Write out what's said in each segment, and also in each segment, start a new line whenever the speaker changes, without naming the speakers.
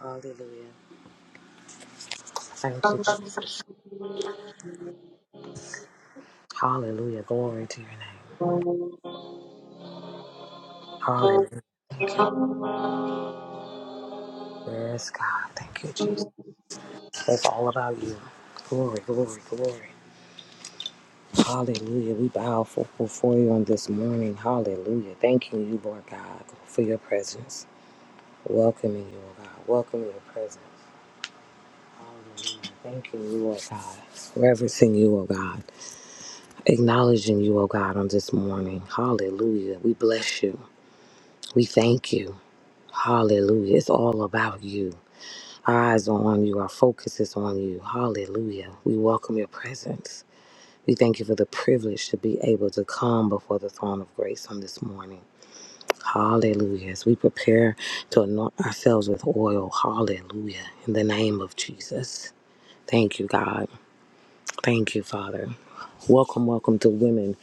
Hallelujah. Thank you, Jesus. Hallelujah. Glory to your name. Hallelujah. Thank you. Yes, God. Thank you, Jesus. It's all about you. Glory, glory, glory. Hallelujah. We bow for, before you on this morning. Hallelujah. Thanking you, Lord God, for your presence. Welcoming you, oh God. Welcoming your presence. Hallelujah. Thanking you, oh God. Reverencing you, oh God. Acknowledging you, oh God, on this morning. Hallelujah. We bless you. We thank you. Hallelujah. It's all about you. Our eyes are on you. Our focus is on you. Hallelujah. We welcome your presence. We thank you for the privilege to be able to come before the throne of grace on this morning. Hallelujah. As we prepare to anoint ourselves with oil. Hallelujah. In the name of Jesus. Thank you, God. Thank you, Father. Welcome, welcome to Women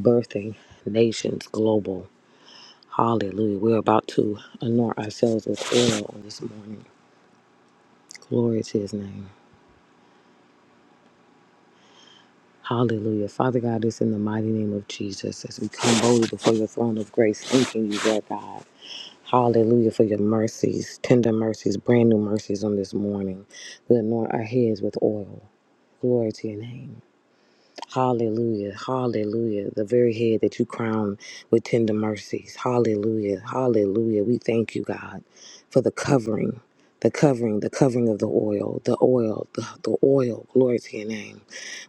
Birthing Nations Global. Hallelujah. We're about to anoint ourselves with oil on this morning. Glory to his name. Hallelujah. Father God, it's in the mighty name of Jesus as we come boldly before your throne of grace, thanking you, Lord God. Hallelujah for your mercies, tender mercies, brand new mercies on this morning. We anoint our heads with oil. Glory to your name. Hallelujah. Hallelujah. The very head that you crown with tender mercies. Hallelujah. Hallelujah. We thank you, God, for the covering. The covering, the covering of the oil, the oil, the, the oil, glory to your name.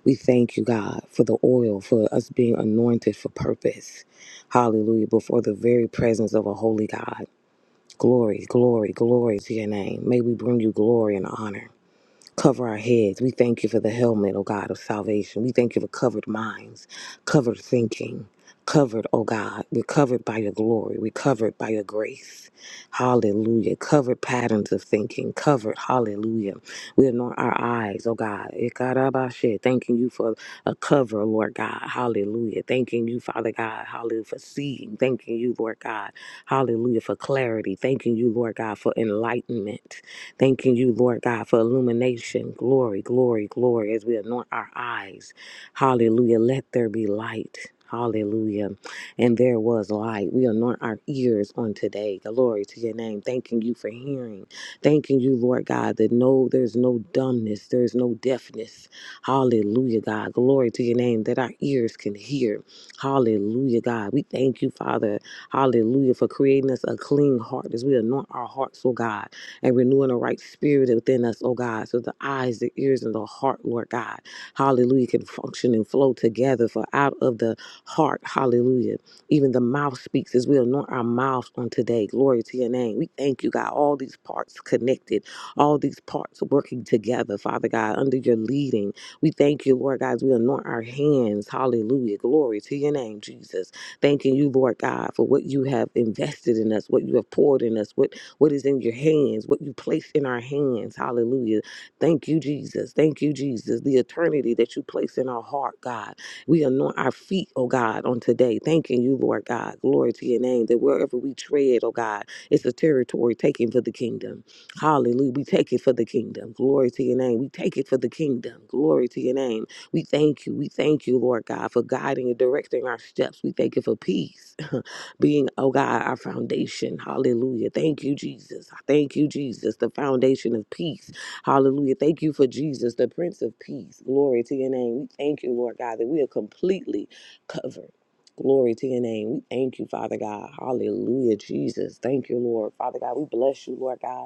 We thank you, God, for the oil, for us being anointed for purpose. Hallelujah. Before the very presence of a holy God. Glory, glory, glory to your name. May we bring you glory and honor. Cover our heads. We thank you for the helmet, O God, of salvation. We thank you for covered minds, covered thinking, covered, O God. We're covered by your glory. We're covered by your grace. Hallelujah. Covered patterns of thinking, covered. Hallelujah. We anoint our eyes, O God. Ikarabashe. Thanking you for a cover, Lord God. Hallelujah. Thanking you, Father God. Hallelujah. For seeing. Thanking you, Lord God. Hallelujah. For clarity. Thanking you, Lord God, for enlightenment. Thanking you, Lord God, for illumination. Glory, glory, glory, as we anoint our eyes. Hallelujah. Let there be light. Hallelujah. And there was light. We anoint our ears on today. Glory to your name. Thanking you for hearing. Thanking you, Lord God, that no, there's no dumbness, there's no deafness. Hallelujah, God. Glory to your name that our ears can hear. Hallelujah, God. We thank you, Father. Hallelujah, for creating us a clean heart as we anoint our hearts, oh God and renewing a right spirit within us, oh God, so the eyes, the ears, and the heart, Lord God, hallelujah, can function and flow together. For out of the heart, hallelujah, even the mouth speaks as we anoint our mouths on today. Glory to your name. We thank you, God. All these parts connected, all these parts working together, Father God, under your leading. We thank you, Lord God, as we anoint our hands. Hallelujah. Glory to your name, Jesus. Thanking you, Lord God, for what you have invested in us, what you have poured in us, what what is in your hands, what you place in our hands. Hallelujah. Thank you, Jesus. Thank you, Jesus. The eternity that you place in our heart, God. We anoint our feet, oh God, on today. Thanking you, Lord God. Glory to your name that wherever we tread, oh God, it's a territory taken for the kingdom. Hallelujah. We take it for the kingdom. Glory to your name. We take it for the kingdom. Glory to your name. We thank you. We thank you, Lord God, for guiding and directing our steps. We thank you for peace. being, oh God, our foundation. Hallelujah. Thank you, Jesus. Thank you, Jesus, the foundation of peace. Hallelujah. Thank you for Jesus, the Prince of Peace. Glory to your name. We thank you, Lord God, that we are completely covered. Glory to your name. We thank you, Father God. Hallelujah, Jesus. Thank you, Lord. Father God, we bless you, Lord God.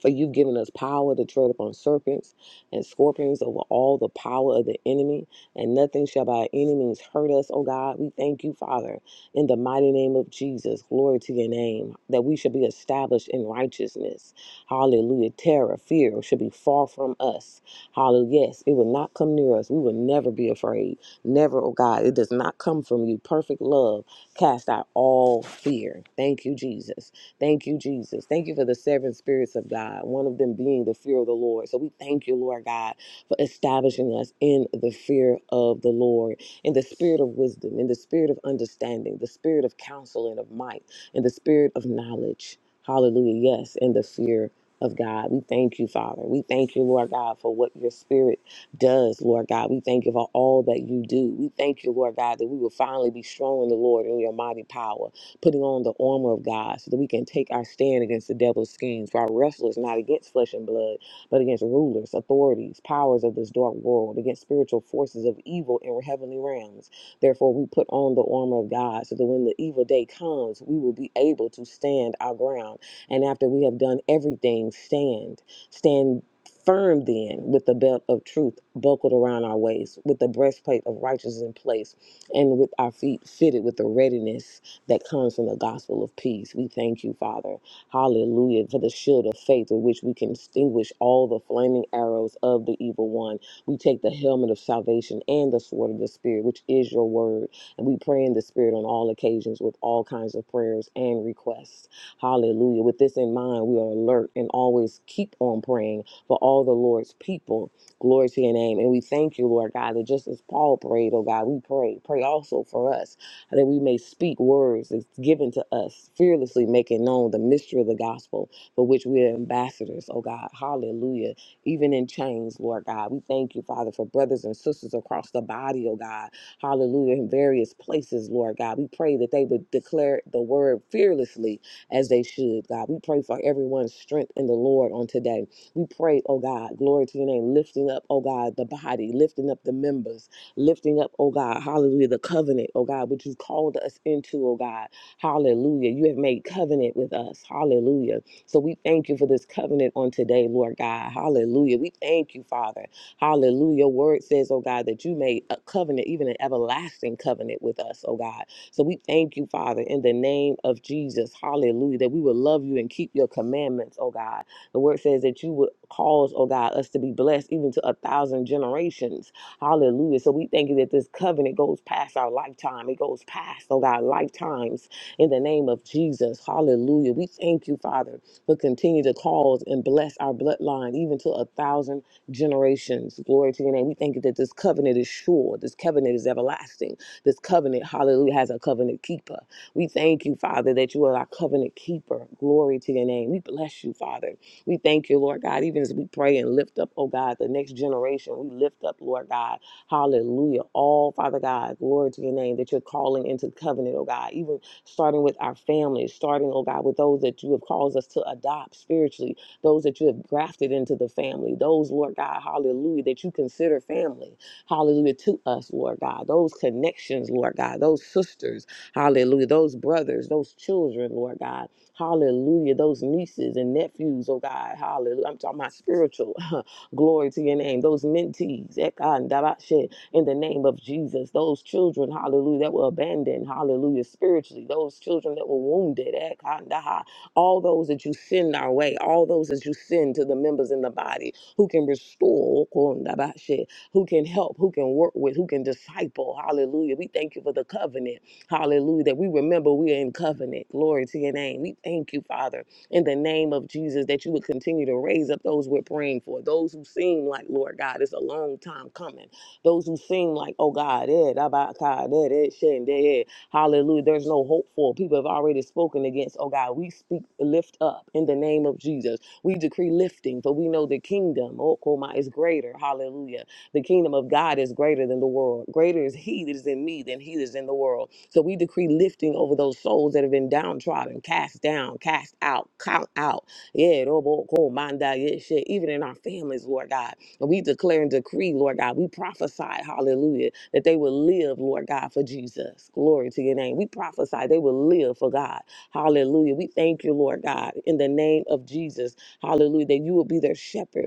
For you've given us power to tread upon serpents and scorpions over all the power of the enemy, and nothing shall by any means hurt us, oh God. We thank you, Father, in the mighty name of Jesus. Glory to your name, that we should be established in righteousness. Hallelujah. Terror, fear should be far from us. Hallelujah. Yes, it will not come near us. We will never be afraid. Never, oh God. It does not come from you. Perfect love cast out all fear. Thank you, Jesus. Thank you, Jesus. Thank you for the seven spirits of God, one of them being the fear of the Lord. So we thank you, Lord God, for establishing us in the fear of the Lord, in the spirit of wisdom, in the spirit of understanding, the spirit of counsel and of might, in the spirit of knowledge. Hallelujah. Yes, in the fear of God. We thank you, Father. We thank you, Lord God, for what your spirit does, Lord God. We thank you for all that you do. We thank you, Lord God, that we will finally be strong in the Lord in your mighty power putting on the armor of God so that we can take our stand against the devil's schemes. For our wrestle is not against flesh and blood, but against rulers, authorities, powers of this dark world, against spiritual forces of evil in heavenly realms. Therefore, we put on the armor of God so that when the evil day comes, we will be able to stand our ground. And after we have done everything, stand. Stand firm then with the belt of truth buckled around our waist, with the breastplate of righteousness in place, and with our feet fitted with the readiness that comes from the gospel of peace. We thank you, Father. Hallelujah, for the shield of faith with which we can extinguish all the flaming arrows of the evil one. We take the helmet of salvation and the sword of the Spirit, which is your word. And we pray in the Spirit on all occasions with all kinds of prayers and requests. Hallelujah. With this in mind, we are alert and always keep on praying for all the Lord's people. Glory to your name. And we thank you, Lord God, that just as Paul prayed, oh God, we pray. Pray also for us that we may speak words that's given to us, fearlessly making known the mystery of the gospel for which we are ambassadors, oh God. Hallelujah. Even in chains, Lord God. We thank you, Father, for brothers and sisters across the body, oh God. Hallelujah. In various places, Lord God. We pray that they would declare the word fearlessly as they should, God. We pray for everyone's strength in the Lord on today. We pray, oh God, glory to your name, lifting up, oh God, the body, lifting up the members lifting up, oh God, hallelujah, the covenant, oh God, which you've called us into, oh God, hallelujah. You have made covenant with us, hallelujah. So we thank you for this covenant on today, Lord God, hallelujah. We thank you, Father, hallelujah. Your word says, oh God, that you made a covenant, even an everlasting covenant with us, oh God. So we thank you, Father, in the name of Jesus, hallelujah, that we will love you and keep your commandments, oh God. The word says that you would cause, oh God, us to be blessed even to a thousand generations. Hallelujah. So we thank you that this covenant goes past our lifetime. It goes past, oh God, lifetimes in the name of Jesus. Hallelujah. We thank you, Father, for continue to cause and bless our bloodline even to a thousand generations. Glory to your name. We thank you that this covenant is sure. This covenant is everlasting. This covenant, hallelujah, has a covenant keeper. We thank you, Father, that you are our covenant keeper. Glory to your name. We bless you, Father. We thank you, Lord God, even as we pray and lift up, oh God, the next generation. We lift up, Lord God, hallelujah, all, Father God, glory to your name, that you're calling into covenant, oh God, even starting with our families, starting, oh God, with those that you have caused us to adopt spiritually, those that you have grafted into the family, those, Lord God, hallelujah, that you consider family, hallelujah, to us, Lord God, those connections, Lord God, those sisters, hallelujah, those brothers, those children, Lord God. Hallelujah. Those nieces and nephews, oh God, hallelujah. I'm talking about spiritual. Glory to your name. Those mentees, ekandabashe, in the name of Jesus. Those children, hallelujah, that were abandoned, hallelujah, spiritually. Those children that were wounded, ekandaha. all those that you send our way, all those that you send to the members in the body who can restore, okondabashe, who can help, who can work with, who can disciple. Hallelujah. We thank you for the covenant. Hallelujah. That we remember we are in covenant. Glory to your name. We thank you, Father, in the name of Jesus, that you would continue to raise up those we're praying for, those who seem like, Lord God, it's a long time coming. Those who seem like, oh God, eh, da ba ka, da da shen, da, eh. hallelujah. There's no hope for. People have already spoken against. Oh God, we speak lift up in the name of Jesus. We decree lifting, for we know the kingdom, oh Koma, is greater. Hallelujah the kingdom of God is greater than the world. Greater is he that is in me than he that is in the world. So we decree lifting over those souls that have been downtrodden, cast down, cast out, count out. Yeah, robo, ko, manda, yeah, shit. Even in our families, Lord God. And we declare and decree, Lord God. We prophesy, hallelujah, that they will live, Lord God, for Jesus. Glory to your name. We prophesy they will live for God. Hallelujah. We thank you, Lord God, in the name of Jesus. Hallelujah. That you will be their shepherd.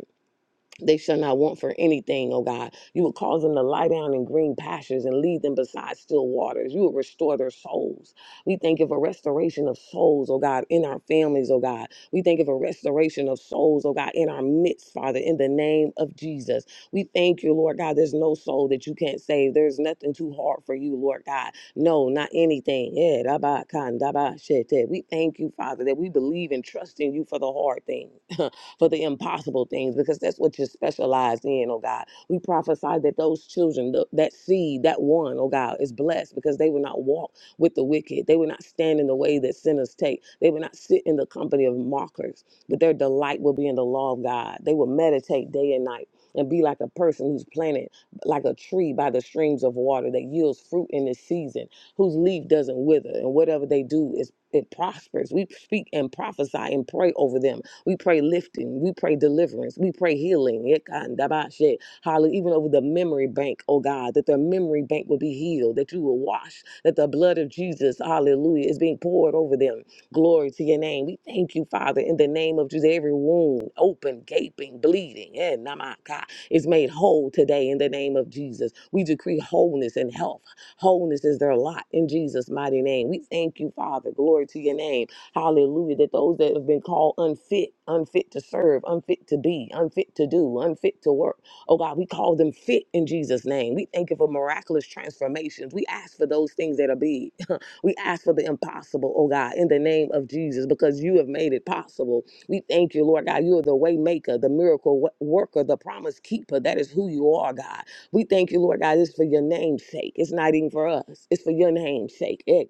They shall not want for anything, O God. You will cause them to lie down in green pastures and lead them beside still waters. You will restore their souls. We thank you for restoration of souls, O God, in our families, O God. We thank you for restoration of souls, O God, in our midst, Father, in the name of Jesus. We thank you, Lord God. There's no soul that you can't save. There's nothing too hard for you, Lord God. No, not anything. Eh, da kan, da ba, shete. We thank you, Father, that we believe and trust in you for the hard thing. for the impossible things because that's what you specialize in, oh God. We prophesy that those children, th- that seed, that one, oh God, is blessed because they will not walk with the wicked. They will not stand in the way that sinners take. They will not sit in the company of mockers, but their delight will be in the law of God. They will meditate day and night and be like a person who's planted like a tree by the streams of water that yields fruit in its season, whose leaf doesn't wither, and whatever they do is it prospers. We speak and prophesy and pray over them we pray lifting. We pray deliverance. We pray healing. Yekandabashe. Hallelujah. Even over the memory bank, oh God, that their memory bank will be healed, that you will wash, that the blood of Jesus, hallelujah, is being poured over them. Glory to your name. We thank you, Father, in the name of Jesus. Every wound, open, gaping, bleeding, eh, namaka, is made whole today in the name of Jesus. We decree wholeness and health. Wholeness is their lot in Jesus' mighty name. We thank you, Father. Glory to your name Hallelujah. That those that have been called unfit, unfit to serve, unfit to be, unfit to do, unfit to work. Oh God, we call them fit in Jesus' name. We thank you for miraculous transformations. We ask for those things that are big. we ask for the impossible, oh God, in the name of Jesus, because you have made it possible. We thank you, Lord God. You are the way maker, the miracle wo- worker, the promise keeper. That is who you are, God. We thank you, Lord God. It's for your name's sake. It's not even for us. It's for your name's sake. Eh,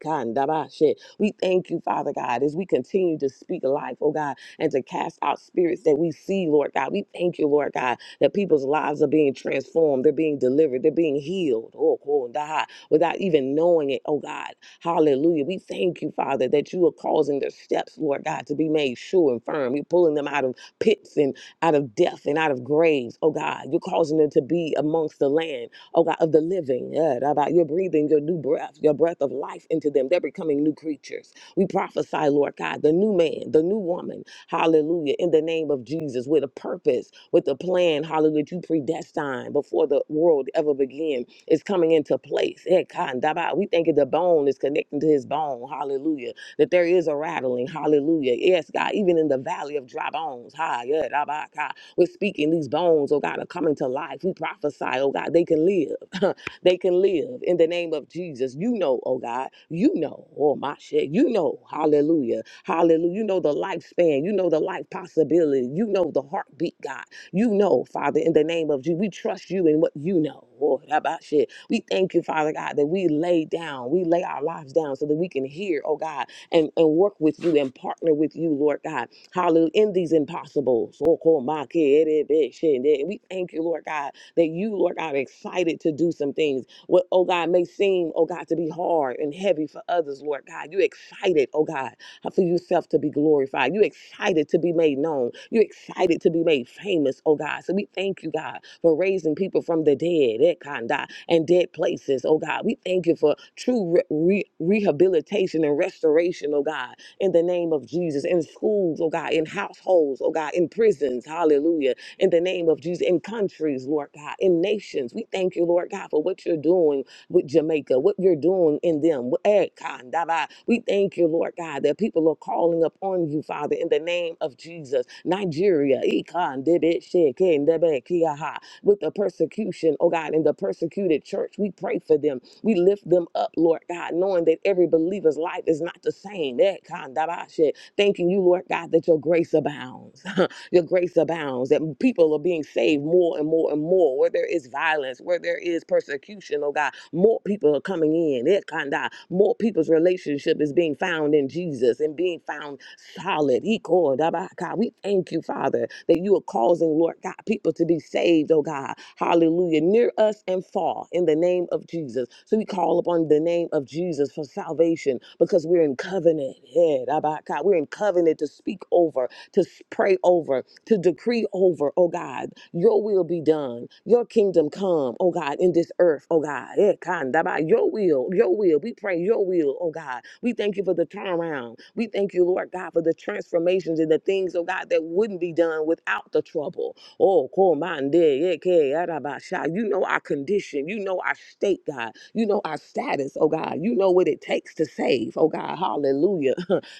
we thank you, Father God, as we continue to speak life, oh God, and to cast out spirits that we see, Lord God. We thank you, Lord God, that people's lives are being transformed, they're being delivered, they're being healed, oh, oh, God, without even knowing it, oh God. Hallelujah. We thank you, Father, that you are causing their steps, Lord God, to be made sure and firm. You're pulling them out of pits and out of death and out of graves, oh God. You're causing them to be amongst the land oh God, of the living. Yeah, da- You're breathing your new breath, your breath of life into them. They're becoming new creatures. We prophesy, Lord God, the new man, the new woman, hallelujah, in the name of Jesus, with a purpose, with a plan, hallelujah, that you predestined before the world ever began is coming into place. Eh, kan, da- We think the bone is connecting to his bone, hallelujah, that there is a rattling, hallelujah. Yes, God, even in the valley of dry bones, ha, yeah, da- ba, ka. We're speaking these bones, oh God, are coming to life. We prophesy, oh God, they can live. they can live in the name of Jesus. You know, oh God, you know, oh my shit, you know, hallelujah, hallelujah. You know the lifespan, you know the life possibility, you know the heartbeat, God. You know, Father, in the name of Jesus, we trust you in what you know. Oh, that about shit. We thank you, Father God, that we lay down, we lay our lives down so that we can hear, oh God, and, and work with you and partner with you, Lord God Hallelujah. In these impossible. so called my kid, it big shit, and We thank you, Lord God, that you, Lord God, are excited to do some things. What, oh God, may seem, oh God, to be hard and heavy for others, Lord God. You excited, oh God, for yourself to be glorified. You excited to be made known. You excited to be made famous, oh God. So we thank you, God, for raising people from the dead, eh, kanda, and dead places, oh God. We thank you for true re- re- rehabilitation and restoration, oh God in the name of Jesus, in schools, oh God, in households, oh God, in prisons, hallelujah, in the name of Jesus, in countries, Lord God, in nations. We thank you, Lord God, for what you're doing with Jamaica, what you're doing in them. Eh, kandaba. We thank you, Lord God, that people are calling upon you, Father, in the name of Jesus. Nigeria, eh, kandebe, shekendebe, kiaha. with the persecution, oh God, in the persecuted church, we pray for them we lift them up, Lord God, knowing that every believer's life is not the same. Eh, kandabashe. Thanking you, Lord God, that your grace abounds. your grace abounds, that people are being saved more and more and more, where there is violence, where there is persecution, oh God, more people are coming in. Eh, kanda. More people's relationship is being found in Jesus and being found solid. Iko daba ka. We thank you, Father, that you are causing, Lord God, people to be saved, oh God. Hallelujah. Near us and far in the name of Jesus. So we call upon the name of Jesus for salvation because we're in covenant. Yeah, daba ka. We're in covenant to speak over, to s- pray over, to decree over, oh God, your will be done, your kingdom come, oh God, in this earth, oh God. Eh, kandaba, Your will, your will. We pray your will, oh God. We thank you for the turnaround. We thank you, Lord God, for the transformations and the things, oh God, that wouldn't be done without the trouble. Oh, komande, eh, ke, araba, you know our condition. You know our state, God. You know our status, oh God. You know what it takes to save, oh God. Hallelujah.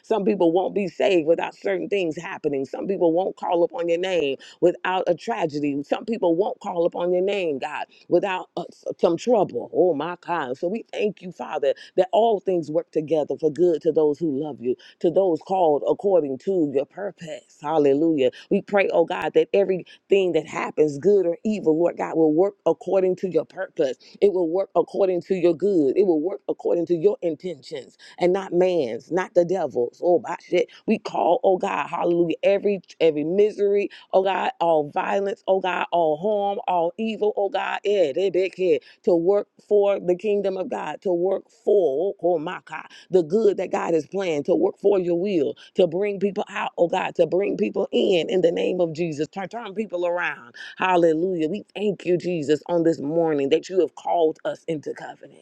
Some people won't be saved without certain things happening. Some people won't call upon your name without a tragedy. Some people won't call upon your name, God, without uh, s- some trouble. Oh, my God. So we thank you, Father, that all things work together for good to those who love you, to those called according to your purpose. Hallelujah. We pray, oh God, that everything that happens, good or evil, Lord God, will work according to your purpose. It will work according to your good. It will work according to your intentions and not man's, not the devil's. Oh my shit. We call, oh God, hallelujah, every every misery, oh God, all violence, oh God, all harm, all evil, oh God, yeah, they big head to work for the kingdom of God, to work for oh my God, the good that God has planned, to work for your will, to bring people out, oh God, to bring people in in the name of Jesus, to turn people around. Hallelujah. We thank you, Jesus, on this morning that you have called us into covenant.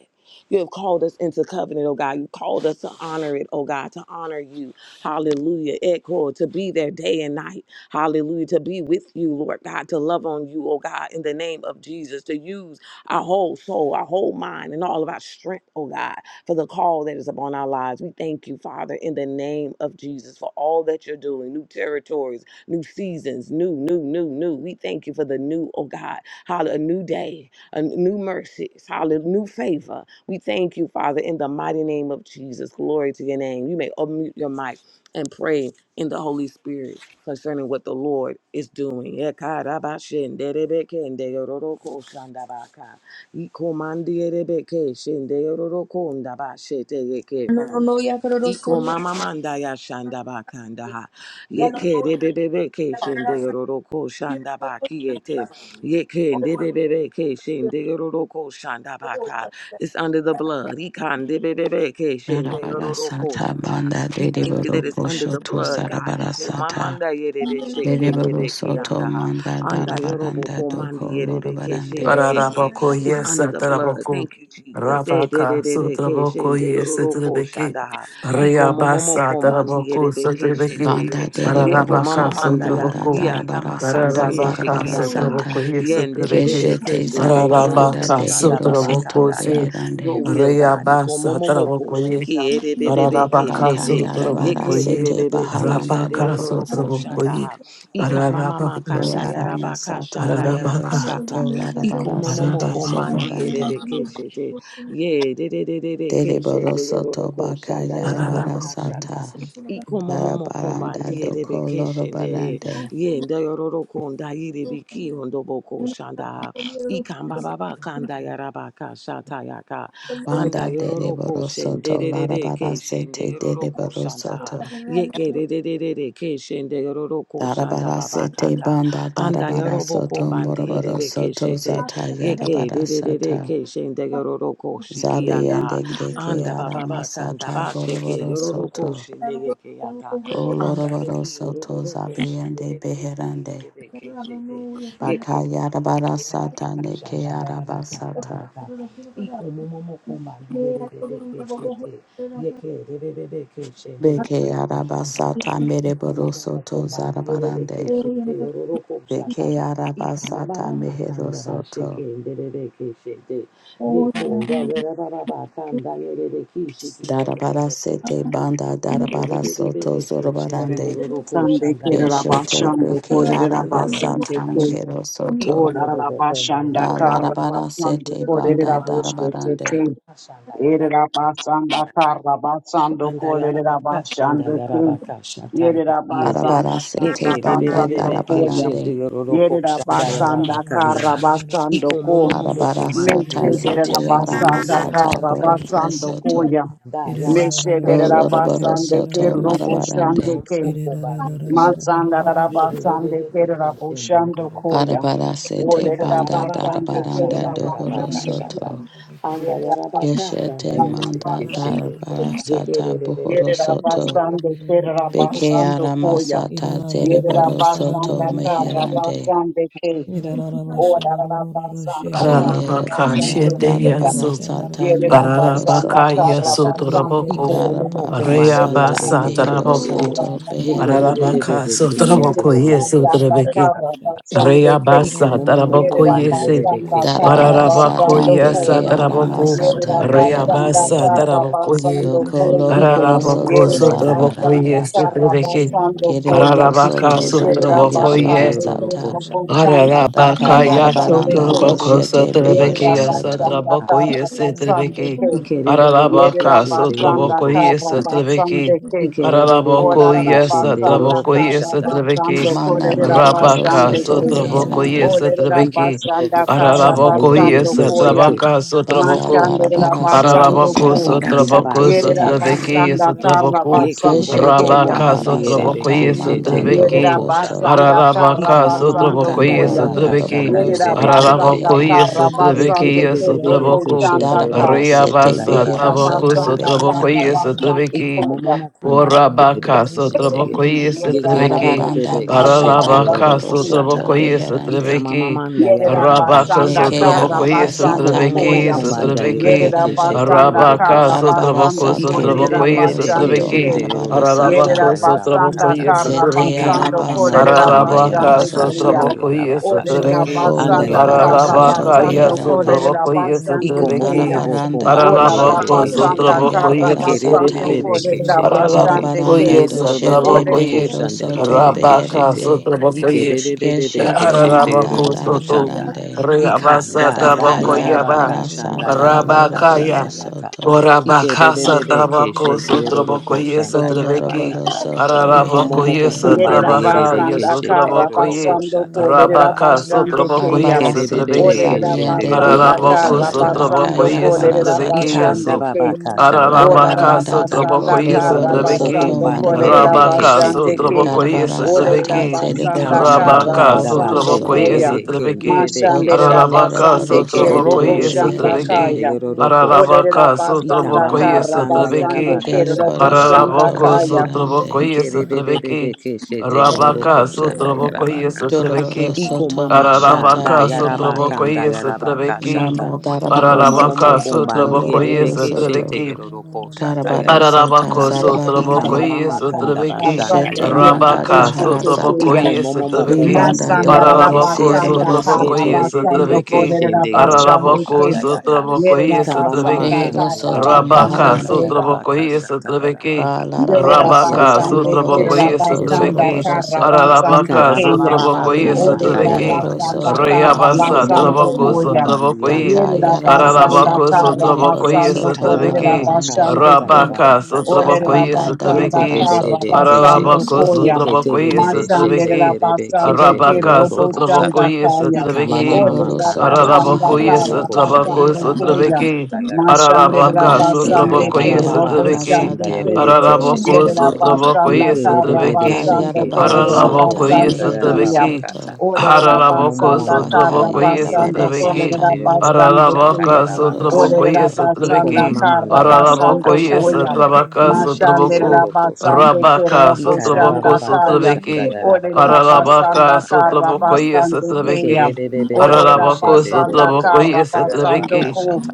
You have called us into covenant, oh God. You called us to honor it, oh God, to honor you. Hallelujah. Echo, to be there day and night. Hallelujah. To be with you, Lord God, to love on you, oh God, in the name of Jesus, to use our whole soul, our whole mind, and all of our strength, oh God, for the call that is upon our lives. We thank you, Father, in the name of Jesus, for all that you're doing, new territories, new seasons, new, new, new, new. We thank you for the new, oh God, hallelujah, a new day, a new mercies, hallelujah, new favor. We thank you, Father, in the mighty name of Jesus. Glory to your name. You may unmute your mic and pray in the Holy Spirit concerning what the Lord is doing.
I don't know
Iko
why
mama manda ya shanda ba kanda ha. Yeke de be be be ke shende yororo ko shanda ba kiyete. Yeke de be be be ke shende yororo ko shanda ba ka. It's under the blood. Ikan de be be be ke shende yororo ko
Darabarasata
shanda.
banda
We thank you that
deriboro
it's under the
koshoto
blood, God. Iko
zarabarasata.
mamanda yere be sheke de
Deriboro
be ke
soto
anda ha.
manda
Anda yorobo
darabaranda
ko
doko
mandi yere be ke
lorobarande.
shende yeke.
Ararabako,
It's
yes,
under the blood.
Atarabako,
Thank you, Jesus. Eh, de de
Rabaka,
de de ke
Sutraboko,
shende
yes,
yororo ko
Sutrabeki,
shanda ha. Iko momomo
Rayabasa,
komandi
Taraboko,
erebe
Sutrabeki,
Banda
keshete. Yeko
deriboro
mama
Pararabaka,
soto
manda ya
manda
Sutraboko,
dia nama
darabarasoto
kanda ye
Pararabaka,
sheki anda ha.
larabarasata.
Sutraboko, yes,
Yende
Sutrabeki,
bebebe
Keshete
keshende yororo
zarabaranda
Pararabaka,
koshanda
dehiro
baba
soto
Sutraboko,
kanda ya.
say,
beherande.
Your will, God. Iko
Rayabasa,
momomo
Taraboko, ye,
koshiki erebe bebe
Pararabaka,
keshete. Yeke
Sutraboko, ye,
erebe
Bakayarabarasete
bebe
baharanda
keshende
Rabaka,
dohoro
yororo
soto.
Sutraboko,
koshanda
ye,
ha. Ika mama
Pararabako,
Ipe
makanda
Sutraboko,
aranya
yarabaka
sata
shanda
mehiro
I'm
Pararabaka,
soto
yarabakata. Iko momomo
larabarasete
Pararabako,
komandi
zobarande.
erebe keshete. Ye de de de de de ke
Deriboro
shende yororo
soto
ko
baka
shanda yaraba
yarabara
kashata.
sata.
Iko momo mo
Darabaranda
kombandi erebe
doko
ke shende ye.
lorobarande.
Ye nda yororo ko yirebe ki hondo boko shanda. ikan baba ba kanda
Ararabaka
yaraba kashata yaka. Anda
Banda
yororo ko
deriboro
shende
soto
de de de
larabara
ke shende
sete
yororo ko
deriboro
shanda.
soto.
Ye ke de de de de de ke shende yororo ko shanda
Darabara
baba
sete
kata.
banda
Anda
darabara
yorobo
soto
kombandi
moroboro
erebe keshete.
soto zata
Yeke de
yarabara
de de de
sata.
ke shendegeroko shiki
Zabi
anda
and
ha.
deke
Anda
yara
baba baka anda
masata
ba sheke
boroboro
yororoko
soto.
shinege ke yata.
Go
Anda de
loroboro
ki
soto
yororoko shi
zabi and
de de de de ki
beherande.
de de ke shete. Yeko
Baka
mama manda
yarabara sata
yarabaka
neke
shanda yarabaka
yarabasata.
tayata. Iko momo moko mandi de de de de ke shete. Yeke de de de de ke
Beke
shendegeroko shanda ha.
arabasata
Iko momo moko
mereborosoto
mandi de de de
so
zarabarande.
ke shete
tired.
yororoko
Deke
shaka. Ika mama
arabasata
mama kanda ba sheke
meherosoto.
nderebe ke shete. Yeko ngayora baba ba kanda yerebe ki shiki yondo bobo ko
Darabarasete
shanda.
banda
Ikerebe
darabarasoto
ke shende
Ore
zorobarande.
yororo ko
Sunday
shanda
kere
yara baba
Keshote
rabashando
kaya.
beke
kore
Kanda yara
rabasande
arabasata
baba
ke
sha.
o
meherosoto.
Iko
la
mobo bo komba
rabashanda kar
ndiyerebe ke shete.
rabashando
Alarabarasete
kore
Iko
banda
mama manda yara
darabarande.
rabashete
baba shanda yara
Yerera
baba.
basanda karra basando kolerera
Andayarabaka,
basando kun.
Shandayarabaka, Shataya,
Yerera
Yede,
basanda karra
Arabarasete
Yeke,
banda
basando
Debebebe,
koya.
Keshin,
darabarande.
Dioroko,
Yerera
Ida
basanda
Shandayarabaka, and
karra
the
basando
Iko
kun.
Momomoko, my
Arabarasata
Yede,
zete
Meseberera
Keshin,
basanda
Dioroko,
aramasata
karra
Shata,
basando
Ika,
boroborosoto.
koya.
Dayarabaka,
Meseberera basande
Oloroborosoto
kerro
Iko
boşande
marabarande.
kem.
Momoko, my leadership,
Masanda rara basande
Yede,
kerra
Keshin,
boşando
Dioroko,
koya.
Barabara sete
Ika,
Olerera
banda
Mababaka,
basande
darabaranda
kerra
dohoro
Shandayarabaka,
basande
Shata,
soto.
Yerera
Andayarabaka,
basando
Keshete manda
Shandayarabaka, Shete,
darabara sata buhoro soto.
Yeke,
kerera
Beke
basando
arama
koya.
sata
Yerera
zeriboro soto
basanda kara
meherande.
basande ke. Orara basanda kara
Kie banda
basando koya.
darabara
shedeyaso,
sata
Yerera
moroboro
basanda
Ararabaka
soto.
kara
yaso
Ashata.
basando
Iko
toraboko,
momo
koya.
mo
Darabara
kombandi
Yerera
yere
sata
Reabasa
beke shete
mehero
basanda
taraboko,
yeke.
kara
soto
Yeke
basando
rere
koya.
beherande.
rere
Ararabaka so
beke shete
toraboko
Yerera
yororo
yeso
ko
basanda
shanda
torabeki,
yara
kara
kasha.
basande ke.
Iko
Reabasa
momo mo
taraboko
Yere da
kombandi
yese,
yere
basanda
beke shete
karra
Darabara
yeke.
Ararabako
sata
basando
Ika
beke
yasa
koya.
raba baba
arama
taraboko,
Yere da
sata
kashanda yara baka
basanda
beherande.
Reabasa
shanda
karra
yara
taraboko ye,
basando
bakata.
Doko
koya.
Iko
loroboro
momo mo
Ararabako
soto
Yere
so
da
kombanda
Russia,
yara
toraboko
zarabarande.
basanda
baka
yese
shanda
karra
yara.
torabeki,
basando
Kiriboro
koya.
Ike
Ararabaka
soto
rere
so
rere
zata
Yerera
beke
toraboko
shete
yarabara
basande
yororo
sata.
ko
kerro
shanda yara
bochanda
baka.
Daka
karra
Ararabakaya
basande
yarabaranda
Iko
koya.
momo
sotraboko
doshete
momo ko
Yere
behero
da
sotrabekia
mashanda
soto.
yara
basanda
sotraboko
kata.
karra basande
yesetrabeki.
koya.
Ikerererere
Yere
ke
da
Ararabaka
shete yororo
basanda
sotraboko
ko
karra
shanda yaka.
yesetrabeki.
basande ke.
Araraboko
Ikerererere ke shende
da
yororo
yesetraboko
ko shanda.
yesetrabeki.
Karabasando koya.
Mana
Yere
Ikana
da
mama
deriboro
kanda
Rabaka
basande
soto
Rosha,
koya.
yaka
sotraboko
shata.
beherande.
Olerera
Kanda
yesetrabeki.
yororo
basanda
ko
kara
shanda
Araraboko
yerere
basando
ke
koya.
shete.
yesetrabaka
Banda
sotraboko.
Mashandera
darabara
Ikonda.
soto
basando
Ararabako
ko.
sarabara
Ikanda ba
sete
sotrabako
Yerera
shata.
sotrabeki
zeherande.
basanda kara
sotrabaku
Yeko
basande
Keshete
mbobobo ko
keya.
rabaka
bahara
mbandi
Thank
yerere
sotrabako
sata
ke shete
manda
yororo
sotrabeki
Yerera
dohoro
ko shanda ha.
basanda
soto.
kara
ararabaka
Ikama mama
basando
sotrabako
kanda
Doko
koya.
baba ka
sotrabeki
shanda
loroboro
Yerera
yerere
soto
ke
basanda
ararabako
shete.
kara
leherande.
Yete
sotrabeki
basande
rebe
ke
bebe
robo
beke
sotrabaku
chanda
shende
ka.
Darabara
roroko
sete
shanda
riabasa
Yerera
yaraba
behero
tabako
kata
soto
basanda
yaraba
sotrabako
kara
shata.
beherande.
basando
Iko
sotrabeki
momo
koya.
mokomba rebe
Orabaka
beke shetege.
sotrabokoye
Yerera
Yete rebe
setrebeki.
bebe
basanda
Darabaranda
beke
kara
shende
bashata
Ararabaka
basande
bohoro
roroko
ke.
shanda
soto
ha.
sotrabokoye
beherande.
Ika mama
setrebeki.
manda
Yerera
yaraba
Arabaka
kashata
basanda
Deke
yaka.
kara
sotrabokoye
araba
Iko
basando
sata
momo
setrebeki
koya.
mehero
mokomba nda
soto
yerebe
setrebeki.
Yerera
meherande.
keshete
basanda
roroko
Arabaka
kara
shata.
Darabara
sotraboko
basando
sata
Ike rebe
kolerera
sotrabokoye
bebe
mereboro
beke
basande
soto
setrebeki.
ke.
shete
marabara
roroko
Yerera
sata.
Ararabaka
shanda yaraba
basanda
kata
sotrabokoye
kara
Zete
kata
setrebeki.
mama
basando
yerebe keshete yaka. mama Ikomomomokombandierebekeshetege. Yekerebebebebekeshenderorokoshandaha. Ikamamamandayarabakashatayaka.
araba
Ikomomomokombandayerebekesheterorokoshata.
sata
kolerera
mehero
Ararabaka
basande
yaraba
keya.
soto.
Shut
sotrabokoye
Ikamamamamamakandayarabakashatayarabakasha.
Olerera
setrebeki.
Doko
Anda
basanda
loroboro
kara
yarabaka
soto
Ararabaka
shata
ya
basando
yarabaka
beherande.
kolerera
shata.
sotrabokoye
basande
Iko mobo
setrebeki.
keya.
bobo
Arabaranda
kumbandi
Olerera
erebe
Ararabaka
boshete baka
basanda
keshete.
sotrabokoye
kara
yarabara
Dike rebe
basando
sata.
bebe
setrebeki.
be
kolerera
keshete yeke.
basande ke.
Darabaranda
Ararabokoye
Yeto
doshete
rorororo
satrabokoye
behero
koshanda
soto
yerebe
rabaka
keshete.
beherande.
Dike
sotrabokoye
bebe bebe be
Keshete
keshete
manda
yeroro
ararabako soto
koshanda ha.
darabarande.
Ika
reabasa
nda nda
Daka
trabokoye ba
yarabaka
yarabara
shanda
sata
yarabaka shata
rabakaya
loroboro
yaka.
soto.
Ike
orabaka
bebe bebe
satrabako
keshete yeroro
sotrabokoye
koshanda
satrabeki
Colorado
yarabakata.
Soto
Iko momo
ararabokoye
Reherande.
mokumbandi
Yerera
satrabaka
yerebe
basanda
keshete
kara
yeroro
yesotrabokoye
basando
koshata
kolerera
rabaka
yarabakata.
basande
sotrabokoye
keya.
Barabarasete
Ikerebebebe
satrabeki
Olerera
Zabiende
keshendegeroro
basanda
Behero
ararabako
kara
Soto
basando
sotrabokoye
koshandayarabakashata.
kolerera
Shit.
satrabeki
Lakayarabarasata.
basande ke.
Ararabaka
Olarara
Darabaranda
Ikandababakashandayarabakata.
Doko
sotraboko
basanda kara
Loroboro
yesotrabeki.
Soto
basando kolerera
Ikomobobokombandierebe
Marabarande.
Rabaka
basande ke.
keshetegeroro
sotraboko
koshandaha.
Olerera
Karabarasata
yesotrabeki.
basanda
Zedeboro
Yikamamama
kara
Soto
Rabaka
Bohoro
basando
sotraboko
koya.
Soto.
kombandi
yesotrabeki.
kenderebe
Doko
Mashanderera
keshete.
Ararabaka
basande
Loroboro
ke
sotraboko
Soto
robo
Yekerebebebebe
shanda
yesotrabeki.
Reherande.
kaya.
keshendegeroro koshanda.
Olerera
Ararabaka
basanda
sotraboko
Ikamamama
kara basande
yesotrabeki.
ke
kandayarabakashata
robo
Keriboro
shanda
Soto
Ararabako
kaya.
yarabakashata.
sotraboko
Reherande.
Ikerebebebebe
yesotrabeki.
keshetegeroro
Rabaka sotraboko
koshandayarabakashata.
Doroboro
yesotrabeki.
Iko
Soto
mama da
Bashata
da
Ararabaka
yaraba
Beherande.
sotraboko
kanda yaraba ka
yesotrabeki.
shata.
Mana
Iko
darabara
momo mo
sete
Ararabaka
kumban
soto
di
sotraboko
Mm-hmm.
loroboro
shete
soto.
yesotrabeki.
geroro ko shata
Karabara
yaraba
sata
kata.
Ararabako
Ika
sotraboko
zarabarande.
mama
ye
ma kan da
sotrabeki.
Rapando
Keshete
yaraba
kierba
ka
manda
Rabaka
bushu
shata.
dahara
sotraboko
basando,
sata.
Iko
ye
momo mo
sotrabeki.
kumban
Ibanda
di
Masanda
doroboro
Ararabako
shete.
rabasanda
sierboro
sotraboko
Gete
ye
soto.
de de de
tarabasando
de
sotrabeki.
ke
kodere
shende geroro ko
rabasando ke.
Ararabako
shanda yaka.
sotraboko
Yere
ye
Ika mama ma
rabasanda
sotrabeki.
kan
Behero
da
soto
yaraba ka
tarabasando
Rabaka
shanda
maharande.
koya.
yaraba
sotraboko
ka
ye
shata
sotrabeki.
yaraba ka.
Ba larabara
Ike
Rabaka
de de
sata
de
Yerabasande
de ke
mohoro
sotraboko ye
shete
soto
geroro
Kerabasanda
ko
sotrabeki.
zoroboro
shanda.
soto.
Karabasande
Ararabaka
Kaya.
Ikarabababa
sotraboko ye
Kabiyende
kashanda
sotrabeki.
yaraba
behero
Olerabasanda
kasha.
soto
Iko
Rayabasa
momo
baharande.
Karabasando
momo
trabako
Koya.
komba
sotraboko
lierebe
ye.
Daka
keshe te
yarabara
yeke.
Yerabasanda
Ararabako
sata
sotraboko
meriboro
ye
Karabasando
soto
Ikanda
sotrabeki.
baba baka
marabarande.
Korabasande
shata
Kaya.
ya
Rabaka
baba
da
kashata.
Sotrabokoye
banda
Olerabasanda
Yete de
darabara
Sotrabeki,
de de de
soto
keshe.
rehero
Karabasando
Arabako
Koya.
soto
Yeke tege
Sotrabokoye
de be she
Masande
tege
Sotrabeki,
de be
Rabasande
keshe
Ke
ndege
Rabaka
roroko
Roboshanda
shata.
Sotrabokoye
Kaya.
Ika mama
Sotrabeki,
mama
ereboro
kanda ba
soto
Olerabasanda
shiki
Arabakoye
roroko
maharasata
shanda
Sotrabako
ya
Karabasando
raba
beherande
Koya.
Sotrabeki,
kashata ya
Yeah.
raba
Masande
kata.
Arabaka
labiende
Ika
Rabasande
raba
Ke
beke
Sotrabokoye
baba baka
Sotrabeki,
shanda
Roboshande
aramasata
ya
Kaya.
rebe
bohoro
keshe
Arabako
tege Yeke
Yerera
de.
soto
basanda
Sotrabokoye
Yeke rebe
tarra
bebe
Sotrabeki,
basando
sheke tege
bakayarabara
kolerera
roroko
sata
Arabakoye
shanda
basando
ya
mehero
raba
kuya.
Sotrabeki,
bakata.
soto
Olerera
Iko momo
Arabako
basanda
momo momo
tarra
Sotrabokoye
komandi ya rebe
bakayarabara
basando
keshe
Sotrabeki,
sata
kolerera
tege roroko
basando
marabaranda
shanta
kuya.
Arabaka
ya raba
dohoro
kashata.
Sotrabokoye
Olerera
soto
Iko
Sotrabeki,
basanda
mama
tarra
manda yaraba
Araraboko
basando
yes
kashanda
koya.
yarabe
Trabaka
kiyeshete
Sotraboko
Mashanderera
yororo koshata.
basando kerera
Rabaka
Ika rababa
Sotraboko
boshanda kaya.
bakashanda
Sotrabeki
yaraba
Olerera
kashanda
Ararabaka
basanda
yaraba
karra
kataya.
Sotraboko yes
basando
Ike
kuya.
Trabeki
rebebebebe
Olerera
Araraboko
keshende yororo
basanda
Sotraboko
karra
yes
koshata yaraba
basando
Trabeki
kuya.
kashata.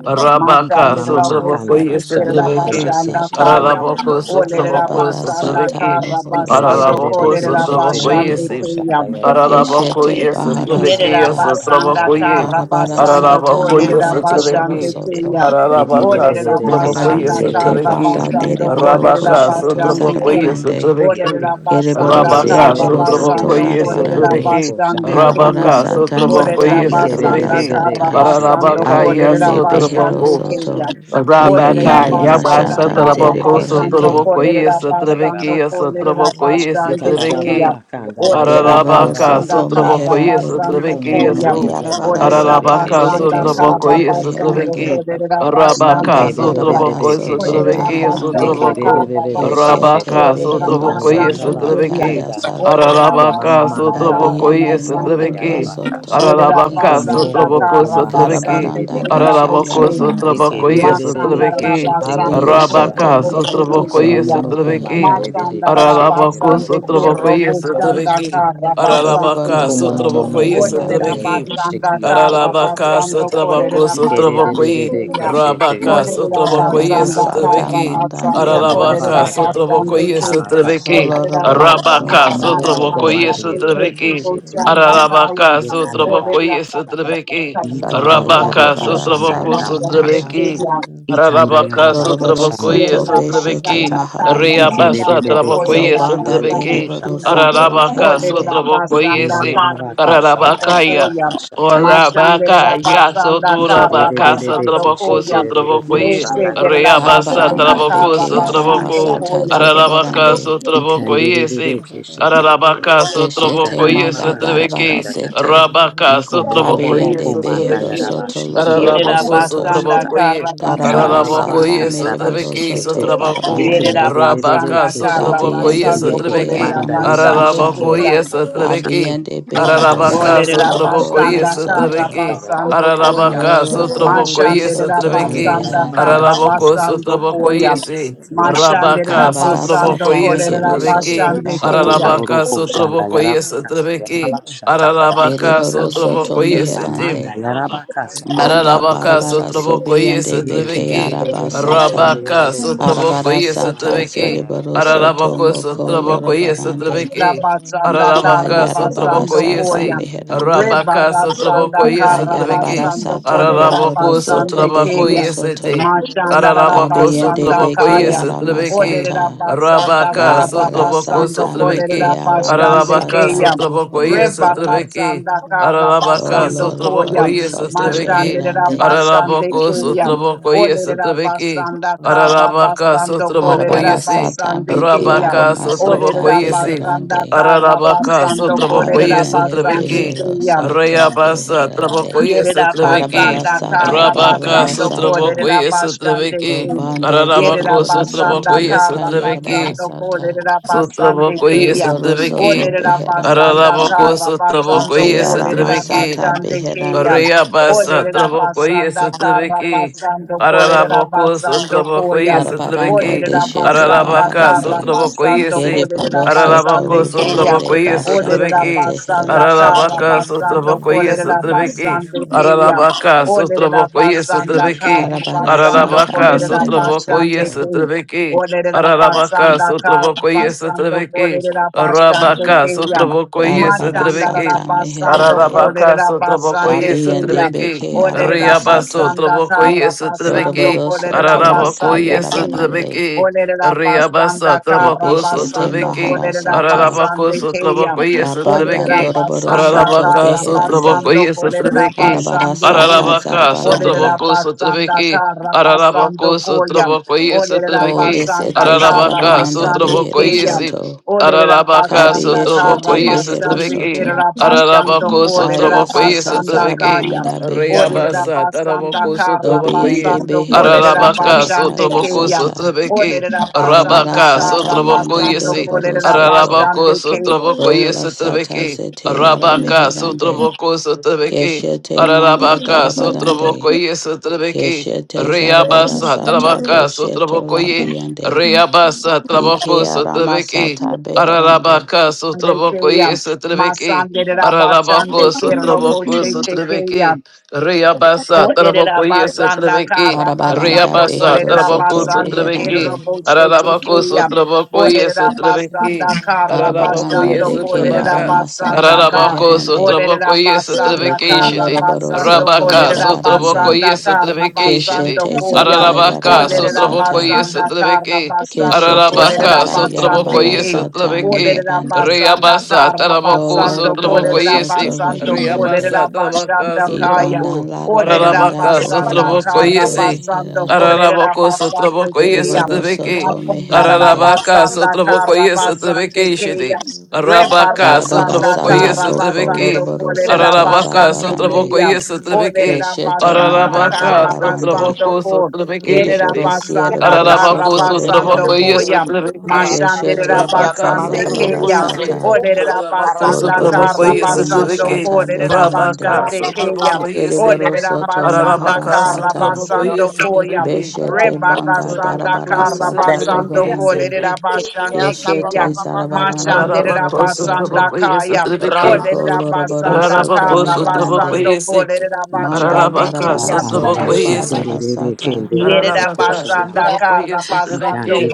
Ika
Rabaka
mama
Mashanderera
Sotraboko
makanda
boshanda
yes
bashanda
kerera
Trabeki
yarebe
bashanda
keshete
maharasata
kaya.
yororo
Araraboko
koshanda
Olerera
Sotraboko
yaraba
darabara
basanda
kashata.
sata
Sotrabeki
karra
mohoro
basando
soto
Ikerebebebe
Araraboko
kolerera
Sotraboko
lorobarande
basande
yes
sheteroroko
teya.
shandayarabakata.
keshete
Araraboko yes Trabeki
Yerera
baharasata
yes
basanda
Traboko yes
kara
Darabara
basando
Ikababababakandayarabakandayarabaka
sata
Araraboko yes
kolerera
manda dohoro
basande
Trabeki
shandayarabakiyete.
soto.
keya.
Ararabaka
Olerera
Yekerebebebe
sutra
Darabara
bokoye
basanda
sutra
sete
kara
keshenderoroko
beki.
banda
basando
dereboro
shandayarabaka
kolerera
Arabaka
koshoto
sutra
basande ke.
bokoye sutra
zarabarande.
shandayarabakandayashikiyata.
beki.
Olerera
Kereboro
basanda
Arabaka
kara
siereboro
sutra
Ikerebebebe
soto
basando
bokoye sutra
kolerera
larabarande.
beki.
kesheteroroko
basande
shandaha.
Karabara
keya.
Arabaka
sata
sutra
zata
Olerera
bokoye sutra
yarabara
basanda
beki.
Ikerebebebe
kara
sata.
basando
Ararabaka
kesheteroroko
ya
kolerera
Abiende
sutra
behero
basande
boko.
keya.
soto.
shandayarabakashata.
Olerera
Arabaka
Libiande
Ikomomomo
yaba
basanda
mashata
sutra
kara
boko
kombandierebeke
sutra
basando
zereborande.
sheteroroko
bokoye
kolerera
sutra beki.
basando
ya
shandayarabakanda ha.
Sutra
kolerera
bokoye
basande
Ika
sutra
baba
beki.
keya.
baba kanda
Olerera
bashanda
Dereboro
Ararabaka,
yaraba
basanda
soto
kasha.
kara
Sotraboko, yes,
meherande.
basanda
Iko
Trebeki,
momo
yes,
koya.
momo
oh.
ko mandi
Yarabara
Olerera
yerebe
sata
Ararabaka,
keshe te
basanda
behero
yororo
Sotraboko,
ko
kara
soto
yes,
shanda
basanda
yara ba
meherande.
Trebeki,
kata.
kolerera basanda
Rabaka,
Manda
koya.
barabara
Sotraboko, yes,
soto
Olerera
Iko
Trebeki, yes,
maharande.
basanda
Sotraboko,
kara
Russia.
basanda
Keshete
Shut
Rabaka,
kolerera
behero
Sotraboko, yes,
basanda
soto
koya.
Trebeki,
lakaya
Iko
sata.
Olerera
Iko
Ararabaka,
mama
basanda
manda yaraba
kara
Sotraboko,
Kabiyane
yes,
kashata
basanda
mohoro
koya.
Trebeki,
yaraba
soto
kasha.
Yerera
Iko
Ararabaka,
mobo
leherande.
basanda
bobo
Sotraboko,
kara
komba
Sotrebeki,
basanda
Karabaranda
kolerera
daka
Ikebebebebekeshete.
Araraboko,
Yekebebebebekeshete. Ikandayarabakashandaha. Ikomamamandayarabakashatayarabakasha. Ikomobobobokombahandayebebekeshete.
yarabara
Sotraboko,
you.
sata.
yes,
Masandara
Trebeki,
Yekerebebebebekeshete
basande
Abiyeshete
kerbo
Rabaka,
yererekiandaha.
Thank
posto
mehero
Sotraboko, yes,
tekeya.
soto
Trebeki,
beherande.
Masandara
Ikomomomokombandayebebekeshete
Ararabako
basande kerbo
sotrabokoye
poskanda
sotrabeki.
kara
yerorokoshatayarabakashatayaka.
basande
Ararabaka
Kereboro
ke.
soto
sotrabokoye
Olerera
meherande.
sotrabeki.
basanda kara
Ararabaka
basando
Ikomomomokombandayebebeshekiyondobobokoshataya.
sotrabako
kolerera
Ike de de de
basando
de
sotrabokoye.
de ke
keya.
she te ge ro
Rabaka
ro ko
Olerera
shanda ya
sotrabokoye
Karabara
basanda
sata
rabakata.
kara
sotrabeki.
manda
Ika
basando
ba ba
dehero
ba
Ararabaka
kolerera
ba ka
soto.
shanda
basande
ya
sotrabokoye
ke.
rabaka
sotrabeki.
shanda ya
Olerera
Koloroboro
basanda
Niko
Arabaka
soto
momo
kara
mo
Shabba
sotrabokoye
kombande
leherande.
ye
basande
de de ke
kerbo
sotrabeki.
she te ge
poskanda
ge.
kaya.
Ararabaka
Ye kanda ba ba.
sotrabokoye sotrabeki.
Niko ro
Daka
ro ro ro
Rabaka
ko shanda ya
sotraboko Yes,
sata
rabaka
mahara.
shata.
sotrabeki.
Ikanda
Arabaka
yarabaka
Doroboro
shanda
sotrabokoye
soto
yarabaka
beshete
sotrabeki.
shata
maharande.
Ike de de
Riabasa
de de ke
trabokoye
she te ge
Zobanda
ro ro ko
sotrabeki.
deriboro
shanda ya
soto
rabaka.
Arabaka
leherande.
sotrabokoye
Ikanda ya
se.
rabaka shanda ya
Arabakaya.
rabaka shata ya
Orabaka
shata.
ya
Iko
soturabaka sotraboko sotrabokoye. Riabasa
Arabaranda
traboko
beke
sotraboko.
aramasata
Arabaka
zorobarande.
sotrabokoye Ararabaka
Keshete
sotraboko
manda darabara
yesotrabeki.
sete.
Rabaka
mobo
sotraboko
bobo
Kabiyende
komanda
behero
yesotrabeki.
yaraba
soto
shiki
loko
on
Shut
Yerera
bobo
Ararabako
yosoto.
boko
basanda
sotraboko ye.
Ika ba
Darabara
ba
karabasande
ba
kem.
ba
Ararabako
sata
kanda ba
meriboro
yesotrabeki
soto
shekete
sotrabaku.
Yerera
yekende
barabarande.
be be be be
Rabaka
basanda kara
keshete
sotraboko
Dabiyende
basando
yeko
beke
yesotrabeki.
kolerera
manda yedi
basando
aramasata.
bishiki
Ararabako
kuya.
ando boko shata
yesotrabeki.
Abiyende
yika
behero
na ba
Ararabaka
ba
soto
Olerera
ba
sotraboko
loko
kashanda
ye
basanda
yaraba
kara
yosoto.
sotrabeki.
kanda yaraba
basando koya.
kashanda
Ararabaka
Dolo
yaraba
sotraboko
bohoro
ye
kashata
Mashanderera
soto
anda
sotrabeki.
basanda
yaraba
reherande.
kara
Araraboko
kashanda
basando
yaraba
sotraboko
kata ya ra ba ka ta
ye
koya.
ya
se.
siki ando boko
Rabaka
Mashanderera
shata
Arabara
sotraboko
basando
sata
ye
ikeri
kolerera
mehero
be be be
sotrabeki.
soto
basande
keshete
baharande.
Ararabaka
yororo ko shanda
sotraboko ye
yaraba kata
sotrabeki.
yaraba shata yaraba
Ararabaka
kata
Deriboro soto
sotraboko
ima
ye
meherande.
manda yaraba kashanda
Manda
yerebe
Ararabaka
barabara
keshete
sotraboko
sobiande
Ikanda
beke
yesotrabeki.
arabasata.
Rabaka sotraboko
Arabara sata
yesotrabeki.
zeriboro soto
Ararabako
moko
sotraboko
lorobarande.
yesotrabeki.
Rabasanda
Ararabaka
Kayarabara
sotraboko
Karabasando
sata
yesi.
Koyam.
meherande.
Rabaka sotraboko
Rebarasanda
Kayarabara
yesotrabeki.
Karabasando
sata
Korera
moroboro
Ararabako
soto
Basande
sotraboko
behero
Kayam.
soto.
yesete.
Mashanda
Ararabako
Dabiende
Rabasanda
sotrabako
beke
Kayam.
yesotrabeki.
Orera
aramasata.
Basanda
Rabaka
Darabara
sotrabako
Karabasando
sata meke
Korera
sotrabeki.
Basande
Ararabaka
aramasata
Kayam.
sotrabako
buhoro soto.
yesotrabeki.
Rebarasanda
Ararabaka
O
Karabasando
sotrabako
Koyam.
Lorabara Sata
Mashanda
yesotrabeki.
Reherande.
Rabasande
Ararabako
Kayam.
sotrabako
Orera
yesotrabeki.
Basanda
Ararabaka
Karabasando
sotrabako
Korera
Arabara
yesi.
Sata
Basande
Beke
Kayam.
Rabaka
Arama Sata
sotrabako
Olerera
yesi.
basanda
Beherande.
kara
Ararabaka,
basando
Sotrabokoye,
kolerera
Abiende
basande
Sotrabeki,
Behero
keya.
Shit.
Soto
Rayabasa,
Beherande.
Trabokoye,
Yerera
Sotrabeki,
Arabara
basanda
Sata
kara
Rabaka,
Barabara
basando
Sata.
kolerera
Sotrabokoye,
basande
Sotrabeki,
ke.
Dobanda
Ararabako,
Yerera
Deriboro
basanda
Soto
Sotrabokoye,
Laka
kara
Sotrabeki,
Yarabara
basando
Sata.
kolerera basande
Sotrabokoye,
ke ya.
Eriboro Soto
Sotrabeki,
Olerera
Beherande.
basanda
Ararabako,
kara basando
Sotrabokoye,
Ike Arama
kolerera
Sotrabeki,
Sata
basande ke ya.
Beherande.
Correa pasa,
Olerera
trabajo y ese
basanda kara
trebeki.
basando
Para la
kolerera
boca, su
basando ko
trabajo y
ya.
ese
Arabaranda
trebeki.
Olerera
Para
Deshete
la
basanda
vaca, su
kara
Baharande.
trabajo y
basando
ese.
Keriboro
kolerera
Para la
soto
boca,
basande
su
ke ya.
trabajo
ribiande
y ese
bashata
Olerera
trebeki.
zehero
basanda
Para la
kara
vaca,
soto.
su
basando
trabajo y ese
kolerera
trebeki.
basande
Para la
keya.
vaca, su
Olerera
trabajo y ese
basanda
trebeki.
kara
Darabara
Para la
basando
sata
vaca, su
kolerera
mehero
trabajo y
basande
ese
soto.
keya.
trebeki.
Olerera
Para la vaca,
basanda
su
kara
trabajo y ese
basando
trebeki.
kolerera
Para la
basande
vaca, su
keya.
trabajo y ese
Darabara
trebeki.
Mashandara
sata
basando
meherande.
Ararabaka
kolerera
sotraboko
basande keya.
Dabiende
yesutrabeki.
beke
Olerera
Riaba
arabasata.
basanda
sotraboko
kara basando
yesutrabeki.
Doroboro
kolerera
soto
Ararabako
laka
basande keya.
yarabarande.
yesutrabeki.
Olerera
Riaba
basanda kara
sotraboko
Debeshete
basando
sotrabeki.
kolerera
maharasata.
Ararabako
basande
sotraboko
keyam.
Dabanda
Olerera
yesutrabeki.
doroboro
basanda
soto
Ararabaka
kara
beherande.
sotraboko
basando kolerera
yesutrabeki.
Arabara
basande
sata
keya.
Ararabaka
Olerera
zarabarande.
sotraboko
basanda
sotrabeki.
kara
Ararabako
basando koyam.
sotraboko
Olerera
yesutrabeki.
Kolisete
basanda
isete
kara
Ararabaka
zarabaranda
basande
sotraboko
behero
keyam.
yesutrabeki.
soto.
Olerera
Ararabaka
basanda
sotraboko
kara
Kabiyeshete behero
basande
yesutrabeki.
soto.
kerera basando
Ararabako
Kaya
kolerera
sotrabakoye
sata
basanda
sotrabeke.
kaya.
zarabaranda
Olerera
beherande.
Rayabasa
basanda
tarabako
kara
sotrabakoye.
Dobiyande
basando
behero
kolerera
soto
Ararabaka
la
basande
kaya
sotrabako
keyam.
sata.
sotrabeke.
Olerera
Arabara
basanda
Rabaka
karra
sata manda
sotrabakoye
basando
se.
doroboro
kolerera
soto.
basande
Ararabako
keyam
sotrabakoye
Bola sata
sotrabeke.
zete ara
Rabaka
meherande.
sotrabako sotrabeke.
Keshete manda
Ararabaka
darabarande.
sotrabakoye sotrabeke.
Keshete zarabara
Rayabasa
sata
tarabaka
bosheto
sotrabakoye.
labiyande.
Rayabasa tarabako
Ike ara
sotrabeke.
masata beherande.
Ararabaka
de
sotrabakoye
keyam.
sotrabeke.
Masandera basande
Ararabako
kerro
Sotraboko
boşe çekeyam.
Sotrebeki, Riabasa,
Olerera
Taraboko
basanda
Yesotrebeki,
kara
Arabaranda
basando
Riabasa,
behero
kolerera
Taraboko
soto
Russia.
basando
beherande.
kerero
Sotrebeki,
Russia,
boshete
Ararabako
keya.
Sotraboko
Olerera basanda
Yesotrebeki,
kara
Ararabako
Arabaranda
basando
de ke
kolerera
Yesotrabaka,
aramasata
basanda ka.
Ararabako
beherande.
Sotraboko
Olerera basanda
Doko
Yesotrebeki
kara
Shitty,
loroboro
basando
soto
Rabaka
kolerera
marabarande.
Sotraboko
basanda kara
Yesotrebeki Shitty,
basando
Keshete
koya.
zata
Ararabaka
you.
yarabara
Olerera
Sotraboko
sata.
basanda kara
Yesotrebeki,
basando
Keshete
kolerera
Ararabaka
zata
Sotraboko
basande
yarabara
ke.
sata
Yesotrebeki,
Olerera
meherande.
basanda
Reabasa,
kara
Ko
Taraboko,
basando
Sotraboko,
loroboro
kolerera
Glory
Yesi,
soto
basando
beherande.
Reabasa,
kolerera
Tarabaka,
basanda kaya.
Ibana
Sotraboko,
Olerera
larabaranda
Arabaka,
basanda
bohoro
Sotraboko,
kara
soto
Yesi,
basando
beherande.
kolerera
Ararabako
basando
sotraboko
keyam.
Kereboro
yesotrabeke.
soto
Masandara
meherande.
Ararabaka
basanda
sotraboko
kara basande
yesotrabeke shidi.
keyam. Rebara
Arabaka
Darabara
sanda
sotraboko
sata
kara
boko
yesotrabeke.
basando
loroboro
kolerera
sata
Ararabaka
basande
zarabarande.
sotraboko
keyam.
yesotrabeke.
Olerera
Keshete
basanda
manda
Ararabaka
kara
darabarande.
basando
sotraboko
kol.
sotrabeke
Yerera
shidi.
Ereborosi
basanda
ereboroso
kara
Ararabako
to
basando
sotraboko
beherande.
Namaskaraniyaloko,
koyam.
yesotrabeke.
Mashandera
Keshete
arakashiriya
baka
Rabaka
basande
sotraboko
keyam.
yesotrabeke.
namaskaraniyaloko,
yarabarasata.
Olerera
Ararabako
basanda
sotraboko
kara
Doroboroso
arakashiriya
to
basando
yesotrabeke.
namaskaraniyaloko,
mashata
kolerera
beherande.
Rabaka
basande keyam.
sotraboko yesotrabeke.
Olerera
Ereboroso to
arayishikaraniyaloko,
basanda
Arabaka
kara
maharasata.
sotrobokoye
namaskaraniyaloko,
basando koya.
sotrobeke.
Beshete
Rebara
banda
sanda
Arabakoye
arayishikaraniyaloko,
kara
darabarasata
namaskaraniyaloko,
basando
sotrobeke
bohorande.
sete.
kolerera
shitiya
basande
Keshete
keya.
sabababa, sukura
zarabaranda
Mashanderera
Arabako
basanda
namaskaraniyaloko,
dohorosoto.
sotrobokoye
kaya.
sotrobeke.
Doko
Olerera
ramayishikaraniyaloko,
basanda
loroboroso to
Arabako
kara
meherande.
basando
sotrobokoye se.
kolerera
Manda
basande
Arabaka
keya.
ramayishikaraniyaloko,
darabarasoto
sotrobokoye se.
barabarasata.
Arabaka
Yerabasanda
sotrobokoye
Karabasando
sotrobeke.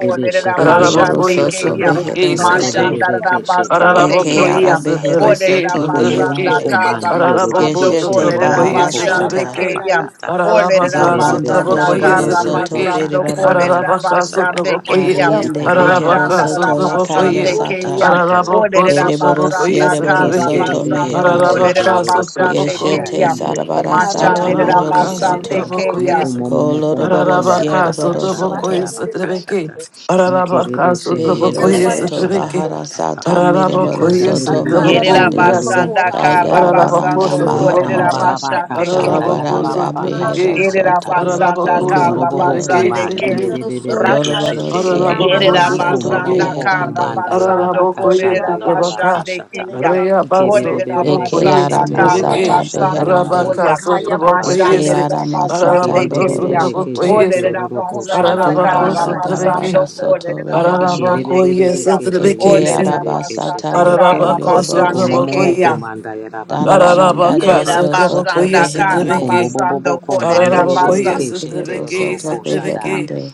Yereboro
Arabako
soto
Russia.
Kayam.
behero
sotrobeke sete.
soto.
Mashandarabasande
Eke
Ararabocoia,
ara
Kayam.
behero
Sotrebeque,
soto
Sotrebeque,
Olerabasanda
leherande.
Araraboco,
Karabasando
Keshete
Sotrabocoia,
bahara
Makaya
Kolerabashande
sata.
bakunda
Sotrebeque,
Kayam.
yesikere.
Ararabaca,
Zabanda
Olerabasanda
Sotrabocoia,
doroboro soto
Sotrebeque,
Karabasando
berebarande.
Ararabaca,
Kolerabashande
Sotrabocoia,
Kayam.
Kabiyende behero
Ararabaca,
soto lakaya
Sotrabocoia,
Mashandarabasande
sata.
Kayam.
Araraboco,
Yereboro
Ikabababababakashatayarabakashatayarabakashata.
Sotrabocoia,
Olerabasanda
siereboro
Sotrebeque,
soto
Ikebebebebebe
Karabasando
ke
meherande.
shete
Ararabaca,
roroko
Kolerabashande
Sotraboco,
shanga
Keshete
Kayam.
diye
zarabara
rebe ke
sata
debebe
mohoro
Ararabacas,
shete.
Mashandarabasande
soto.
otro
Kayam.
Iko
coisa.
momomo
Koloroboro
komandi
Ararabacas,
Yondo
arabaka
siereboro
otro
shanda
soto.
coisa,
yarabaka shata.
trebeque.
Ike rebe
Ararabacas,
shende
otro
Behero
coisa,
roroko
soto
shanda
trebeque.
bahara
yarabaka.
sata mereboro
Ikanda
Ararabacas,
soto
yerere
otro
ke
Yerera
shende
meherande.
coisa.
Shit.
basanda
roroko shanda
kara
yaka.
Kayarabaranda
Ararabacos,
basando
otro
Ikamba
kolerera
coisa.
maharande.
baba ka
basande ke.
shanda
Ararabacos,
Karabaranda
yarababa
otro
ka
beque.
behero
shata
Yerera
soto
yaka.
basanda
loko
Iko
Ararabacos,
kara
otro
bobobo
yoroboro
beque,
basande ke.
komandi
soto.
sete.
erebebebe ke
Doroboro
shete yeke.
siereboro
Ararabacos,
Yerera
otro
Iko
soto
basanda
beque.
bobobo
kara
beherande.
komanda
basando
yarabaka
Ararabokoye
shanda
kolerera
yarabaka
Sotrabaka,
basande ke
shata.
ya.
Rea Baso,
Olerera
Ikerebebebebe
Eke
Trabokoye
ara
basanda
shete
kara
Sotreke,
roroko
masata
shanda
basando
yaraba
beherande.
Rabaka,
koya.
kata yaraba
Eke
shata.
Sotrabokoye,
Mashanderera
ara masata
basande
Ararabako,
ke
bohoro
ya.
Ikerebebebebe ke
soto.
shete
Sotrabokoye,
Olerera
roroko
kuna
shanda
basanda
masakala
Ararabako,
na
kara
Dibanda
bababaka kata
makio.
Sotreke,
basando
darabara
shanda ha.
soto
kolerera
beherande.
basande ke
Ararabokoye,
Ikerebebebebe
ya.
ke
Eke
Sotreke,
Olerera
tegerebebebe ke
arabasata
shete
basanda
yeke.
loko
kara
Ararabako,
yoroboro
basande
Ikomomomo
ke
soto.
ya.
Sotrabokoye,
kombanda yaraba kashanda
Darabaranda
Ararabaka,
yaraba
Yerera
dehero soto
kashata.
Sotrabokoye,
basanda kara
beherande.
Sotreke,
basando
Ikombobobobo
kolerera
kombandi yerebe
Reshete
Ararabakoye
basanda.
behero
shete
sotrebeke
soto
roroko shanda ha.
sotrebeke.
beherande.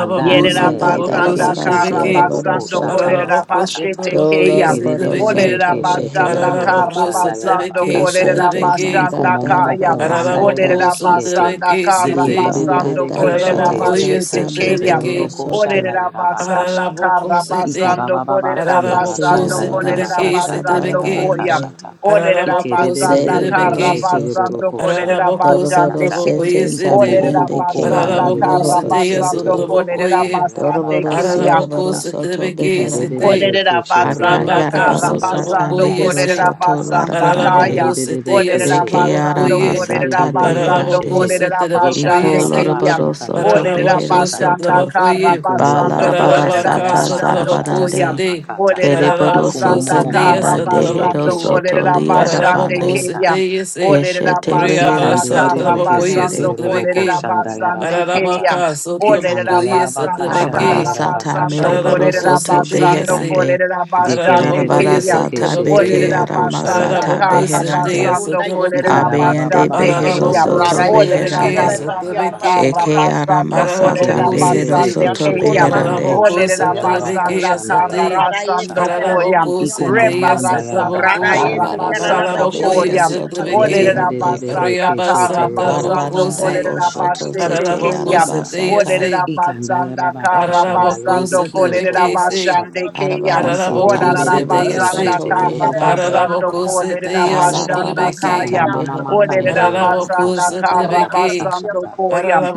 Shit.
Yerera
ndiye
Imada
rebe
sotrabako
ke
basanda
darabara
kara
shete
sotrebeke.
sierboro
roroko
basando
shanda
soto.
kolerera
yaraba
Ararabako
kata.
bashete
sotrabakoye
keya.
Doloroboro
Ikerebebebebe
sotrebeke.
Olerera
ke
soto
basanda
shetegororo ko
beherande.
kara
Ararabako
shandayaraba
basando
sotrebeke
kolerera
kashata.
Keshete
sotrebeke.
Iko
manda
basanda
momomo
kaya.
ko
darabara sata.
bandayarebi
Ararabako
Olerera
kiyete.
basanda
sotrebeke
kara
sete.
Dibanda
basando
keshete ke
kolerera
darabara
shetegerere
Ararabakoye
ke
sata
bashete keya.
shetegororo
bohoro
sotrebeke.
ko
soto.
Olerera
shandayaraba
basanda
kashata.
Ararabako
kara
sete.
basando
Ikabababa
kolerera
Russia,
kandara
Deke
Ararabako
basando
shandayaraba
kolerera
sotrebeke
aramasata
kashata
basando
yaraba
sotrebeke.
koya.
barabarande.
kashata.
Olerera
Ararabako
basanda
Lady
keshete ke
kara
sotrebeke.
shanda
Boroso
basando
ko
kolerera
Araraboko
shandayaraba
Doroboro
kata.
sotraboko
basande
ye
sete
Iko
sete.
Olerera
sabiende
mobobobo
ke
ko
basanda
ara
Araraboko
bandiyerebe
karra
ke
mohoro
sete ye
basando
soto.
shetegororo ko
sotraboko
kolerera
ye.
shandayaraba
basande
Doroboro
kata
keya.
Araraboko
siaraboro
yashata.
soto
setrebeke
beherande.
sete.
Ikadebebebe
Orera
keshe
basanda
ndiroroko
Rabaka
kara
Akayarabara
shanda
sata
sotraboko
basando
yarabaka
ye
mehero
se.
korera
soto
shatayaka.
basanda
larabarande.
kaya.
Araraboko sete
Ikandebebebe
ye
De
Orera
keshe.
ke
sotraboko
ara
basando
Yeke
ye.
korera
masata
ndebebebe
basando
keshe
Araraboko
beherande.
te.
korera
setreboko
Yeka
Iko
ye
basande
se.
rabababa
keya.
loroboro
shata
soto
yarabaka
Orera
behero
Ararabacos,
shatayaka.
basanda
soto.
kara
Trabacoye,
Iko
Ba
basando
moboboko
larabara
shanda
korera
Ararabacas,
sata
yarabaka
basando
shata
Trabacos,
koya.
zarabarande.
Day,
yarabakata.
Orera
Kereboro
Iko
Ararabacos,
basanda
soto
momomo
Dayas,
kara
manda
kumbandebebe
dehero
basando
Trabaco,
keshe te
soto
korera
roroko
basande
shanda
Ararabacos,
liarabande.
yaka.
keya.
Dayas,
Orera
Keshete rehero
basanda
Reabasa,
soto
kara
Ikandebebebe keshe
Trabacoyes,
te
basando
meherande.
roroko
korera
Trebeke,
shanda
basande
yarabakata.
keya.
Ararabacas,
Ikanda
Olerera
Trabacoyes,
yarabaka
basanda
shanda
Arabara
kara
Trebeke,
sata
yarabaka
basando
mere
shanda
Shit.
kolerera
Ararabacos,
yarabeke
borosoto
shete
basando
Dayas,
yeke.
beherande.
kolerera basande
Darabara
Ararabacoyes,
keya.
sata beke
Trabacoye,
Olerera
arama
basanda
sata
Yondo
Ararabacos,
kara
makio na
Yekerebebebebekesheterorokoshandayarabakashata.
beherande.
Dayas,
basando
makunda
kolerera
Trabaco,
Abeyende
basande keya.
Ararabacos,
Rara
beherosoto
yesi
Olerera
Trebeke,
karara
beherande.
baki
basanda
yanıma
Trebeke,
kara
Eke
Ikarabababakashandayarabakashandayarabakashatayaka.
sukurası.
arama
basando
sata
kolerera
Araraboko sete,
basande
beherosoto
Yandı
keya.
Thank you.
konuması
beherande.
Araraboko
karara
Olerera
baki yanıma ku.
basanda
sotrebeke
kara
sate,
Rara yesi
basando
Ikerebebebebekesheterorokoshatayarabakashandayarabakashata.
karara
koya.
baki
Araraboko
yanıma ku.
sete
Rebarasanda
Rara
sataboko,
kara
yesi
Darabara
karara
sata
basando
baki
Araraboko
Ikomamamandayarabakashandayarebekeshete.
yanıma
koya.
kurulması.
beherosoto
yesotrebeke,
Olerera
beherande.
basanda kara
Reabasa
basando
taboko
Larabaranda
se,
kolerera
boshoto
basete
zete
Araraboko
keya.
Yekerebebebebekesheterorokoshandayarabakatayarabashata.
sete
arabasata.
Orera
se,
Ikanda
basanda
yaraba
kara
shandaya
Araraboko
de
basando
kiyo
korera
sotrebeke
tobo
se,
basande
kokshata.
keya.
Arabara sata
Nikerere
Araraboko
Orera
mere
sete
Rara
basanda
se,
keshete
borosoto
yesi
kara
roro
karara
beherande.
yanıma
kokshata
basando
Araraboko
mama
yarabaka
korera
sukurası.
sete
shata.
basanda
Kalarabara
Ika
sotrebeke,
İki
sata
kaya.
mama
yanıma
mama
ki yanıma.
kanda
beherande.
Orera
yaraba
kurulma.
Araraboko
basanda
kashata.
İki
kara kara
yanıma
yarabaka
sotrebeke,
ki
shata.
yanıma.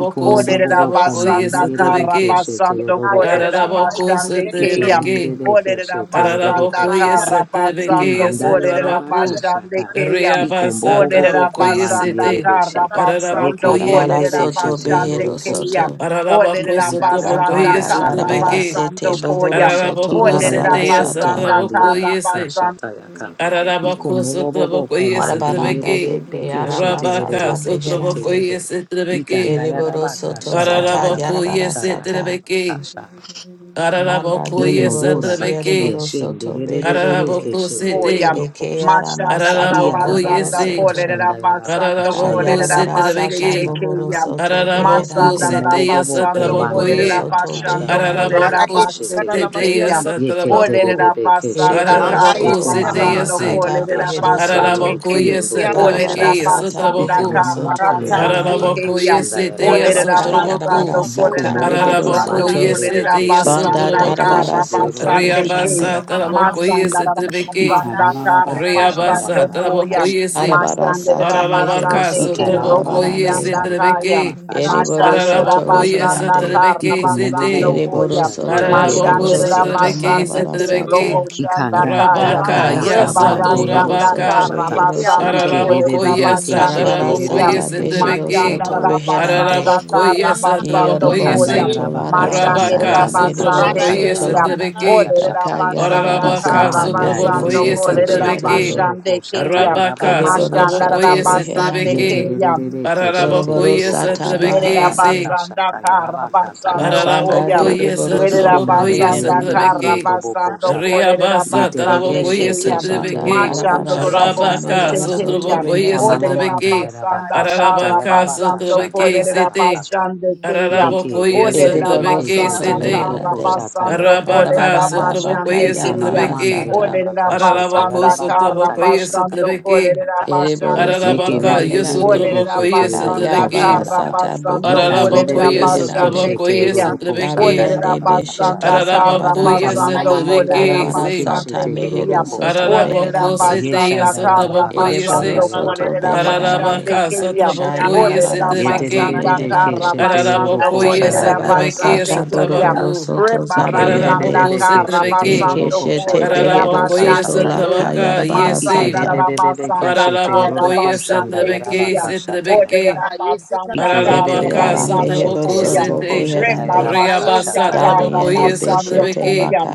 Iko mobo bobo
sotraboko
komandi yerere
kara
yesotrebeke,
keshete
basando basando
roro
Yakaya bakuna
kokshandaha.
Ararabako
yesi karara yanıma
kaya, basando
setrebeke,
Karabasando
kurulması.
Ikerere
Kolerabashande
keshete roro
basanda Olarabasanda
Ararabako
Rara
kokshata.
yesetrebeke
Karabasando
yesi
Imanda
karara
yarabaka
yanıma
yesetrabaku,
Kolerabashanda
shata.
kurulma.
Kayam.
Iko
Olerabasanda Karabasando Koyam.
Thank
Reabasa
bobo bobo
tarabako
komandi
Olerabasanda
Ratashi,
yesete,
yerere she.
Karabasando Kolerabashande Kayam. Olerabasanda Karabasando
Ararabako ye,
Darabara
Yekerere
soto
shete
Kolerabashande Kayam. Olerabasanda Karabasando Kolerabashande
roro
behero
Kayam.
soto.
Ararabako
Olerera
Ikanda baba
sotrabako
basanda
baka
Zabanda
kara
shanda ya
darabara
yesetrebeke,
baka
sete
basando
shata.
bohoro
koyam.
soto
Ararabako
Iko mobo
sete
Olerera
larabara
bobo
sata.
basanda
kombandi
yesetrabako
yara baka
yese,
kara
shata yaka. Iko
Ararabako
mobo bobo
sotrabako
kombandi yere
Arabaranda
yesetrebeke,
yere
de ke
beke shete yere
Rabaka
yere
arabasata
ke shete
sotrabako
beherande.
yeke.
yesetrebeke,
Ikanda yara
Ereboro
baka
soto
shanda
zata
yara
Ararabako
baka
yarabara
shanda yara
sata.
baka
yesetrebeke,
sha.
Manda
Ararabako
de reboro
Inogora bakia
yesetrebeke,
siereboro soto
shendegerebebe
beherande.
ke
Araraboko sete,
Oya.
shendegeroko
Eke
koshata.
Mashanda la la
aramasata
Iya
Araraboko
bohoro
basanda
yese,
rababaka
kore
soto.
la
shandagarabaka
basando kore
Araraboko
la
Kayarabara
sete
shandagarabaka
sata
basete
rebeke,
bohoro
keya.
soto
shatagarabakata.
Araraboko
Masanda
Iko
la
beherande.
sete
la
you.
mobobobo ko
basando
yasatraboko
kore
Kereboro
la
Shabba
ye,
soto
mandigarabaka
basando
beherande.
kore
shandagerebe
la
Araraboko
ke shete
basete
sete
yeke.
keya.
Yeke
Ole
yasatraboko,
la
terebebe ke
basanda
shete.
Ereboro
kara
Araraboko
soto
Yeko
sete
mama
mahara
basando
yese,
makanda
sata
kore
baba
la
behero
basande
shandagerebe
soto
Araraboko
keya.
kiyo
yese
ndoboko
Ole
darabara
la
trebeke
shata.
sata
basanda
Ika
yasatraboko,
mehero
mama
kara
soto
makanda
basande
reherande
yarabaka
Araraboko
keya.
yese te
shandagarabaka
Itiana
o
Ole la
laka
Makanda
shata.
yasotraboko,
yarabara
basando
Makiamaku,
kore
sata
Yikomo
la
bobo
mehero
basando
Araraboko
kombandi
soto
Ratashi
kore
yerere
yese te
la
Makiama,
keshe
banda
basanda
tererere
yasotraboko,
darabara
kara
keshe
soto
derero
Ratashi
basande
koshanda
keya
Riabasa
meherande
yaraba
Yamama,
taraboko
Masanda
kashata.
yese
da
trebeke,
and I
basanda
Ikaraba
is a
baba
kara
Canary on the
kashanda
basando
Reabasa,
Makiamako,
yaraba
koya.
kashata
Trabocoyese,
arabara
yaraba
Masanda
sata
da
kashata.
mehero
basande
Ratashi
Aralabacaso,
ke
soto
Ikaraba
robo
marabarande
Trabocoyese,
sanda kaya.
baba
Trebeke,
Rata,
ereboro
Masanda da
soto
Aralabocoyese,
basanda
reherande
te
kara
Trebeke,
basando
Sete,
boko
dereboro
koya.
soto
Rata
shanderere
is
mereboro
Masanda
keshe
Aralabocosa,
Canary
da
te.
on
soto
the
Trebeke,
basande
marabara
ke
Setrebeke,
robo
sata
Makiamako.
sanda
Ikanda nda
kaya.
nda
Rabaka,
darabara
Rata
Thank
yakaba
Yasa,
sata
ndero
bohoro
Rebarasanda
boko
soto
Torabaka,
kara
shata.
rehero
basando
soto
koya da
Ikerere
Aralabocoyasa,
keshe
basande
Darabara
koya.
derere
sata
Tarabocoyese,
keshe
behero
Trebeke,
Masanda
derero
soto
da
koshata.
reherande.
basanda kara
Aralabocoyesa,
basando
Yerobo
Ikanda
koya.
Trabocoyese,
soto
yarabaka
larabara
Masanda
shanda
Rabaka,
da
sata
yarabaka
meriboro
basande
shata
Sotrabocoyese,
soto.
koya.
yarabaka taya
Trebeke,
Olerera
shata.
Daka
basanda
yarabara
Orarabaka
kara
sata
Ikumbanda
behero
basando
yerere
sotrabokoye
soto
kolerera
keshe
setrebeke.
beherande.
basande
teroroko shata
keya.
Rabaka
yarabaka
Kereboro
shata
Masandara
yaka.
soto
sotrabokoye
basande
reherande.
setrebeke.
keya.
Yeterere keshe
Doroboro
Ararabokoye
teroroko
sata
shata
setrebeke
baharande.
se.
yarabaka
Yerabasanda
shata yarabaka taya
La
Karabasando
shata
banda
Koyam.
yaka.
Ararabokoye
dereboro soto
Ikumanda
sotrabokoye
Yerabasanda
yerere
beherande.
kiyo
setrebeke.
toboko
Karabasando
shata.
Reabasa
Kolerabasande
tarabokoye
Yeterere
Keshete
Kayam.
keshe
banda
setrebeke.
teroroko
Machando
darabara
shanda
sata
Rabose
Rabaka
yarabaka
mehero
ta.
soto
Tekayam.
sotrabokoye
reherande.
Ikamamamanda
setrebeke.
yarabaka shata
kara
Ararabaka
yarabaka
basando
shata
you.
sotrabeke
yarabaka
sete.
ta.
Kolerabasande
Shabbat.
Kayam.
Yeke
Ararabokoye
debebebebe
Edeboro
setrebeke
keshe
soto
Olerabasanda
sete.
tegororo
meherande.
kosha
Karabasando
tayaraba
Arabaka,
kashata.
Arabaranda baka
Sotrabokoye,
Kolerabasande
Ika mama
yarabara
manda
Sotrabeki,
sata.
yaraba ka
kara
kashata
Ararabako,
basando
yaraba ka ta kata
Sotrabokoye,
yashata
Karabasando
yaraba
Sotrabeki,
ka kata.
Ereboro
Kolerabasande
Yeke
soto
Kayam.
Ararabaka,
debebebebe
meherande.
Olerera
keshe
Yosotrabokoye,
Rana
tegororo
basanda
Kayarabara
Sotrabeki,
karra
koshanda.
sata
basando
bohoro
Ikan
soto
kolerera
Ararabakoye,
debebebebe keshe
basande
beherande.
Sotrabokoye,
tegororo
keyam.
koshanda
Sotrabeki,
Olerera
Dabiende
yaraba ka
beshete
basanda
kashata.
karra
Ika
Ararabakoye,
zarabarande.
mama
basando
mamanda
kolerera
Sotrabeki,
yarebe
Arabara
say,
keshe
sata
basande
tegororo
mehero
keyam.
soto
koshata.
Olerera
Ararabako,
beherande.
Seteya,
basanda
Yeshanda
karra
yaraba ka
Sotrabokoye,
Ereboro
kashanda
say,
basando
soto
yaroboko
kolerera
shata
beherande.
basande
Ararabaka,
yakanda
keyam.
yeshete.
Sotrabokoye,
Olerera
Kayarabara sata
Sotrabeki,
basanda
Yedededede ke
karra
meherande.
shetegero
basando
ko
Ararabokoye,
shanda
kolerera
yera
Kayarabara
baka
Sotrabeki,
basande
sata
shata
keyam.
boroboro
yaka.
Sotrabaku,
soto
Rebarasanda
Ararabako,
zabiende.
Ikerede ke
karra
Sotrabeki,
shetegero
basando
ko
Ikeshete
shata
kolerera
yera
behero
baka
Ararabokoye
Thank
basande
soto
shata
la
keyam.
yaka.
Satrabaka,
kayarabara
Masanda
yese.
sata.
Ikerede ke
Rabasanda
shetegero
Ararabokoye
ko shanda
Karabasande
yera
Satrabeke,
baka
Kriyan.
shata
Ordered
yaka.
Satrabeke.
Abasanda
Eke
Ararabaka,
ara
Ikerede ke
Karabasando
mehero
Satraboko,
Koyam.
shetegero
soto
ko
Sete.
shanda yera
beherande.
baka
Rebarbasanda
Reabasa,
shata yera baka.
Trabokoye
Dabiende
Karabasando
Beshete
Satrabeke.
Koyam.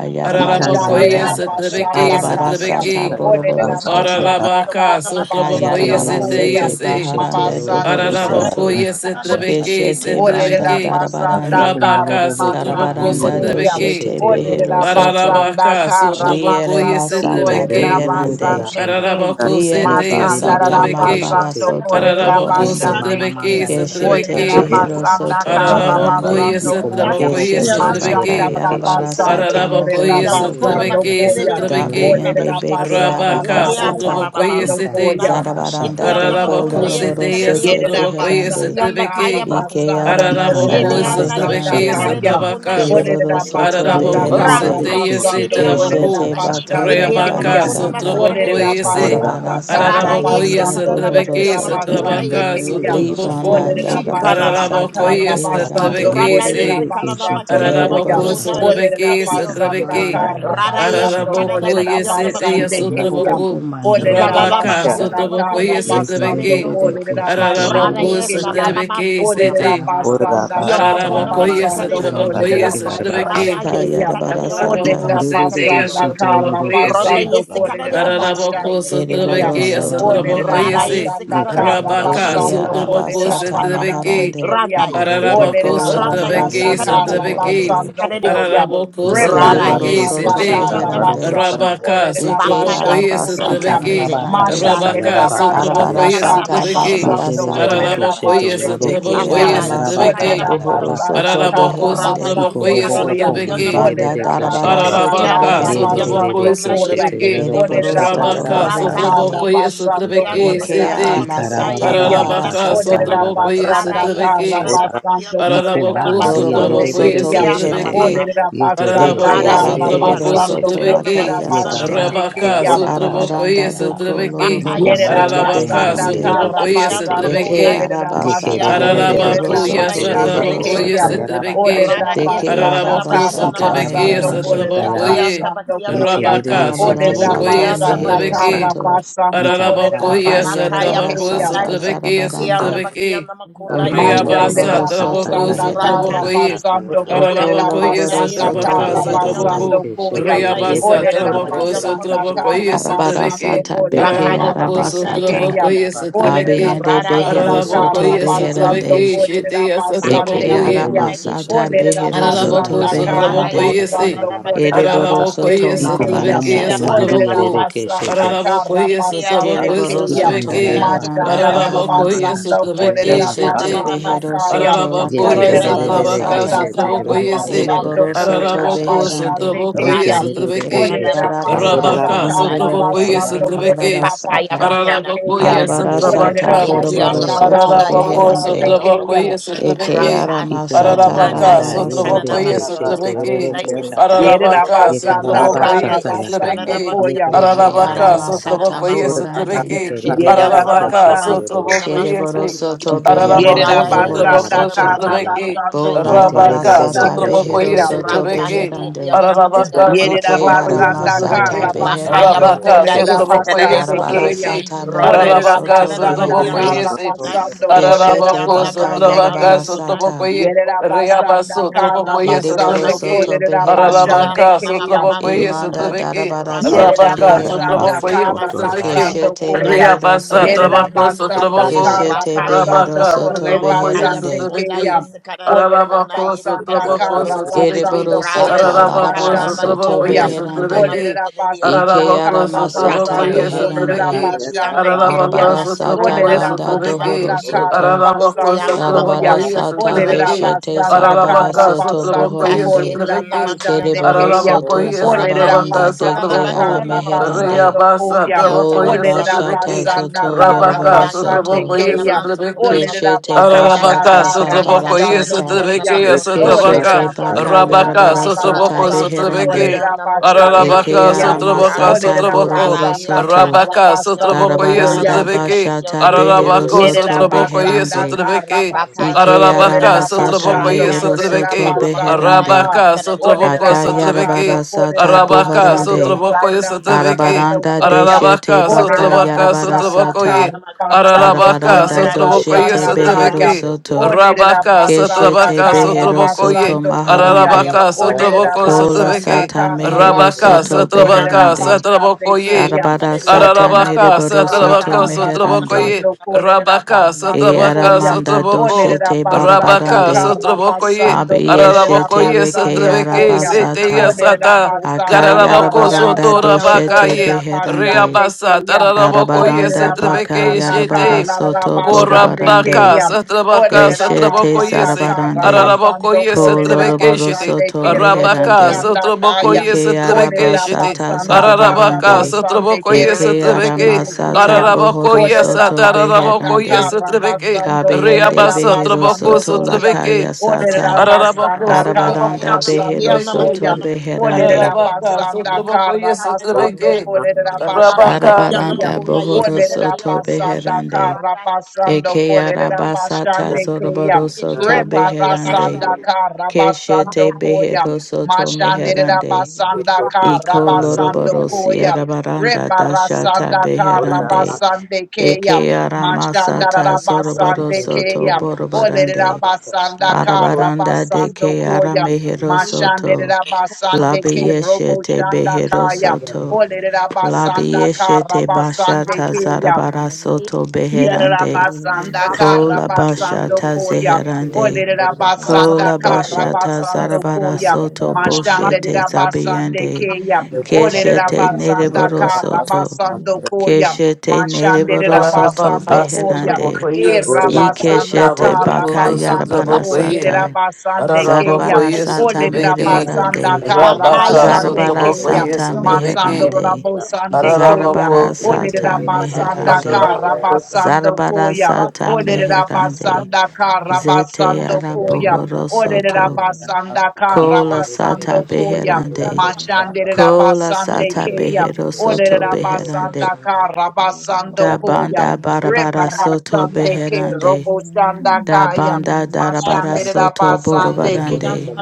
Thank
Ikanda
Mashande
yera
Ararabokoye
baka shata
Satrabeke,
Rabasanda
yera baka
Karyam.
Arabarasata
shata
Satrabeke.
yera
Ordered
Boroboro
baka shata
Soto
Abasanda
yaka.
Ararabaka, Satrabokoye
Karabasando
Sete,
Kayarabarasete
Yekerede ke
yese.
Baharande
shetegero
Koyam.
ko
Dohoro
shanda yera
Soto
Ararabokoye
baka shata
Satrabeke,
yera
Keshete
baka
Banda
Olerera
shata.
Satrabeke.
basanda
Iko
Darabarande
kara
Rabaka,
mabobobo
basande
Satraboko,
Karabaranda
kumbandiere
kuyam.
Satrabeke.
Doshete
keshete
Behero
Olerera
roroko
Soto
sandara
basanda
Ararabaka,
kara
kashata.
Liere
Satrabokoye
basando
Io
Masata
Satrabeke.
kolerera
rororoko
Beherande
basande
sandaha.
kin.
Ararabako
Liere
Yeke
seteya
Masanda
Basata
rara
rerere
sotrebeke.
Marabara
keshete
basando
yeke.
Soto
kolerera
Ararabako
Yeko
Bohorande
basande
mama manda
sotrebeke
kin.
yaraba
Keshete
Olerera
sotrebeke.
kashata
Behero
you.
yaraba
basanda
Soto
kara
kashata.
Ararabako
Thank
Meherande
ye
basando
Iko
sotrabako
kuyam.
mbobobo
ye
you.
Keshete baka
Mashanda
sotrebeke.
kumbandiere
rara
yarabara
keshete
basando
sata
yeke.
Ararabako
kolerera
ye
mohoro
Yeke
soto.
basando
sotrebeke
rerere
kuyam.
shete
sotrebeke.
roroko
Dabiende
Olerera
beke
sandara
basanda
Rabaka
Yeke
kara
kashata.
asa
arabasata.
baba
sotrabako ye
basando
sete.
basukuna.
kuyam.
Ikarababa shanda
Yeke
Zarabaranda
yaraba
doko
anamakuna
Ararabako
kashanda
loroboro
seteya
yesekarede
yaraba
sete
yondo.
Yerera
sotrabako
kashata.
ye
beherande.
Basanda,
Yonda kaya
sotrebeke.
Ike
bakunda.
Yerabasanda Karabasando
Ikanda
Ede
Ararabako
aramasata
yaraba
yanda yesi
Basanda,
sotrebeke
kashata
beherande.
kadale
Kaya.
yaraba
bakunda
sotrabaka.
yesi
kashata.
Kereboro
Orera
kadale o.
soto
Basanda,
Araraboko
Olerabasanda
Rata
beherande.
seteya
şeride
Karabasando
setaraboko.
Keshete
yamakunda.
Yeterebebebekeşetelororokosata.
baka
Eki
Basande
yanda
yarabara
Kaya.
Reabaka
makunda
sata.
masakarede
sotraboko
Orera
Yikarabababakasata,
yotoku.
yese.
Basanda,
Arabara
Rara
sata
yarabakasata,
Araraboko
yesi
manda
yese
Olerabasanda Karabasando
yarabaka.
kadala baki
dohoro
trebeke
yanda
soto.
makunda
Basande
sotrabaka
yesi
Kaya.
kadale yonda.
sotraboko.
Libanda
Orera
darabara
Yikandayarebekeşetelororokosata
Şikalala
Basanda, Olerabasanda
baki
yaka.
Araraboko
sata
yanda maku.
yese
Karabasando
beherande.
trebeke
Randa
you.
yesi
se.
kadala baki
Kolerabasando
yanda
Koya.
Araraboko
Kereboro
masakunda
Yikerebebebebekeşetelororokosata.
yesi
Orera
sotrebeke
kadale
Ora
yotoku.
Basanda,
sotrebeke.
Rara
Olerabasanda
yesi
Yikamamamandayarabakasata
kadala
Araraboko
yaka.
baki
Karabasando
yanda
yese teya
makunda
Basande
yesi
Kaya.
kadale.
Ikomoboboko
sotraboko.
mandi
Ole
Thank
da
Şikalala
Rabaka
baki
Yikomobobokomandiyerebekeşete.
yanda
basanda
sotraboko
makunda
kara
yese
yesi kadale
basando
trebeke.
kole
yondoku.
da
Rada
basande
Araraboko
yesa
Yekerebebebekeşetelororokosata.
kiyam. keyam.
baba
sotrebeke
masoko
da
sete.
namasaka.
basanda
Biondo
Yikarabababakasata,
ko
kara
Araraboko
namasaka
yese
de
basando
yondo
trabako
kole da
ko.
yese
yarabakandayereke.
basande
Rada
trebeke
sata
yesa
kiyam.
kada de
yarabara
yondo ko
sata.
keyam.
sete,
da
namasaka
sete.
de
Ikarerere
ya
basanda
yondo ko.
kara
satrabako
sheteroroko
Ronda
yese.
shanda
basando
yesa
kole
kada de
da
yarabaka
yamako
shata.
na
Ararabako
basande
yesa kada de
kiyam.
satrabeke ya
mako.
Ereboroso to
keyam.
satrabako
da
Rada
Ikarababakanda
meherande.
yese.
yesa
basanda
kada de baki
kara
yekararara
yondo
Rabaka
Eke
shanda
basando
makunda.
kole
yarabaka
satrabako
da
arabasata
shanda
Chikala.
yaka.
basande
satrabeke.
maharande.
Randa
kiyam.
yesa
keyam.
Ararabako
Ikoboboboko
Doko
da
Randa
shanda
yesa
basanda
satrabeke
loroboroso to
kada
kara
makunda
satrabeke.
yekiyeterebebeke
yesa
meherande.
basando
kada de
shete.
yondo
koyam.
ko.
Ararabako
Rada
satrabeke
Dereboroso
yesa
Yekererebebeke
Rebarasanda
to
kada
sete.
maki yondo baki
meherande.
sheteroroko
Karabasando
shanda
mako.
Rabaka
Korera
yarabaka.
Ike
satrabako
Bakaya
Bashande
yese,
makunda
arabasata
Kayam.
yesa kada
satrabeke.
de
Ikarababaka
yondo ko.
meherande.
shata
Rabaka
Machandera
Rada
yarabakata
satrabako
Basanda
yasha.
yesekara
yese,
na
Arabarasata
makion na
satrabeke.
Karabasando
makona
barabarasata.
Yeterebebeke
Korera
Ararabako
yesekariota.
yese,
Bashete
sheteroroko
Eke
satrabako
Kayam.
shata
Asaba yesekara
aramasata
na
yarabakata
yese,
you.
Orera
makion na
bohoroso
yarabaka
Basanda
mako.
to
shata.
Thank
Arabako,
Rada
meherande.
Sotraboko,
Karabasando
yesekara
yese,
na
Ikoboboboko
Koyam.
makion na
Trebeki.
Ibanda
Orera
mandierebeke
makona.
shete.
darabaraso
Basanda
Yeke
to
ata
Ararabaka,
makion na
meherande.
Sotraboko
Karabasando
is
makona
Koyam.
Sotrabeki,
yesekarionda ko.
Orera
Ereboroso to
Rabaka,
Basanda
Rata
meherande.
Yedidididikishitirirokoshatayarabakashata.
Sotraboko
she.
is
Yeke
Karabasando
ata
Sotrabeki,
Ike
Korera
makion na
City,
Bashete
makona
aramasata
Kayam.
yesekara na
Ararabaka,
makion
baharasata.
na.
Orera
Sotraboko is
Rada
Basanda
yesekara
Sotrabeki,
Ikarabababakashatayarabakatayarabashata.
na makion
Karabasando
na
Korera
masokona
Araraboko,
masaki.
Doroboro
Bashande
Sotraboko is
soto
Yeke
Kayam.
Ikumbandiyedidididikishiti.
asaba
Sotrabeki,
beherande.
Olerera
babasoko.
basanda
Deke
Araraboko,
Rada
ara
kara
behero
yesekara
Sotraboko,
na
basando
soto
Yeterekedidididikishiti.
makion na
kolerera
Sotrabeki,
lakaya
masakara na
sata.
bashete
makion na
Rabaka,
ko.
keyam.
Sotraboko
Arabaranda
is
Yekandayarabakashandayaha.
doko
Sotrabeki,
loroboro
Bakaya
Yerera
soto
bakunda.
Ararabaka,
basanda
beherande.
Beyond
kara
Sotraboko is
Akaya
Ikomomomokombandiyedididikishiti
basando
yeke.
Deke
Namakona,
Sotrabeki,
kolerera
araba
Yikia
sata
basando
Tabakia
mereboro
kolerera
Ararabakuya
Namakona,
soto
bashande
behero
Yisakadi on the
satabakuya
keyam.
soto.
Ko,
sitrabeke.
Olerera
Rada
Deke
Yekeredidididikishitirirokoshatayarabakashatayaka.
basanda
Yisakanada
araba
Ararabaku
Bakia
kara
sata
Namasako,
satrabeke
basando
Ikarababa
meherande.
kolerera
shandayaha.
Yikia
satrabakuye.
basando
Tabakia
koyam.
Namasaki,
Rabaka
Yikerere
Arabara
Olerera
shetegero
sata
ko
satrabakuye
Yikia
basanda
mehero
Tabakia
shandayaka.
kara
sitrabeke.
Namako,
soto.
you.
basando kolerera
Ikarababa
Thank
Ararabakuya
Akaya
bashete
you.
Makaya
arabara
satabaku
keyam.
shatayarabaka.
sata
Bakona,
satrabeke
Yikia
zarabarande.
Tabakia
satrabeke.
Namakona,
Oko
Yisakadi
Ikandababa
on
Riyabasa
loroboro
Mashandera
the Ko,
soto
tabaku
basanda
kashatayarabaka
kara
beherande.
Ratashi,
satrabakuye.
basando
Oko
Yikia
kolera
shatayarabaka.
Ararabakuya
Namakona,
loroboro
basanda
soto
satrabaka
Yisakanada
kara
Yeterere
Bakia
beherande.
Nam,
basando
satrabaku.
ke
koyam.
Rona
shetegero ko
Riyabasa
Yisakanada
Olera
tabaku
Bakia
shandayere
basanda
Namasakura,
satrabakuye
kara
kishikiyanda.
basando
sitrabeke.
Arabarasata
kolera
beke
Bakaya
Ararabaku
Yetarababa
basete
Bakona,
kashata
arabasata.
keyam.
satrabakuye
Yisakadi
yoraba
sitrabeke.
kashata
Olera
Abiende
Rada
yoraba
Yesu
basanda
behero
kande
Karada
soto
kara
yorobo
Ararabokoye
Bakiyana
kumbandi
basando
Masuku.
beherande.
Satrabeke
yeshete.
kolera
Shetea
Eke
basande
Bakaya
Satrabokoye
Yeterebebebe
Bakona
keyam.
Yesu
aramasata
keshete.
Karadiya
Olera
behero
Masuku.
soto
Araraboko
basanda
Yekarababa
Rada
kara
beherande.
Satrabokoye
Yesu
Ora
kashata
Se
basando
Karada
yoraba
kolera
Bakiyana Masuku.
Ereboro
kashata.
Ararabokoye
soto
basete
Iko
keyam.
momomo
Satrabeke
Chikiya
marabarasata.
kumbandi
Sabana
Olera
yerebe
Satraboko
Mama
keshete.
basanda
Sukuna.
kara
Ararabokoye
Chikiya
basande
Satrabokoye
Dereboro
Sabakiyana
keyam.
Ikanda
soto
Makuna
Satrabeke
yoraba
Yesu
beheranda
Machanda la
Karada
kashata
Baku.
yoraba
Ararabokoye
baharande.
basanda, Machandarabasanda
kashata
Chikiya
Satrabeke
yoraba
Keshete
Sabana
Sete
kashata
Mama
Kolerabasanda
behero
yaka.
Sukuna.
Kaya.
soto
Ararabokoye
lakaya
Ronda Yesu
Yeterebebebe
Satrabaka
Karada
arabarasata.
Olerabasanda
keshete
Bakiyana
yororo
Satrabokoye Se
Makuna
kushanda
Karabasando
Yesu
Dereboro
yoraba
soto
Karadiya
Araraboko
kashata.
Masuku.
Kolerabashande
beherande.
Satrabokoye
Rada
Kaya.
Yesu
Yikerebebebe
Satrabeke
Eke
Karada
keshete
Bakiyana
yororo
Olerabasanda
arabasata
Rabaka
Masukuna.
kushanda
Thank
mereboro
yoraba
Satrabokoye
soto
Karabasando
kata yoraba
Satrabeke
shata.
Bakaya
marabarasata.
Kolerabashande
Bakona
Kaya.
Ararabokoye
Arabara
Olere la
sata
Satrabaka
Iki
Kadebebebekeshete
on
boroboro
the
basanda kara,
soto
Makuna
rorokoshata
Paralabacô, sou
Karabasande
beherande.
Isikadi
yarabakata
on the
Kaya.
Ko
trabocoí, sou
yarabashata.
Eke
trabequê.
ara
Rata
masata
Ikumanda
Anda
Paralabacá,
nda
sou
larabara
Isikanada
sata.
trabocoí,
Baki
sou
on the
yerebekeshete
trabequê.
Makunda
rorokoshata.
Isikadi on the
Paralabacá,
Ko
sou
Yerabasanda
trabocoí,
Randa
Yekarababashata
sou
yaka.
Isikanada
Karabasando
trabequê.
Baki on
Koya.
the
Yekumama
Eke
Makuna
ara
manda
Paralabacá, sou
masata
Isikanada
yarabakasha.
trabocoí, sou
Bakuna
bohorande.
trabequê.
Shikia Sababa
Paralabacá, sou
Yerabasanda.
Ikerebebebekeshete
Sokuna
trabocoí,
Kere boro
shata
sim.
Masakadi on the
soto
Ikamama
beheranda
Paralabacô,
Rada
sou
makanda
bohoro
Yerabasanda
trabocô,
Isikanada
sou
soto.
Baki
yarabashata
on the
yaka.
trabequê.
Karabasando
Makuna
Bo
Isikadi
larabara
Rabacá,
on the
sou
sata
Ko
Korebasande
Yeterebebebekeshete
behero
trabocoí,
Kaya.
sou
soto
Rata
trabequê.
rorokoshata.
Shiri
beherande.
on the Maki on the
Arabaka
Mako.
Yerera
Ike ara
sotrobokoye
Ikumama
basanda
manda
masata
kara
sotrobeke.
yarabashanda
Bakaya
basando
beherande.
Rabaka
Bakonda
kolerera
yerebekeshete.
Yesikada de
sotrobokoye
basande
Darabara
Amako.
keya.
sotrobeke.
sata
Ronda
bohoro
Olerera
Arabaka
soto
Yesikada
basanda
Bakiana
sotrobokoye
beherande.
kara
se.
Makondai.
basando kolerera
Shikia
Keshete
Arabako
baka
Sababa
basande
Baba
ke.
sotrabaka
yarabara
Sakona.
sata.
sotrobokoye.
Yerera
Okona
Reaba
basanda
Yesikada de
kara
sotrobokoye
Ondokona
Ereboro
basando
sotrobeke.
Masaki.
soto
kolerera
beherande.
Ikia
basande
Arabaka
Sababa
keya.
Baba
sotrobokoye
Sakona.
Imanda
sotrobeke.
darabara
Rata
soto
Yerera
Rabaka
Yerera
Shiria
basanda
reherande.
baso
Mamakona
sotrobokoye
kara
you.
koto
sotrobeke.
Masakada
basando
Keshete
Bakunda.
koya.
behero
Reabasa
Thank
Yerera
soto.
trabako
basanda
sotroboko.
kara
Keshete
Bakaya,
behero
Rabaka
basando
soto
kore
Miana
sotrobokoye
Kaya
basande
beherande.
Bakona,
sotrobeke.
keya.
yes, the Kanada
Olerera
Bakona,
Ararabako
yes,
basanda
Kanadi on
sotrabako
the
kara
ho,
sotrabeki.
Ereboro
basando
Rada,
sata
yes,
kolerera
the
Ararabako
larabara
Kanada
basando
soto
sotrabako
Bakiana
ye
koya.
Masakona
beherande.
sotrabeki.
Olerera
Masakadi on the
basanda
Ike
ho,
Ararabako
kara
arama
sotrabako
sata
Rata
ye
basando
She,
kolerera
beherande.
sotrabeki.
Itiana
basande
Makona
keya.
Ararabako
Arabara
Masakana
sata
sotrabako ye
Olerera
banda
Bakona
sotrabeki.
dohoro
basanda
Masaki,
kara
soto.
Ararabako
basando
Ekiana
sotrabako
koya.
Darabara
makona
ye
sata
Olerera
masakalala
sotrabeki.
beshete
bakiana
basanda
maku.
zarabara
Ararabaka
kara
soto
sotrabako
basando
ye
bohorande.
kolerera
Atashiriana
sotrabeki.
makiana
basande
Kereboro
maku.
keya.
Ararabako
soto
ye
Randa
Olerera
sotrabaka
zarabaranda
yesekalala
basanda
deke
sotrabako.
bakiana
kara
makona.
arameherande.
basando
Reyabasa
koyam.
O
Ekiata
trabako
Ola
ye
bakiana
Olerera
sotrabeki.
bashata
makona.
basanda
zoto
kara
Rabaka
yorobaro
basande
sotrabako
soto.
ye
Ratashiriana
keyam.
masakona
sotrabeki.
Olerera
Keshete
masakirianda.
basanda
Arabaka,
bashata
kara
Sotraboko,
zarabara
yes,
basando
sata.
Ratashiriana
Sotrabeke,
koyam.
yes,
makona
Olerera
Keshete
Sotrabaka,
masakirianda
baka
ku.
basanda
Rabaka,
yarabara
kara
sata
Randa
Sotraboko,
basando
beherande.
Sotrabeke,
kolerera
yesekalala makona
basande
Eke
Arabaka,
masakora
keyam.
arama
saka.
sotrabaka,
sata
Olerera
Rada
Sotraboko,
boroboro
basanda
soto.
kara
yesekalala
Rabaka,
bakiana
basando
Sotraboko,
makona
yes,
koyam.
Darabaranda
Sotrabeke,
bashata
yesekalirianda ku.
behero
Arabako,
Yerera
soto
Sotraboko, yes,
basanda
beherande.
ka
Sotrabeke,
Bakaya
rabasando
Ike
Bakuna,
Arabaka,
arama
kolerera
sata
Sotraboko,
basando
yes,
Urata
mehero
kolerera
Shedi
soto
on
Sotrabeke,
the
basanda
Makuna,
beherande.
ka
Arabaka,
Isakariondo,
Sotraboko,
olerera
Aka
basando
yarabara
Sotrabeke,
sata
kolerera
Arabaka,
Bakaya
basando
boharande.
Sotraboko,
Bakuna,
yes,
kolerera
Sotrabeke,
basando
Isakariondo,
Arabaranda
koya
deshete
Arabaka,
baka
olerera
Urata
Sotrabaka,
Shedi
yarabara
basanda
on
Sotraboko,
ka
sata.
ye,
the Makuna,
rabasando
Arabaka,
Arabaranda
Ronda
kore
Sotraboko,
you.
yes,
doshete
basanda
Isakarmaka,
behero
kaya
Sotrabeke,
soto.
olerera
Rabaka,
Oh,
basanda
Keshete
Sotrabaka,
ka
behero
Sotraboko, ye,
soto
rabasando koya
Bakaya
maharande.
Arabaka,
Bakuna,
olerera
Sotraboko,
Kola
basanda
Sotrabeke,
ka
sata
Isakariondo,
mehero
Rabaka,
rabasando
soto
Yaka
kolerera
Sotrabaka,
beherande.
Sotraboko,
basande
Bakuna,
ye,
keya
Arabara sata
Isakariondo,
Olerera
Ararabaka,
meriboro
basanda
Rata
soto
Satrabako,
kara
Shedi on
meherande.
the
Sotrabokoye,
basando
Makuna,
kolerera
Rabaka,
E
basando
Satrabaka,
koya.
aramanda
Sotraboko,
Olerera
doshete
basanda
Rabaka,
barabarande.
Thank you.
kara
Sotrabokoye,
And
basando
the
kolerera
Abiyeshete
Ararabokoye,
reke
basando
Satrabeke,
koya.
Isiaka
Seteya
arabasata.
Bakia
Olerera
Sata,
Namako,
basanda
Gararabako,
kara
Isiaka
Akayarabaranda
Bakia
basando
Namako,
doshete
Sotorabakaye,
kolerera
beherande.
basande
Reabasa,
keya.
Tararabokoye,
Arabaranda
Olerera
baka
Satrabeke,
basanda
yarabara
kara
Shete,
rara
soto
basande
borobarande.
Orabaka,
keya.
Satrabaka,
Olerera
Eshete
Satraboko
basanda
Yese,
kara
zarabarande,
Arabako
basando
Yese
kolerera
koloroboro
Trebekeshiti,
basande
soto
ke robo
Arabaka,
meherande,
kanda
Satraboko
kaya.
ike
Yese
Olerera
Trebekeshiti,
arabasata
basanda kara
Arabaka,
zarabarande,
basande
Satraboko
kerro
eke
Yese Trebeke,
boşete
Ikarababa
aramasata
keyam.
Arabako
bohoro
Yesa,
Olerera
soto
basanda
Tarabako
beherande,
Yese
kara
Trebeke,
basando
kabeyende
kolerera
Reabasa,
behero
Traboko
basando
soto
koyam.
yes,
Sotrebeke,
lakaya
Olerera
sata,
Arabako
basanda kara
arabaranda
Satraboko
kasanda
basando
behero
yarere
Sotrebeke,
soto
koyam.
kese.
task
Olerera
beherande,
of
Arabaka,
basanda
Satraboko
kara
Yese
both
basando
Trebeke,
master
kolerera
for the language
basande
Arabaka,
keyam.
arabaranda
Ikerere
bohoro
sete
Olerera
soto
of
yororo
the
basanda
kosanda
beherande,
kara basando
eke
kolerera
arabasata
Thank
basande
you.
Ikara
keyam.
zoroboro
and
soto beherande,
the
Rebarasanda kara basando
Keshete
koyam.
behero soto
Mashandera
meherande.
basanda
course of
ka
Iko
rabasando
loroboro
koyam.
siera baranda dashata
Rebarasanda
the
ka
beherande.
rabasande
Eke
keya.
aramasata
Mashandara
zoroboro
basande
soto
keya. Olerera
borobarande.
basanda ka
Arabaranda de
rabasando
ke ara
koya.
mehero soto.
Mashandera basande
Labi
ke robo
yeshete
shanda
behero
kayam.
soto.
Olerera
Labi
basanda ka rabasande
bashata
keya.
zarabara soto beherande.
Yerabasanda
Kola
Karabasando
bashata
Koya.
zeherande.
or the master
Olerabasanda
Kola
for the master for the
bashata
Karabasando
master
zarabara
and the
Koya.
soto
master
Mashande
boshete
Rabasande
zabiende
Keya.
for the master
keshete
and the
Olerabasanda
nereboro
master
soto
and the
Karabasando Koya.
keshete
Mashande
nereboro soto
Rabasando
Arabacas, outra
Koya.
beherande
boca aí,
E
or the
assim.
master
Rabasanda
for
ikeshete
the
baka
Ikanda
Arabacas, outra
Karabasando
yarabara
and
boca aí.
sata
Kolerabasande
Thank
Keya.
zarabara
Arabacas,
sata
outra vez aqui.
Olerabasanda
the
merebarande
Bankaya
Arabacas,
Karabasande
outra
Makunda.
zarabara
boca
Keya.
aí,
sata
outra vez
Masando
aqui.
meherande
Rabosande Keya.
Arabacas,
zarabara sata
Olerera
or
basanda
or
meherande
kara
Arabacas,
Ora
basando
zarabara
koya.
sata
Olerera
meherande
basanda kara
zete
basando
yara
koya.
bohoro
Olerera
soto
basanda kara
Kola sata
basando koya.
beherande.
you.
Mashanderera
Kola
basande
sata
keya.
behero soto
Olerera basanda
beherande.
kara basando
Da
koya.
banda barabara soto
Rebarasande ke
beherande.
robo sanda
Da
kaya.
banda darabara
Mashanderera
soto
Thank
basande ke
borobarande.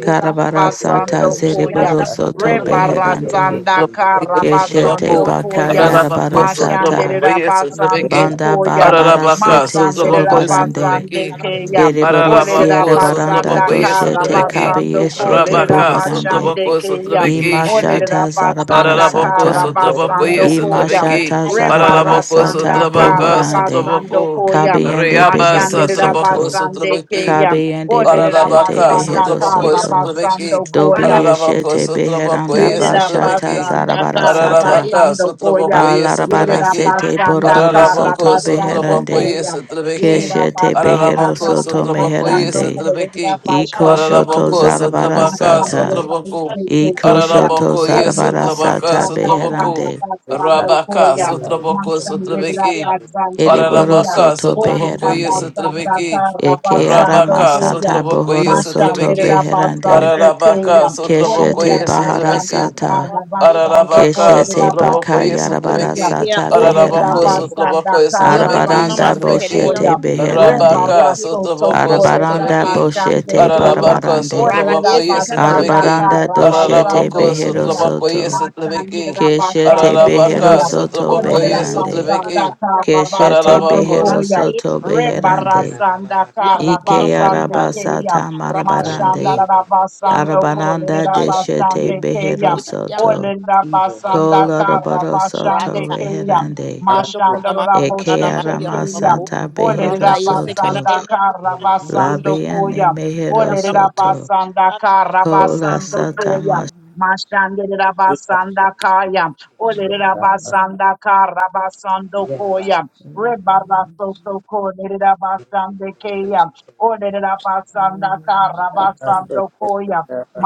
Karabara sata
Rabasando
zereboro
Koyam,
soto beherande.
Rebarasanda
outra boca aí, outra
Keshete
Karabasando
boca.
Thank
baka
Koyam,
yarabara
Arabacas, outra
Mashandere
sata.
boca aí, outra vez aqui.
Rabasando
Banda
Koyam,
barabara
Arabacas,
sete
outra
Masandere
boca aí, outra
zorobarande.
Rabasande Kayam,
Ereboro
Olere
sierra
Ararabako
baranda
sotrabako
Rabasanda
doshete
yesotrabeki.
Karabasando Ko,
kabeyeshete
Lere
Rabaka
boharande.
Rabasande
sotrabako
Kayam,
sotrabeki shiti.
Olere
Imashata
Rabasanda
Ararabako
zarabarasata.
sotrabako
Karabasando Koyam,
yesotrabeki.
Imashata
Ararabako
zarabarasata
Rebarasanda
sotrabaka
bohorande.
Karabasando
sotrabako.
Koyam,
Kabiende
Reaba
behero
Mashandira
sotrabako
soto.
basande
sotrabeki.
keya.
Kabiende
Olerera
beshete
Ararabaka,
basanda
behero
Sotraboko,
kara
you.
soto.
basando
Sotrabeki,
koya.
Dobi
Ararabako,
Thank
yeshete
Sotraboko,
beheranda
yes,
Rana
Yerera
bashata
Sotrabeki,
basanda kara
zarabarasata.
Ararabaka,
basando koyam.
Sotraboko, yes,
Yerera
Sotrabeki,
Balarabarasete
basanda
boroboro
kara
Ararabako,
soto
basando
Sotraboko,
beherande.
yes,
koyam.
Sotrabeki,
Yerera
Keshete
basanda
behero
Ararabako,
kara
soto
Sotraboko,
you.
yes,
basando
meherande.
koyera
Sotrabeki,
Iko
Thank
basande
shoto
Ararabako,
koyam.
Sotrabaka,
zarabarasata.
Masandera
Sotraboko,
basete
Iko
koyam.
shoto
Ararabako, yes,
Orera
zarabara
Sotrabaka,
sata
basanda
Sotraboko,
kara
beherande.
basando
Rabaka,
koyam.
you.
Sotraboko,
Masandera
Sotrabeki,
basande
Eriboro
koyam.
Ararabaka,
soto
Orera
Sotrabokoye,
beherande.
basanda
Sotrabeki,
kara
Eke
basando
arama
Rabaka,
koyam
sata
Sotrabokoye,
bohoro soto
Sotrabeki,
basanda
beherande.
basanda
Ararabaka,
Keshete
Sotrabokoye,
bahara
Sotrabeki,
sata.
karla basando
Ararabaka,
kolerera
Keshete baka
Sotrabokoye,
basande
yarabara
Sotrabeki,
teyam.
sata
Ikarababa
Orderera
Ararabako,
beherande.
basanda
Sotrabokoye,
karla
Yondo
Sotrabeki,
is
Arabaranda
basando
Sotrabeki,
masekerere
boshete
yondo
koyam.
kuna.
Thank you.
Rabaka,
beherande.
Yeki
Rebarasto to
Sotraboko,
yondo
kolerera
Arabaranda
Sotrabeki,
is yesi
basande
boshete
yondo kuna.
teyam.
Ararabaka,
barabarande.
Rara
Orderera
Sotrabokoye,
yesi is
basanda
Sotrabeki,
Arabaranda
karla
doshete
Ararabako,
basando
behero
koyam.
yesi
Sotrabokoye,
kana
soto.
Sotrabeki,
Keshete behero
Ararabaka,
Machanderabasandekeya. Olerabasandakarabasandokolerabasandekeyam. Olerabasandakarabasandokoyam.
soto
Sotrabokoye,
Rara
Rebarasotokolerabasandekeyam.
beherande.
yesi kana
Sotrabeki,
yondo.
Keshete
Olerabasandakarabasandokoyam.
Ararabako,
basando
behero
Rara
koyam.
soto
yesi kana yondo.
beherande.
Rebarasanda
Yondo kuna
Ike
Karabasande
masakaya.
arabasata
Kayam.
Rata
Mashanda
e
marabarande.
Rabasando
Arabaranda
Kolera
deshete
Basande Kayam.
behero
Yanda
soto.
Olera
makana
Iboboko
Basanda
makedirion.
banda
Koloroboro soto
Karabasande
Rata.
yarabashanda
Kayam.
reherande.
Yondo
Mashanda
kona masana
Eke
la
Raboshte
baki yondo
Kayam.
mako.
aramasata behero
Ronda
Olera
yese kala
soto.
de
Basanda
moko. Kedirion.
Karabasando
Labiane
Koyam.
mehero
Yanda
Olera
soto.
Basanda
kala
Kola
Karabasando
sata
Koyam. Mashandira basanda kaya, olerera basanda kara basando Rebarasoto Corneda Basande Kaya, Orneda Basanda Kara
you.
Basando Koya,
Thank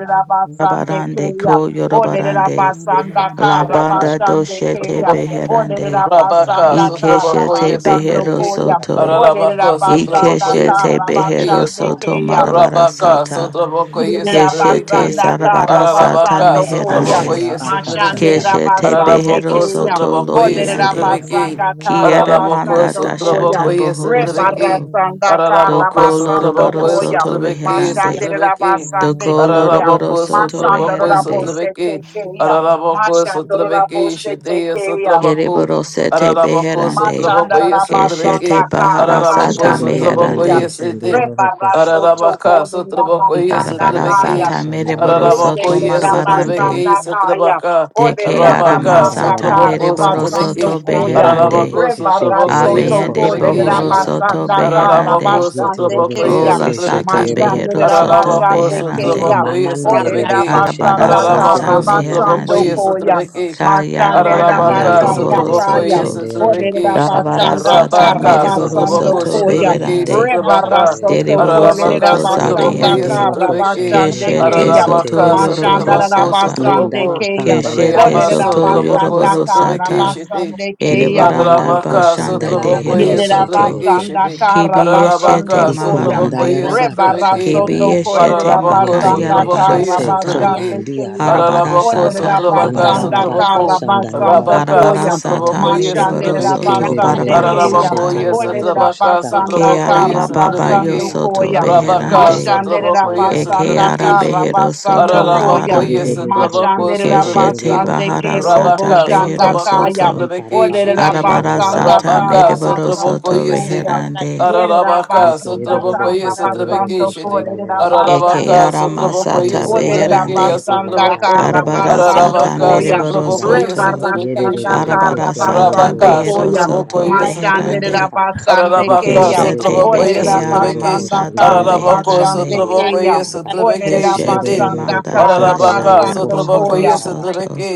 la baki yondo
Basande
masarabarande
Kaya,
ko
Orneda
yorobarande.
Basanda
La
Kara
banda
Basande
doshete
Kaya,
beherande.
Orneda
Rabaka,
Basanda
Thank
Kara
Sotrabako,
Ikeshete
yes,
Basando
behero
Trebeki,
Koya,
soto.
Orneda
Arabako,
Basanda
Sotrabako, yes,
Ikeshete
Kara
Thank
Trebeki,
behero
you.
Basande
Yasu,
mako.
soto marabara
Rabaka,
sata.
Sotrabako, yes,
Keshete
Trebeki,
Yerabasanda
zarabara sata
Arabaka,
Karabasando
Anda
Koyam.
ya
Sotrabako,
meherande.
yes,
rabaka shata
Trebeki,
yaka.
Keshete
Mashandirabasande
behero
Arabako,
Kayam.
soto
Sotrabako, yes,
lobiyande.
Yikarababa.
Trebeki,
Olerabasanda
Kiere
Arabako,
manda
Karabasando Koyam.
dashata
Sotrabako, yes,
bohoro
Trebeki,
soto.
Rebarasanda
Arabako,
Doko
Rata.
Karabasando
Yondo kona masana
loroboro
Sotrabako, yes,
Koyam.
soto
Trebeki,
reherande.
Sotrebeki,
Mashandirabasande
Doko
Kayam.
loroboro
Arabako,
soto
Sotrabako, yes,
reherande.
Masandorabose
Trebeki,
Tekeyam.
Arabako, Sotrebeki,
you.
Mashandorabose
Shitty,
Tekeyam.
Sotrabaku,
Thank
Kereboro sete
Araraboko
beherande.
sotraboko
Shata.
Keshete
yesotrabeki.
bahara
Araraboko
sata
Shidererere
sotraboko
Masandarabasandakarabasandekeya.
meherande.
ke
yesete.
shenderoro ko shanda yaka.
Ararabaka sotraboko
Ikanda
Arabara
yaraba
Rebarasotokolerabasandakaya.
yesotrabeki.
sata
shanda ya
mereboro
yaraba
Araraboko
soto
kiye shete
marabarande.
yeke.
yesotrabeki
Nesegerabasandakaya.
sotrabaka.
De ke Keara
Rabaka
Ikomanda ya
Masata
yaraba
sotraboko
Mereboro
shata.
sotrabeki.
Soto
Olerabasandakarabasandokoya.
Rata.
Beherande.
Yerebebebe
Araraboko
ke shete
sotraboko
yororo ko
Abeyende
shanda
yesotrabeki
ya
Bohoro
Kaya.
shideki.
rabaka
Soto
shata.
Araraboko
Beherande.
Ye re re re
sotraboko
re re
Rebarasotokolerabasandakarabasandekeya.
Ola
keshete
Sata
re
yesotrabeki.
ro ro ko
Behero
shanda.
Soto
Araraboko
Iko
Mashanderabasandekeya.
Beherande.
sotraboko
man di re
Rata.
re
yesotrabeki.
keshende
Arabara
re ro ro ko
Sata
Araraboko
kunda ye
Kedirion.
re re
sotraboko
shi
Meherande.
era
Olerabasandakarabasandokoya.
yesotrabeki.
rakasha ta.
Kala la
Mashandera
Kayarabaranda
Ye
Ararabaka,
re re
basanda
re
Bohoro
re
Sotraboko,
kaya.
yes,
Soto.
keshende re ro ro ko
Olerera
Sotrabeki,
shanda
Darabara
ha.
basanda
kala
Sata
la
kara
Rabaka,
baki.
Ika ba
Mereboro
ba ba
basando
Sotraboko,
ka
Soto
shanda
koya.
ya
Sotrabeki,
ra ba
Beherande.
ka
Yanda mako.
Rebara
shanda
Sotrabaka,
ya ra ba
soto
ka.
Dereboro
kolerera
Ararabaka,
Soto
Ye
Sotraboko,
toro
basanda
ro ro
yes,
Zabeyende.
ro
kara
ko shanda
Sotrabeki,
ye
kala
basande
la
re be
Keshete
keya.
kye te be
Soto
Ararabaka,
be
Yoroboro
shete.
Mashandara
Sotraboko,
Sata.
Ye
basande
indama
Sotraboko,
keya.
kaanda ya ra
Rata.
Keshete
ba
Reaba,
Olerera
Soto
shanda ya ka.
Sotraboko,
basanda
Yoroboro
kara
Sotrabeki,
Sata.
Shitty,
basande
Ye
keya.
toro ro
Rata.
Erebaranda
ro ko
Ararabaka,
shanda
Bashanda
Kala
ye
de
la
re
Sotraboko,
be
baki.
yes,
Yerera
keshete
Hirosoto,
Sotrabeki,
ke.
basanda
Shitty,
kara
Kibieshete
basando
Ararabaka,
Iko
Koyam.
man da
Sotraboko,
ya
Ronda
Maharande,
ra
yes,
ba kaasha ta
Sotrabeki,
ya
Rebarasoto
ka.
Kibieshete
Ararabako,
Koderabasanda
Sotraboko, yes,
Yeterebeshete
Makayarabarasata,
Sotrabeki,
Karabasande
kombandia
Kaya.
rabakasha
Ararabako,
Arabarasata
Sotrabaka,
Beyond
kara
Borobarande,
Sotraboko,
andababakasha
Karabasando
Rabaka
ndayarabakasha
Koyam.
Arabarasata
Sotraboko
tayaka
yes at the Vicky.
Mereborosoto
Randa
Mashanderabasande
yekebebebebe
Kaya.
keshete
Ararabako
kara basando Koyam. Mashandera basande koyam.
Barabarasata,
yes
Yama
Orera
yororokosha
Rabaka
tayaka
basanda
Sotraboko
kara
Kearama
yes at the
Baba
basando
Vicky.
Yosoto
ikabababakasha
Koyam.
Rabaka
Beyond
Beherande,
ndayarabakasha
Mashandera
yes
tayarabaka
basanda
Ekeara
kara
Beherosoto
basando
Beyond
koyam.
yes
Laharande,
ikerebebebebe
Mashandera
keshete
Keshete
basande
yororokosha
ke robo
Baharasata
Rabaka
tayarabakasha
shanda
Sotraboko
kaya.
Beherosoto,
Sotrabiki
Olera
Yikarababa
Shitty.
shanda
basanda
yaraba
Arabarasata
kanda
kara
Rabaka
yaraba
basando
Sotraboko
Mereborosoto
kashanda
yes.
koya.
yaraba
Ronda
Beherande,
kata.
Yerera
Ararabaka,
basanda
Yikerebebebe
kara
Sotrabokoye,
shete
basando
Sotrabeke,
yoroboko
Shete,
shanda
kolera
yaraba
Yama
Eke
kata
basando
Ararabaka,
yaha.
arama
Anda
Sotrabokoye,
sata
yaraba
Sotrabeke,
Olerera
beherande.
yes,
kashata
basanda
yaraba
Baka
Sotraboko,
kara
kanda
Arabara
yaraba
basando
sata
Ararabaka,
Arabarasata
shikiroro
koyam.
shanda ha.
Sotrabokoye,
mereborosoto.
rebarasanda
Yama
Sotrabeke,
Yererebe
Shete,
kara
keshende
Arabarasata
basando
yoroboko
Rabaka,
shanda
koyam.
beherosoto
yaraba
Sotrabokoye,
kashanda
Masandera
Sotrabeke,
beherande.
yaka.
basande
Ararabaka,
keyam.
Yikerebebebe
Keshete
Sotrabokoye,
beke
keshende
Olerera
arama
yoroboko
Sotrabeke,
basanda
shanda
sata
kara
yaraba
Ararabako,
basande
kashata
beherande.
Yama
yaraba
Sotrabokoye,
keyam.
kata.
Sotrabeke,
Olerera
you.
Keshete
Shete,
Yererebe
basanda
manda
kara
keshete
Ararabaka,
dashata
yoroboko
basando
shata
Sotrabokoye,
koyam.
yaraba kata.
bohorosoto.
Sotrabeke,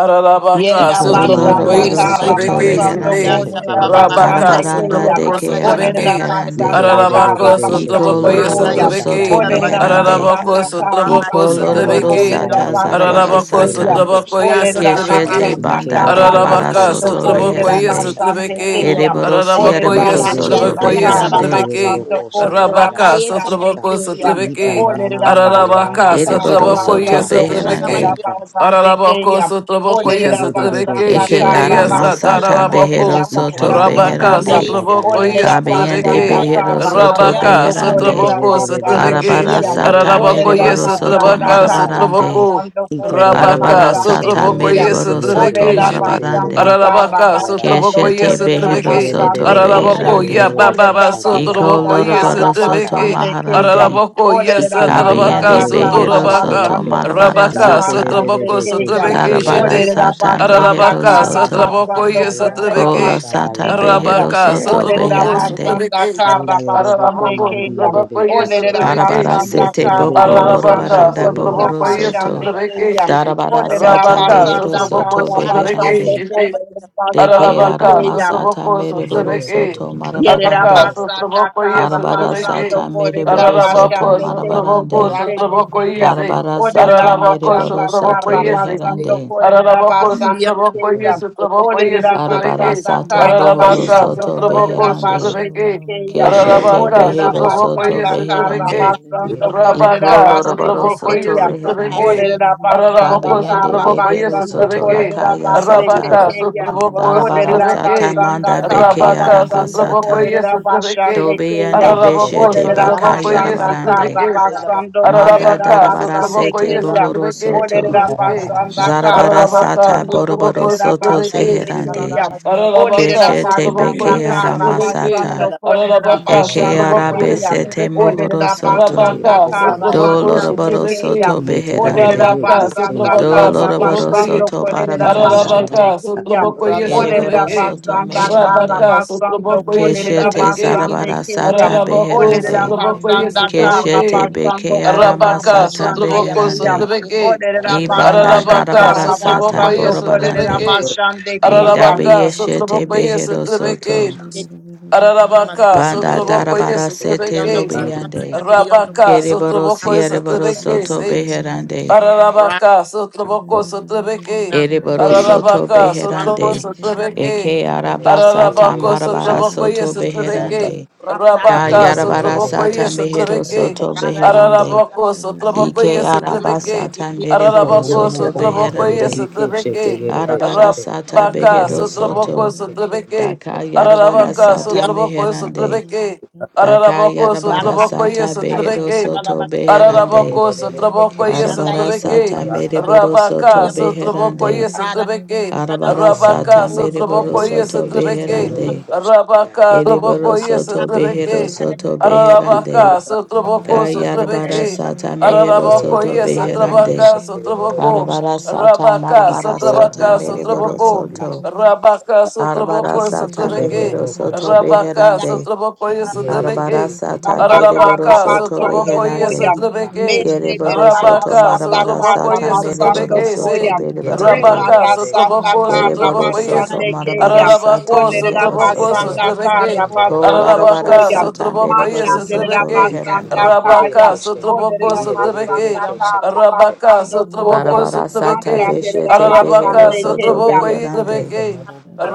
Ararabaka,
Yerida
Ikomamanda
basanda
Sotrabokoye,
yaraba
kara
shanda
Oloroborosoto
Sotrabeke,
Thank
yerebe
basando
Sete,
ko
beherande.
keshete
yerida
yeroroko
Rabaka,
basande
shanda
Arabaranda
keyam.
Sotraboko,
yaraba
deke
Sotrabeke,
kashata
Olerida
arabeherande.
basanda
Ararabako,
Ronda
kara
yekerebebebe shete
Iko
basando
Sotrabokoye,
Rana
yeroroko
koyam.
shanda
loroborosoto
Sotrabeke,
yaraba
Olerida
Karabaki on
meherande.
Loko,
kashata
Ararabako,
basanda
yaka
kara
Rana
Sotraboko,
Iko
Ika
basando
Sotrabeke,
ko
Karabaki
ikamamamanda
on
yerida
loroborosata
Loko
yerebe
basande
Ararabako,
keshete
Namasakai,
zarabarasata.
keyam.
yeroroko
Sotrabokoye,
shata
Yekia
Olerida
yaka
Sababa
Sotrabeke,
Keshete
basanda
Sukunai,
banda
kara
yikerebebebe
barabara
Yekia
Ararabaka,
basando
keshete
soto
ko yerida
Sotrabokoye,
yeroroko
beherande.
shata
basande
Sotrabeke,
Sabaki
yaraba
on
keyam.
the
Ereboro
kata
Hu,
Olerida
Ararabokoye,
siereboro
Rana is
soto
the
basanda
yikerebebebe
Sotrabokoye,
kara
keshete
Karabaki
beherande.
on
Sotrabeke,
Loko,
basando
yeroroko
ko
shanda
yerida
Rana
Rabaka,
yaraba
is the
basande
Sotraboko,
kashata
keyam.
Sotrabeke,
Karabaki
Olerida
yikamamamanda
Ararabaka,
yaraba
basanda kara
Ereboro
on
kashanda
Loko
Sotrabokoye,
soto
yaraba
basando ko
kashata
Sotrabeke,
yerida
beherande.
Namasakalabaki
yaka
on
basande
Araraboko,
the
keyam. Oh, let
Sotrabokoye,
it
Yekia
up,
Mama Mas,
Sotrabeke,
Basanda
Eke
Carla,
Sheteya,
ara
Basando,
Yekia
masata
Ikerererekeshetegerorokosata.
for it
Sabaki on
behero
Sataraboko,
Loko,
soto
Rabaka,
Rana
beherande.
is the
Sotrabokoye,
Karabaki
Kabeyende
on
Sotrabeke,
Loko,
behero soto
Ikarababakashandayarabakashatayarabakashata.
Yekia
Rabaka,
Sababa Sukunai,
beherande.
up,
Sotraboko,
Basande
Sotrabeke,
Arabara
Kayam.
Rianda
sata
Kaya,
ordered it
Ararabokoye,
up
mereboro
by
soto
Sanda
Sotrabaka,
Carra
Yekerererekeshetegerorokoshatayarabakashatayaka.
marabarande.
Sotraboko,
Bassando, ordered it up by
Rabaka,
Arabara
Sande
sata
Sotraboko,
Kayam,
yes,
mereboro soto
ordered
Trebeke,
it up by
Shitty,
Sanda
marabarande.
Carra
Ararabaka,
Ronda
Itorororokoshandeyeshetegererekeshetegerorokoshatayarabaka.
Sotraboko,
Bassando,
Keshete
yes,
ordered it
Yesian,
up by
behero
Trebeke,
soto
Sande
Ronda
Kayam,
Araraboko,
beherande.
ya
Yesikanada,
ordered
Baba,
it up by
Iko
Sotraboko,
Sanda
yes,
Ronda
loroboro
Carra
Ikerererekeshendegerorokoshandayarabakashatayaka.
soto
Trebeke,
Yesikanada,
Bassande
maharande.
Kayam,
Araraboko,
ordered it
yes,
up by
Ikomanda
Trabaka,
Kabiende
Sanda
yerebe
Carra
behero
shete
Yanada,
Sotorabaka,
soto
yeke.
Bassando, ordered
marabara
it up
Rabaka,
by
Yete
sata.
Sande
rebebebe
Sotraboko,
ke
Kayam.
shete
Sotrebeke,
Bakaya
Karabara
yeroro
Shitty,
ko
Olerera
Bakunda,
sata
shaka.
basanda
mehero
Ararabaka,
Iba
kara
soto.
baba baka
Sotraboko,
basando
nda
yes,
Yanda,
yaraba
kolerera
Kola
Trebeke,
kasha da
basande
sata
yaraba
keyam.
behero
kasha
Arabaka,
nda
soto
Olerera
yaraba
Sotraboko,
Banda
kata.
beherande.
basanda
Sotrebeke,
Anda
kara
Yesian,
yorobo ko
basande
Araraboko,
mandi
keyam.
yerebe
Sotraboko,
ke
yes,
Olerera
Ronda
shete.
Darabara
Trebeke,
basanda
Yete
sete
kara
boko
rebebebe ke
Yesikan,
basando
Arabaka,
shete
lorobaranda
kolerera
yeroro
bohoro
Sotraboko,
ko
yes,
shaka
basande
soto.
yaka.
Sotrabeke,
keyam.
Shitty.
Darabara
Ronda
Olerera
sata
Yesikanada,
Rabaka,
behero
Ikama
basanda
mama
Sotraboko,
soto
kara
nda yaraba
basando
beherande.
Sotrabeke,
kolerera
ke
Deke
basande
shete.
ara
Aralabaka,
keyam.
masata
Sotraboko,
mereboro
Sotrabeke,
Yerebebebe
soto
ke shete
Yerera
Araka,
marabarande.
yeroro ko
basanda
Sotraboko, yes,
karra
Arabara sata
Sotrabeke,
basando korera
mereboro
shaka.
soto
Aralabako,
basande kerre
Sotraboko,
marabarande.
Ronda
boşete
Sotraboko, yes,
Thank
keyam.
Karabara sata
Olerera
Aralabako,
mereboro
basanda
Sotraboko,
karra
soto
yes,
basando
reherande.
korera
Aralabako,
basande
Sotraboko, yes,
keyam.
Sotraboko,
Thank you.
yes,
Olerera
Arabara
Sotrabeke,
basanda
sata
karra
bohoro
Aralabaka,
basando
soto
Sotraboko,
korera
beherande.
basete
Sotrabeke,
keyam.
Yesikanada,
Keshete
Aralabaka,
Olerera
behero
Ronda
Sotraboko,
soto
basanda
yes,
karra
beherande.
Sotrabeke,
Rakashi,
basando korera
Iko
Rabaka,
loroboro
basete
Sotraboko,
soto
yes,
keyam.
beherande.
Sotrabeke,
Rakashi,
Olerera basanda
Aralabako,
Kabeyende
karra
Nandi,
Sotraboko, yes,
behero
basando
soto
Sotrabeke,
korera
lakaya
basete
sata.
Rabaka
keyam.
Sotraboko
Bora,
Darabara
Olerera
sata
Sotrabeke,
basanda
Yiki,
manda
karra
beke
Amakuna,
Rabaka
basando
Sotraboko
Makido,
arabasata.
kolerera
Yesotrabeke,
basande keya.
Dobeyende
Ararabako
beshete
Olerera
Sotraboko
Rakaya,
bakaya
basanda
rabarande.
karra
Yesotrabeke,
Makuna,
basando
Makuna,
Manda
kolerera
Ararabaka
Makido,
darabara
basande
Sotraboko
sete
Rakaya,
keya.
bohoro
Yesotrabeke,
soto.
Olerera
Sotrabeke,
basanda
Makuna, Makuna,
karra
Zarabara
Makido,
Ararabaka
sata
basando
boroboro
Sotraboko
kolerera
soto
you.
Rakaya,
basete
Sotrabeke,
Karara,
zeherande.
keya.
Makido,
Ararabaka,
Olerera
Keshete
basanda
beke
Sotrobokoye,
Makuya,
karra
Rakaya,
Sotrebeke,
basando
aramasata.
Karara,
kolerera
Iko
Ararabaka,
momo
Eke
basande
Sotrobokoye,
Yiki,
keya.
kombandi
arabesete
Sotrebeke,
mohoro
arabakata
Olerera
Makuna,
Shabbat.
Maku, Rakaya, Karara, Mak- Rakaya, Makido, Rakaya, Makuna, Makido, Yiki, Makido, Rakaya, Makido,
bashite
soto.
Makuna,
basanda
Rabaka,
robo
karra
kombandi
Sotroboko,
eshete
basande
Doloroboro
keya.
Sotrebeke,
soto
Olerera
beherande.
yetererere ke
Rabaka,
basanda
shende
Sotroboka,
yororo
karra
Doloroboro
koshata
Sotrobokoye,
basando
soto
kolerera
barabara
ikanda baba
basete
sata.
Ararabaka,
keya.
bakashata
Sotrobokoye,
Kereboro
Olerera
Sotrebeke,
yarabakashata
soto
basanda kara
meherande.
Rabaka,
basando
Sotrobokoye,
kole da
Keshete
Sotrebeke,
basande
shata
zarabara
keyam.
sata
Ararabako,
Olerera
beherande.
shetererere
Sotrobokoye,
ke
basanda
Shete
kara
Sotrebeke,
Keshete
basando
beke
kolerera
arama
Rabaka,
sata
basande
Makaya,
yetarabakashanda
Sotroboko,
Makuna,
keyam.
beherande.
Yiki,
Sotrebeke,
yarabakashata
da
yerere
Makido,
ke
Ibanda
basanda
shete
Ararabaka,
darabara
kara
Rakaya,
sata
basando
Sotrobokoye,
yetererere
kole da
ke
borobarande.
Sotrebeke,
shete
basande
yororo
Randa
keyam.
koshata
Idabi
Ararabaka,
yeshete
Sotrobokoye,
yarabakashata
behero
Sotrebeke,
soto.
yarabakashata
yesiketi kona masiko.
Ararabaka,
Banda
Sotrobokoye,
darabara
Ye
sete
Yondo
Sotrebeke,
kona
lobiande.
masika didi yondo
Rabaka,
Kereboro
kurasi.
Sotrobokoye,
siereboro soto
Sotrebeke,
beherande.
Ararabaka,
Thank
you.
Sotraboko,
you.
Sotrabeke,
Randa
Ereboro soto
Ararabaka,
randa
beherande.
Sotrabo,
yesikara na
Sotrabeke,
Eke araba
kona.
sata
Ararabako,
Thank
Siki
marabara
ata
Sotraboko,
soto
yes,
na
beherande.
Sotrabeke,
rata
Ka
Rabaka,
shinti
yarabara
Sotraboko,
sata
yes,
mehero
Sotrabeke,
soto
rada
beherande.
yesikara
Ararabako,
kona
Sotraboko,
Ike
masika.
yes,
araba
Sotrabeke,
sata
Iti
mereboro
Ararabako,
yondo
soto
kona
Sotraboko, yes,
beherande.
Sotrabeke,
shaka.
Arabara sata
Rabaka,
Yondo
behero
kona
Sotraboko,
soto.
Sotrabeke,
Daka yarabara
Ararabaka,
sata
yondo
Sotraboko,
meherande.
Sotrabeke,
Daka
Ararabako,
yarabara
baka yaka.
Sotraboko,
sata
yes,
behero
Yesikara
Sotrabeke,
soto
laba
Ye
beherande.
Ararabako,
kererererere
Sotraboko, yes,
keşete.
yanda
Arabara
yesikara
Sotrabeke,
sata
Ye
mereboro
tarararara
Rabaka,
didi
soto
yondo
kaşata
Sotraboko,
yaraba
beherande.
yes,
rada
kaşata.
Sotrabeke,
yada bako.
İko
Arabara
Rabaka,
momomo
sata
komanda
mereboro
Sotraboko,
Yesikara
yerere
yes,
soto
keşete
Sotrabeke,
na
yororo
bako.
beherande.
koşanda
Rabaka,
yaraba
Sotraboko,
Thank
Ereboro
kaşata.
yes,
Ata
soto
Sotrabeke,
behero
baka didi.
soto
İtarararara şanda
Ararabaka,
beherande.
yaraba kaşanda
Sotraboko,
yaraba
Kayarabara
Sotrabeke,
kaşata.
sata mehero
Ye
Ararabako,
soto
yes,
rerererere
Baka
beherande.
Satrabaka,
keşende yororo
Sotraboko,
Arabara
koşanda.
sata
Rabaka,
marabara
yaka.
İkararara
Satrabaka,
sata
şanda
mereboro
yaraba
Sotraboko,
you.
soto.
kaşata.
Rabaka,
Arabara
Sotraboko,
sata
Satrabeke,
mehero
Şiderororo
soto
koşanda
Rabaka,
Yanda
bakanda.
beherande.
Sotraboko,
yaka.
yes,
Ye
Arabara
Satrabeke,
rererere
sata
keşende yororo
Sanda
Ararabaka,
bereboro soto
koşanda.
Karabasando
Sotraboko, yes,
beherande.
Koyam.
Yeterere
Satrabeke,
Meshe
Kereboro soto
Rabaka,
Derabasanda
marabara
Sotraboko,
sata
yes,
mereboro
Karabasando
Satrabeke,
soto
say,
Koyam.
berebarande.
Randa
Rabaka,
is
Rebarasanda
Sotraboko,
Kereboro
Sotraboko,
soto
Karabasande
yes,
marabara
Kayam.
sata
Ararabako,
mehero
Sotraboko,
soto.
Olerabasanda
Sotrabeke,
Kol
Karabasando
arabara
Ararabaka,
Koyam.
sata
Sotraboko, yes,
mereboro soto
Sotrabeke,
Mashanderabasanda
reherande.
Kayam.
Rabaka, Sotraboko,
Olerabasanda
Sotrabeke,
you.
Rabaka,
Karabasando
Thank
Sotraboko,
Koyam.
Arabara sata
Sotrabeke,
beshete behero
Ararabaka,
Mashanderabasande
soto
Sotraboko,
Kayam.
beherande.
Sotrabeke,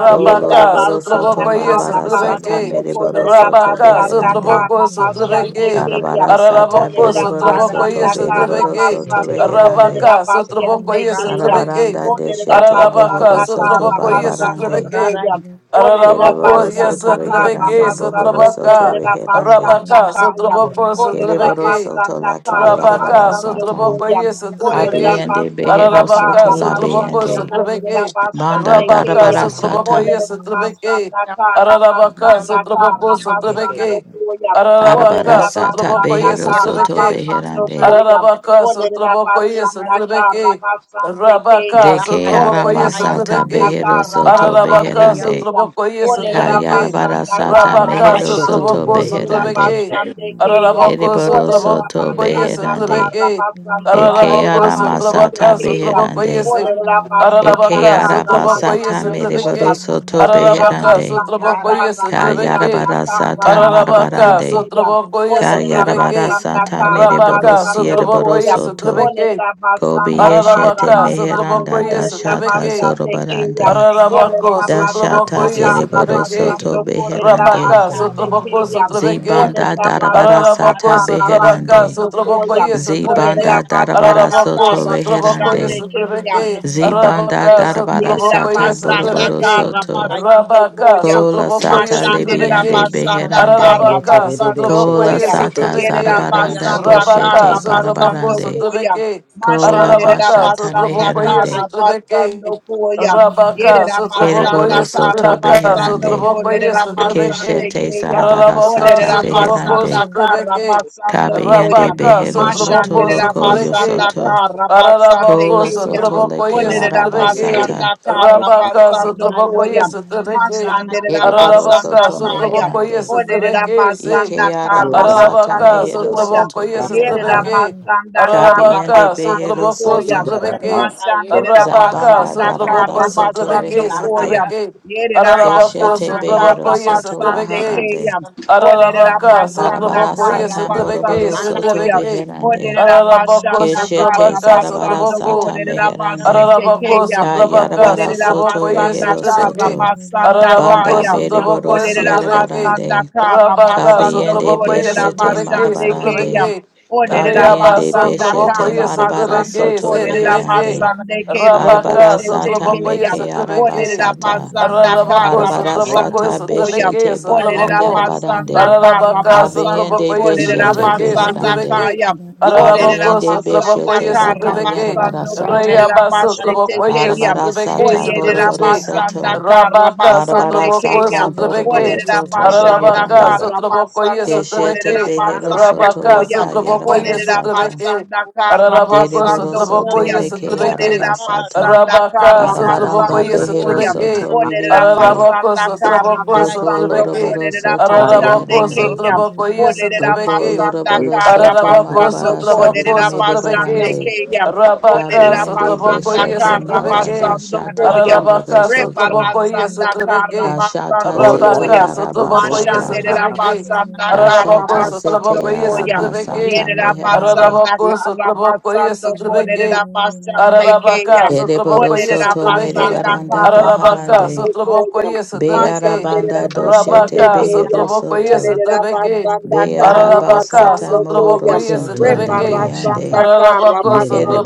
Kol
Yerera
oroboro
basanda
soto
Sotraboko, yes,
karra
marabara sata
Sotrabeke,
basando
mereboro
kolerera
soto
Rabaka,
basanda
beherande.
Sotraboko,
karra basande
Sotrabeke,
Komomomokoma.
keyam.
Karabara sata
Ararabako,
Olerera
bereboro
Randa
Sotraboko,
soto
is
basanda
yes,
Yekedededekeshete.
karra
bereboro
Sotrabeke,
soto
basando
reherande.
kolerera
Rabaka, Sotraboko,
basande
yes,
Randa
keyam.
Yetedededekeshendelorokosha.
Sotrabeke,
Arabaranda
Olerera
deshete
Ararabaka,
basanda
bohoro soto
karra
Sotraboko, yes,
basando
barabarande.
Trebeke,
Ikambababakashandaya.
koyam. Olerera
Kereboro
Ararabako, yes,
basanda
soto
karra
Ikandadedekeshetelorokosha.
Trebeke,
reheranda bohoro
basando
soto
Sotrabaka,
kolerera
reherande.
basanda
Rabaka,
kayam.
Sotraboko,
Yerababa.
Olerera
Kereboro
Sotrebeke,
soto
basanda
la
karra
kayarabara
Rabaka,
basando
satan.
Sotraboko,
koyam.
yes,
Olerera
Trebeke,
Abiyande
basanda
behero
Ararabaka,
soto
karra
la
Sotraboko,
basando
biyande.
kolerera
Sotrebeke,
Banda
basande
Rabaka,
darabara
keyam.
Sotraboko,
sata.
Olele
yes,
you.
Trebeke,
rabasanda kara
Thank
Ararabaka,
basanda
Sotraboko,
kara basando
Sotrebeke,
koya. Olele
Darabara
Ararabaka,
sata
Sotraboko,
rabasanda
yes,
behero
kara
soto
Trebeke,
basando
beherande.
koya.
Ararabaka,
Olele
Sotrabokoye,
rabasanda kara
Sotrabeke,
basande keya.
Rabaka,
Deke
Olele
Sotrabokoye,
arama sata
rabasanda
Sotrabeke,
behero
kara
soto
basande
Ararabaka,
beherande.
keya.
Sotrabokoye,
Olele
Sotrabeke,
Kayarabara
rabasanda
sata
kara
Rabaka,
mehero
basando
soto
Sotraboko,
kolele
beherande.
Sotrabeke,
rabasande keya.
Ararabako,
Ereboro
Olele
soto
Sotrabokoye,
rabasanda
beherande.
kara
Sotrabeke,
basando
Eke
kolele
Ararabako,
arama
rabasete
Sotrabaka,
sata
keya.
beherande.
Ole
Sotrabokoye,
Eke
rabasanda
Ararabaka,
kara
araba
Sotrabokoye,
sata
basando
Sotrabeke,
mereboro
koya.
soto
Olerera
Ararabaka,
beherande.
basanda
Sotrabokoye,
Raraya
kara
Sotrabeke,
basanda
Kayarabara
kara
sata
Raraya
basando
Ararabaka,
marabarande.
koya.
Sotrabokoye,
Olerera
Kayarabara
Sotrabeke,
basanda
sata
kara
Yekianda
Rabaka,
mereborosia
basando
Sotrabokoye,
koya.
Yekianda
borosoto.
Ole
Sotrabeke,
rabasanda kara
Kobieshete
Ararabaka,
basando
meheranda
Sotrabokoye,
kolerera
you.
dashata
Sotrabeke,
basande keya.
zorobarande.
Thank
Yanda
Ararabako,
Olerera
Dashata
Sotraboko,
basanda
yes,
kara
Trebeke,
zereborosoto
basando kolerera
beherande.
Rabaka,
Bata
basete
Sotraboko,
keya.
Sotrebeke,
Ole
Zibanda
Yanda
darabara
rabasanda
Kunamasta
Ararabako,
sata
kara
Sotrabaka,
beherande.
basando
Sotraboko,
koya.
yes,
Olerera
Trebeke,
Zibanda darabara
basanda
Ararabako,
soto
kara
Sotraboko,
basande
yes,
reherande.
keya.
Yanda
Trebeke,
Kunamasta
Zibanda
Arabaka,
Yanda
darabara
Yerera
Sotraboko,
sata
yes,
basanda
Kunamasta
boroboro
Trebeke,
kara
soto.
basando
Rabaka,
koya.
Kola
Sotraboko,
sata
yes,
Mashandera
Trebeke,
libiande
Yanda
basanda
beherande.
kara
Ararabaka,
Yeterebe
basando
Yanda
Sotraboko,
shete
Kola
koya.
yes,
eke
sata
da
Yerera
Trebeke,
Raraya
yaraba
zarabaranda
Yanda
shio
basanda
Rabaka,
boshete
kara
bokomanda.
Sotraboko,
basando
barabarande.
koya.
Sotrebeke,
Kola
Mashandera
Ararabaka,
bashata
basanda
Sotraboko, yes,
Bakaya
meherande.
kara basando
Trebeke,
koya.
Rabaka,
Yerera
Raraya
Sotrabokoye,
basanda
Kereboro
kara
soto
Sotraka,
basando
beherande.
Sotrabokoye,
kolerera basande
Sotrabeke,
Keshete
keya.
zarabara
Ararabaka,
sata
Olerera
Sotraboko,
beherande.
basanda kara
Sotrabeke,
basando
Kabiyende
Raraya
koya.
Rabaka,
behero
Raraya
soto
Sotraboko,
Mashandera
loko
you.
Sotrabeke,
basanda
yosoto.
kara
Thank
basande
you.
Ararabako,
Kola
keya.
soto
Sotrabokoye,
leke
Olerera
Sotrabeke,
arabasata.
basanda kara
Rabaka,
basando
Raraya
Sotrabokoye,
koya.
Sotrabeke,
Mashanderera
Ereboro
Ararabaka,
basanda
soto
kaya.
Sotrabokoye,
meherande.
Olerera
Sotrabeke, say,
basanda
Ike
kara
arabasata
Ararabaka,
basando
mehero
koya.
Sotraboko,
soto
yes,
Yerera
beherande.
Sotrabeke,
basanda kara
Ararabaka,
Kabiyende
basando
behero
Sotraboko,
Raraya
koya.
soto.
Sotrabeke,
Raraya
Mashanderera
Arabaka,
Zabanda
basanda
Sotraboko,
darabara
kara
soto
Sotrabeke,
basando koya.
reherande.
Bakaya
Sotrabeke,
Yerera
Ararabako,
Keshete
basanda
behero
Sotraboko,
kara
yes,
Rata
soto
basande
Sotrabeke,
laharande.
keya. Olerera
Ararabaka,
basanda
Arabara
Sotraboko, yes,
kara
sata
Sotrabeke,
moroboro
basando
soto
koya.
Sotrabeke,
beherande.
Olerera
Ararabako,
bashanda
Keshete
kara
Sotrabaka,
zarabara
basando
Sotraboko,
sata
kolerera
meherande.
basete
Ararabako,
keya.
Ya
Sotrabaka,
yarabara
Olerera
Sotraboko,
soto
yes,
basanda
rehero
kara
Trebeke,
soto.
basanda
Ararabako,
Banda
kaya.
Sotraboko,
beriboro
yes,
Olerera
siere
Trebeke,
basanda
barande.
kara
Rabaka,
basando
Kabeyende
Sotraboko, yes,
kolerera
beshete
Trebeke,
basande keya.
marabarande.
Sotrabeke,
Olerera
Riaba,
Kabeyende
basanda
beshete
Sotraboko,
kara
yes,
marabara
basando
Trebeke,
soto
kolerera
Sedibeke,
reherande.
Thank
basande ke robo
Rabaka,
Arabara
sete
sata
Sotraboko,
keya.
yes,
meke
Trebeke,
Olerera
arabasata.
basanda
Ararabako,
kara
Arabara
Sotraboko,
basando
yes,
sata
koya.
Trebeke,
beshete baka
Olerera
Sotraboko,
basanda
yarabarande.
kara
Ararabaka,
basando
Abeyende
Sotrabokoye,
kolerera
Imama
beshete
Sotrabeke,
kanda.
basanda
Sotrabeke,
beherande.
kaya. Orera
Ararabako,
Abeyende
basanda
Sotrabokoye,
beshete
kara
baka
Sotrabeke,
yarabara
basando
sata.
korera
Rayaba,
basete
Sotrabokoye,
keyam.
Arabara
Sotrabeke,
sata
Orera
Sotrabeke,
boroboro
basanda
soto.
kara
Rabaka,
Arabara
basande
Sotraboko,
sata
keyam.
Sotrabeke,
boroboro
Orera
soto
basanda
Ararabaka,
beherande.
kara
Sotrabokoye,
basando
Sotrabeke,
Keshete
korera
behero
basando
soto
Rabaka,
koyam.
laka
Sotrabokoye,
yarabara
Orera
sata.
Sotrabeke,
basanda kara
Ararabako,
Dereboro
basando
soto
Sotrabokoye,
koyam.
meke
Sotrabeke,
Orera
arabasata.
basanda
Rabaka
kara
Urra
Arabaranda
Sotrabokoye
basando
behero
koyam.
Sotrabeke,
soto
Orera
ribiande.
Ararabako
basanda kara
Sotraboko
Doko
basando
Sotrabeke,
loroboro
you.
korera
soto
basande
Ararabako
beherande.
keyam.
Thank
Sotrabokoye
Olerera
Doko
Sotrabeke,
basanda
loroboro
kara
soto
Ararabako
basando
marabara
Sotraboko
sata
kolerera basande
Sotrabeke,
medebarande.
keyam.
Rabaka
Olerera
Kabiende
basanda
Sotrabokoye
beshete
kara
manda
Sotrabeke,
basando
dashata
koyam.
Ararabaka
bohoro soto.
Sotrabokoye
Rebarasanda kara
Sotrabeke,
Kashata
basando
zete
Rabaka
koyam.
Sotrabokoye
arabasata.
Mashanderera
Sotrabeke,
basanda kara
Ararabako
Kashata zete
basando
Sotrabokoye
koyam.
arabasata
Sotrabeke,
Yerera
meherande.
basanda
Ararabako
kara
Sotrabokoye
basando
Sotrabeke,
kolerera basande
Kaya mo,
Ararabaka,
keyam.
Ereboro
Sotrabokoye,
Olerera
soto
kaya
Sotrabeke,
mo
basanda
kon,
medebaranda
kara
Ararabaka,
baharande.
basando
yanda
koyam.
Sotrabokoye, Sotrabeke,
kaya
Mashanderera
Bearabanda doshete
basande
Rabaka,
rasta,
keyam.
behero
Sotrabokoye,
soto.
Orera
Sotrabeke,
basanda kara
Ararabaka,
Bearabasata
basando
mohoro
koyam.
Sotrabokoye,
Ikomanda
soto
Sotrabeke,
yarabashata.
libiande.
Rebarasanda kara
Ararabako,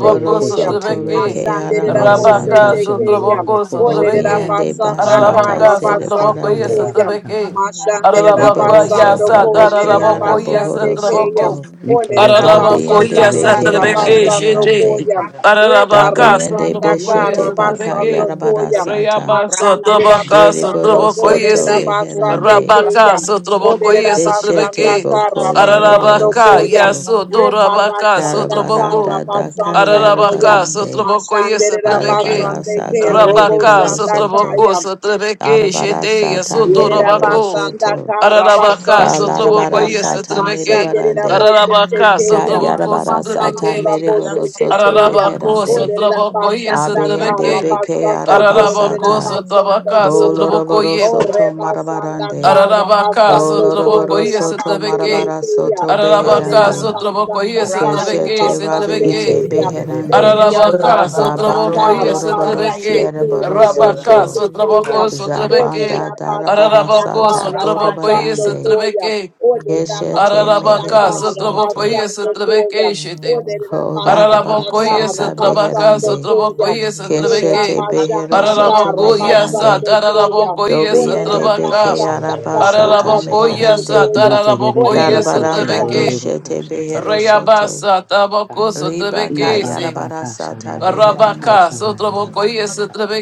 kaya
koyam.
keşete
soto
rasta,
Sotrabeke,
reke
yeken.
ara
Mashandera
Yererere
yanda
şende
bose
yerere
Rabaka,
masata.
shende
tekeyam.
Sotraboko,
yeroro koshanda
Orera
ha.
Sotrabeke,
Obiende
basanda
Anda
randa,
bashata
yaraba
Ararabaka,
kara
you.
yanda
kaşata
basando
Sotrabokoye,
zereborande.
yaraba
koyam.
Thank
Sotrabeke,
kaşata.
rasta,
Mashandera
Ararabaka,
rasta,
Yereboro
Yikaraba
basando
baba
Yasa,
soto
koyam.
reke
kaşanda
Ararabako,
ara
yaraba
Yes,
basande
bohoro
kaşata.
keyam.
Sotraboko,
soto.
yanda
Orera
Yikerebebebe
Ararabako,
şete
Dabiende
basanda
Yes,
yerere
beke
kara
ara
Sotrabeke,
koşata.
basando
Shete,
meherande.
rasta, yanda rasta, rasta,
koyam.
Yikaraba
rasta,
baba
Ararabaka,
Dabiende
Rebarasanda
yanda rasta, randa, yanda randa, yanda rasta,
Sotobokoye,
kara
beshete baka
Sotobeke,
basando
yarabara
koyam.
sata.
Rayaba,
Mashandera
Sotobaka,
basando
Dereboro
koyam.
Sotobokoye,
soto
Orera
Se,
basande
reherande.
Rabaka,
keyam.
Sotobokoye,
Olerera basanda
Deshete
Sotobeke,
kara
boko
basando
loroboro
Ararabaka,
koyam.
soto.
Yaso, Torabaka,
Rebarasanda kara
Sotoboko,
Karabaranda daka
basando koyam.
Ararabaka,
yarabarande.
Sotobokoye,
Mashanderera
Sotobeke,
Arabara
basande ke robo
Rabaka,
mereboro
sanda
soto.
Sotoboko, Sotobeke,
Arabara
Shete,
sata
Yaso,
mere boro
Torabako,
Yerabasanda
soto.
Ararabaka,
Ka
Karabasando
larabara
Koyam.
Sotobokoye,
sata mere
Sotobeke,
Mashandera
barande.
Bose
Ararabaka,
Ka
rasta,
Tekeyam.
rasta,
Sotoboko,
yarabara sata
Sotobeke,
Masandora
you.
mere
Bose
yanda
boro soto
nama,
Tekeyam.
Shit.
Ararabako,
rasta,
beherande.
Orera
Sotrabokoye,
Basanda
Abiyende
Sotrabeke,
beke
Karabasando Korera
Ararabako,
arabasata.
Basando
Sotrabaka,
Koyam.
Boloroboro
Sotrabokoye,
soto
randa,
Ore Basanda
marabarande.
Ararabaka,
Karabasando
Boloroboro
Sotrabokoye,
Korera
soto
Base
yanda
Sotrabeke,
marabara
şata
Tekeyam.
soto
rasta,
kaşanda
Ararabaka,
Orera
beherande.
yaraba
Sotrabokoye,
Basanda
kaşata
randa,
yaka.
Sotrabeke,
Keshete
Karabasande
Sotrabeke,
rabiende
Keyam.
Yikerebebebe
beherande.
Orera
yanda
keshete
Ararabaka,
Basanda
Zabanda
Yekaraba
Sotrabokoye,
doroboro
randa,
Karabasande
Sotrabeke,
yanda
sierra
Ke
boro
Robo
Rabaka,
soto.
Shetekeyam.
Sotraboko, Sotrabeke,
Zabanda
Olerera
darabara
basanda
Ararabako,
sata
kara
rasta.
Sotrabokoye,
basando
borobarande.
koya.
Sotrabeke,
Olerera
Keshete
basanda
Ararabaka,
mehero
kara
soto.
Sotrabokoye,
basando koya.
Sotrabeke, Shete.
Olerera
Ko
basanda
larabara
Araraboko
kara
sata
yesa trabaka
basando
so
beherande.
traboko
koya.
yesa
Era
Keshete
trabeke.
behero
basanda
soto
kara
Araraboko yesa
meherande.
basando koya.
tararaboko
Olerera
Dobiyande beke
Yarabakashanda
basanda
araba
Thank
kara
sata
yarabakashata.
basando
meherande.
koya.
Yeterererere
Ordered
Karabaranda
keshende yororo
doshete
koshata
behero soto.
Rayabasa
yarabakashata yaka.
tabako so
Liba ka
trabeke se.
Yabababakashanda
sata beherande.
Arabaka so
yarabakashanda
traboko yesa
yarabakashata.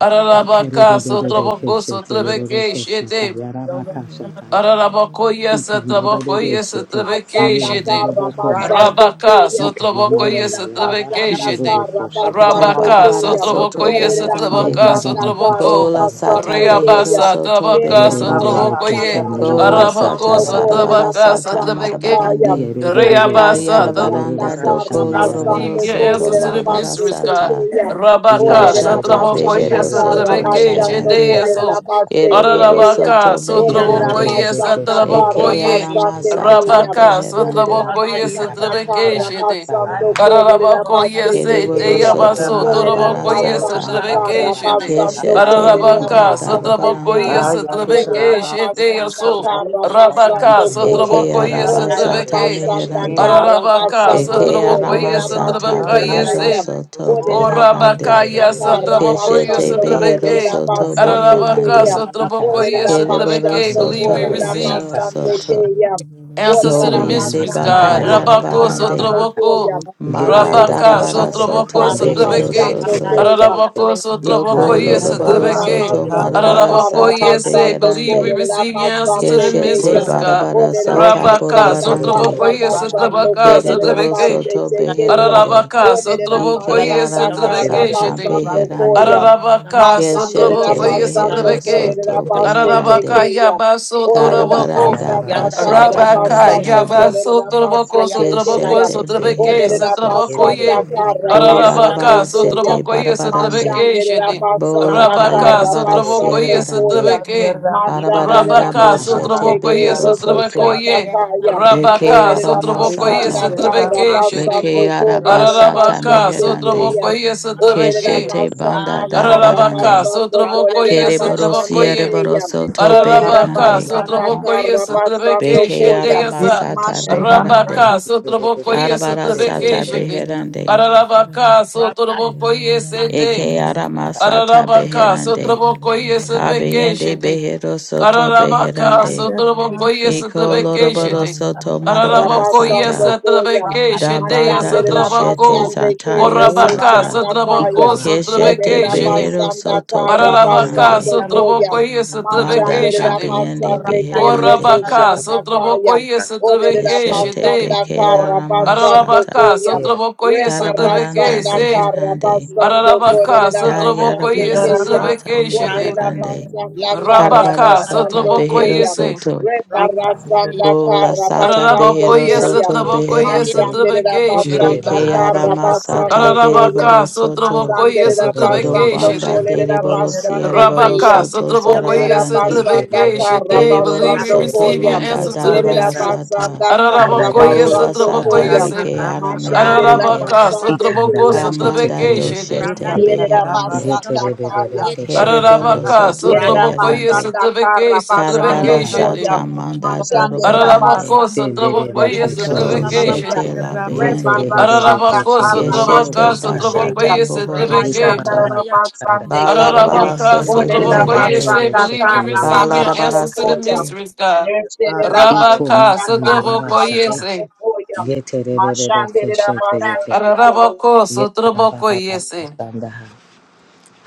Ararabaka so
Yikerererere
traboko so
keshete yororo koshata
shete.
yarabakashata yaka.
Ararabakoye
Ikendererere
satabakoye
shete
satabeke
basanda
shete.
yerabobobo
kara
komanda.
basande
Rabaka
kuya.
sotrabakoye
Ikamamamanda
Olerera
satabeke
basanda
yarabashiroro
shete.
kara
koshanda
Sata
basando
yeke.
Rabaka
barabara
kuya.
soto
sotrabakoye
Olerera
beherande.
satabaka
basanda kara
sotrabako.
Yandababakashata
Kola sata
basando
yarabakashata.
behero
kuya.
Reabasa
soto
tabaka
Yerera
beherande.
Yerere
basanda
bahatia
sotrabakoye.
keşende
kara
rama,
yororo
Kola sata
Arabako
basando
koşanda
kotorra
yaraba
zarabara
kolerera
satabaka
sata
kaşata.
Randa
basanda
satabeke.
kaya.
marabarande.
Yerere
Oyerera
Reabasa
keşende
basanda
Kayarabaranda
yororo
doko
kara
koşanda yaraba
loroboro
receive
basando
your
soto
kaşata
answers to
kolerera
the
yata.
marabara
mysteries,
basete
God.
sata.
you.
kuya.
Rabaka,
Olerera
Bashata
Yerere
Thank
Satrabokoye,
keşende
behero
basanda
yororo
kara
soto
Satrabeke,
koşanda
basando
meherande.
yaraba
kolerera
Cheteso,
kaşata.
basete
Ereboro
kuya.
soto
Arabaka,
Olerera
beherande.
Sotrabokoye,
İkarere
basanda
keşende
Eke
kara
yororo
Satrabokoye,
arama
basaka,
koşanda
basande
sata
yaraba
keya.
Rabaka,
kaşata.
beherande.
Olerera
Sotrabokoye,
basanda
İkaba
Satrabeke,
da
kara
Chete,
şanda
basando
ha da
kolerera
ha.
Arabakoye,
basete
Kereboro
Sete,
keya.
soto
Yerere
Yabaso,
Rabasa
keşende
Olerera
marabara
yororo
Torabokoye,
sata.
basanda
koşanda
Satrabeke,
kara
yaraba
Chete,
kaşata.
basando
Keshete
kolerera
manda
Arabaka,
İkamama
basande
makanda
darabarande.
Satrabokoye,
keya.
yaraba kaşanda
Satrabeke,
Olerera
yaraba
Chete,
basanda
kaşata.
Yaso,
yata.
kara
Rabaka,
basando
Ikomobobo
Eke
koya.
Sotrabokoye,
kumbaha
araba
Randai,
Olerera
sata
lierebe
you.
Satrabeke,
keshe
basanda
meherande.
teleke.
kara
Ararabaka,
basando
Eke
Yerebebe
arama
Satrabokoye,
kolerera
keshe
sata
leroro
basete
Satrabakaye,
behero
Radai,
koshanda
keya.
say,
soto
rabakata.
Olerera
beherande.
basanda
Orabakaya,
Randai,
Ikerebebe
kara
keshe
Satrabokoye,
Keshete
basando
leroro
behero
kolerera
Satrabeke,
koshanda
soto
basande
yarabakata.
Yonamasa,
Ararabaka,
keya.
beherande.
Kalaba,
Satrabokoye,
Orera
Ikadababa
Kereboro
Satrabeke,
basando,
kashanda
believe
soto
we
orera
receive.
rehero
yarabakashata.
basande
soto.
keyam.
Yonamasa, Yondamu,
Answers to the
Orera
Ikomama
Kobiande
mysteries,
makanda
basanda
baka
God.
Randai,
karra
Rabako
yarabakashata
yarabarande.
basando
yaka.
sotraboko.
koyam.
Kalaba,
Manda
Gerebebe
Orera
Rabaka
Thank
keshe
darabara
te.
basanda
sotraboko
soto
Yonamasa,
karra
behero
Yerebebe
sotrabeke.
basando
keshe
soto.
Randai, Kalale, Randai, Kalaba, Randai, Yonamasa, Yonamasa, Randai, Kalaba, Yonamasa, Kalaba,
koyam.
Yonamu,
teleke.
Ararabako
Ye
Doko
sotraboko
kafir
yes
Yerebebe
loroboro
Orderera
keshe
ramas
sotrabeke.
soto
leroro
basanda
kafir
marabara
koshanda.
Ararabako
sata
yes
rabasoko.
say, believe we
beherande.
receive your answers to
Randai,
the
Keshete
mysteries,
Ora
God.
Yonamasa,
barabara
oto
sata
Rabaka
borobarande.
sotraboko
Yetororo
yes
koshanda.
sotrabaka
Kereboro
sotrabeke.
soto beherande.
Ararabaka,
Ike
Sotrobokoye,
arama
Sotrebeke,
sata
Shitting.
beherande.
Ararabaka,
Keshete
Ikanda
ekandia
Sotrobokoye,
mehero
Sotrebeke.
soto
Yonamasa,
Ararabaka,
beherande.
Yabaso, Toraboko.
Karabaranda
Yanda,
itaraba
Kaya,
bashata
sakandia
Rabaka,
raba
meherande.
Yabaso,
sokoto
Toraboko,
Bakaya, Bakundai,
Sotraboko,
Keshete
Sotrebeke,
karra
behero soto.
basando
Sotrobokoye.
ekandia
Yandai,
raba
Ararabaka,
Bolarabara
koya.
sokoto
sete
Sotrobokoye,
barabarande.
Rata,
Sotrebeke,
Mashandere
Shitting.
Bola
Rabasanda
Rabaka,
kayarabara
Sotrobokoye,
Karabasando Koya.
sierbarande.
ekandia
Sotrebeke.
rama
Mashandere
Arabaranda
sokoto
Rabaka,
you.
raba
boshete
Rabasande
Sotraboko,
Ke
yes,
behero
sakandia
Robo
soto.
raba
Shanda
Trabakoye,
sokoto
Kaya.
Leke
Rabaka,
Odere
Sotraboko, yes,
Rabasanda
aramasata.
ekandia rama
Trabeke,
Leke
Karabasando
sokoto
Kodere
raba
arabasata
Ararabaka,
Rabasande
meherande.
Keya.
Sotrabokoye,
sokoto
Odere
Sotrabeke,
Keshete banda
Rabasanda
Ararabaka,
darabarande.
Karabasando Kodere
Sotrabokoye,
Kereboro
Rabasande
Sotrabokoye,
sierboro
Keya.
ikebo
soto
Odere
Ararabaka,
beherande.
sakandia
Rabasanda
raba
Sotrabokoye,
sokoto
Karabasando
Sotrabeke,
Beke
Shete
Koya.
arama
Yasa,
sata
ekandia rama
beherande.
Arabaka,
sokoto raba
Sotrabokoye,
Arabara
Sotrabeke,
sata
Shete,
beherande.
Ararabaka, Sotrabokoye, Sete,
Eke arama sata
sokoto
Ararabaka,
beherande.
Sotrabokoye, Sotrabeke,
Abeyende
Shete,
behero soto
Ararabaka,
beherande.
itaraba
Sha.
Sotrabokoye,
Iko
sokoto
Sotrabeke,
raba
loroboro
Shete.
soto
sokoto
marabara
rebe
Ararabokoye,
sekna
Rabasando
sata.
Koya,
Sotrabeke,
Da
Shete,
banda
Mashande
doshete
Sotraboko.
Rabasande Ke
zataya
Robo
ora
Orabaka,
sata.
Sotraboko,
Shandakaya, Ole
Keshete
Sotrabeke, Shete.
behero
Rabasanda
soto
Ka
Ararabaka,
beherande.
Rabasando Koya,
Sotrabokoye, Sotrabeke,
Manda
Mashande
da
Shete.
beyende
Rabasande
Thank
Ke Robo
beherande.
Orabaka,
Shandakaya,
Sotrabokoye,
Ole
Sotrabeke,
Keshete
Shete.
Rabasanda
beke
Ka
arama
Rabasando
Ikandirabasa,
Ararabaka,
sata.
Koya,
Sotrabokoye, Sotrabeke,
Karabaranda
Rebarasanda
Se.
Ka
beherande.
Rabasando
Ararabaka,
Kole
Ya Kayara
Rabasande
Sotrabokoye,
bara
Keya,
sata
Sotrabeke,
Ole
Shete.
meherande.
Rabasanda Ka
Rabaka,
Karabara
Ikandirabasa,
sata
Rabasando
behero
Koya,
Sotrabokoye,
soto.
Ikandirabasa,
Rebarasanda
Bola sata
Karabasando
behero
Ararabakoye
Koyam.
soto
satrabakoye
beherande.
Mashandera
satrabeke shete.
Basanda
Bekeyara
from
Kotorabasa,
the
masata
Karabasando Koyam.
Ararabaka
bereboro soto.
Thank
satrabakoye
Masandera
satrabeke
Basando
Dobanda
shete.
Kolera
dereboro
God, Father.
Basande
Thank
siereboro
you,
Rabaka
Kayam.
soto
Father.
satrabakoye
Olera
zarabarande.
Ike
Basanda
satrabeke
yerere
shete.
beşe
Gereboro
Believe we
Karabasando
yerere
soto
receive your
Koyam.
manda
answers to the
beşe
Yerera
darabara
mysteries.
sata.
Basanda
Thank
anda
Ararabakoye
yaraba
you.
Ola
Karabasando
anda
sata
satrabakoye
Koyam.
se.
yaraba
rekeyara
Mashandera
meherande.
Ararabaka
Ikandirabasa,
Basande
you.
ikanda
satrabako
Kayam.
başe
God,
Hamanda
we
satrabeke
yerere
shete.
doshete
keşete
Yerera
beherande.
Basanda
yetere bebebe
Kayam.
give you the
keşende
praise,
Kereboro
yerere
Ararabaka
soto
koşanda
Yerera
yaka
satrabakoye
beherande.
basanda
satrabeke
kara
the honor, the glory, the
satrabeke
basando
Karabara
ikara
praise,
shete.
koya.
sata manda
Mashandera
dorobarande.
Ararabako
basande
şende
kero
bebe
satrabakoye
boshe
keşende
Ko
satrabeke
neke
tekeya.
shete
shete.
Reba
yetere
labiende.
bebebe
basanda
Ararabako
keşende
kara
yerere
sotrabaka
Keshete
basande
koşanda ha
keya.
bashata
sotrabakoye
bohoro
yeta
setrebeke.
baba
soto.
Mashandera
baka şanda
basande
yaka
keya.
Balarabara
Ararabaka
sete
Orera
ikere
sotrabakoye
beherande.
say,
bebebe
basanda
believe
şete
we
kara
yerere
receive your
basando
koşanda
Balarabara
answers
ha
to the
koya.
sete.
mysteries, God.
Hallelujah,
Nerera
ito
Rabaka
basanda
makanda
kara
baba
sotrabakoye
şaka
basando
say.
koya.
yetere bebebe
Mashandera
keşete
basando koya.
Ararabako sotrabakoye say.
Yetarababakashandaha.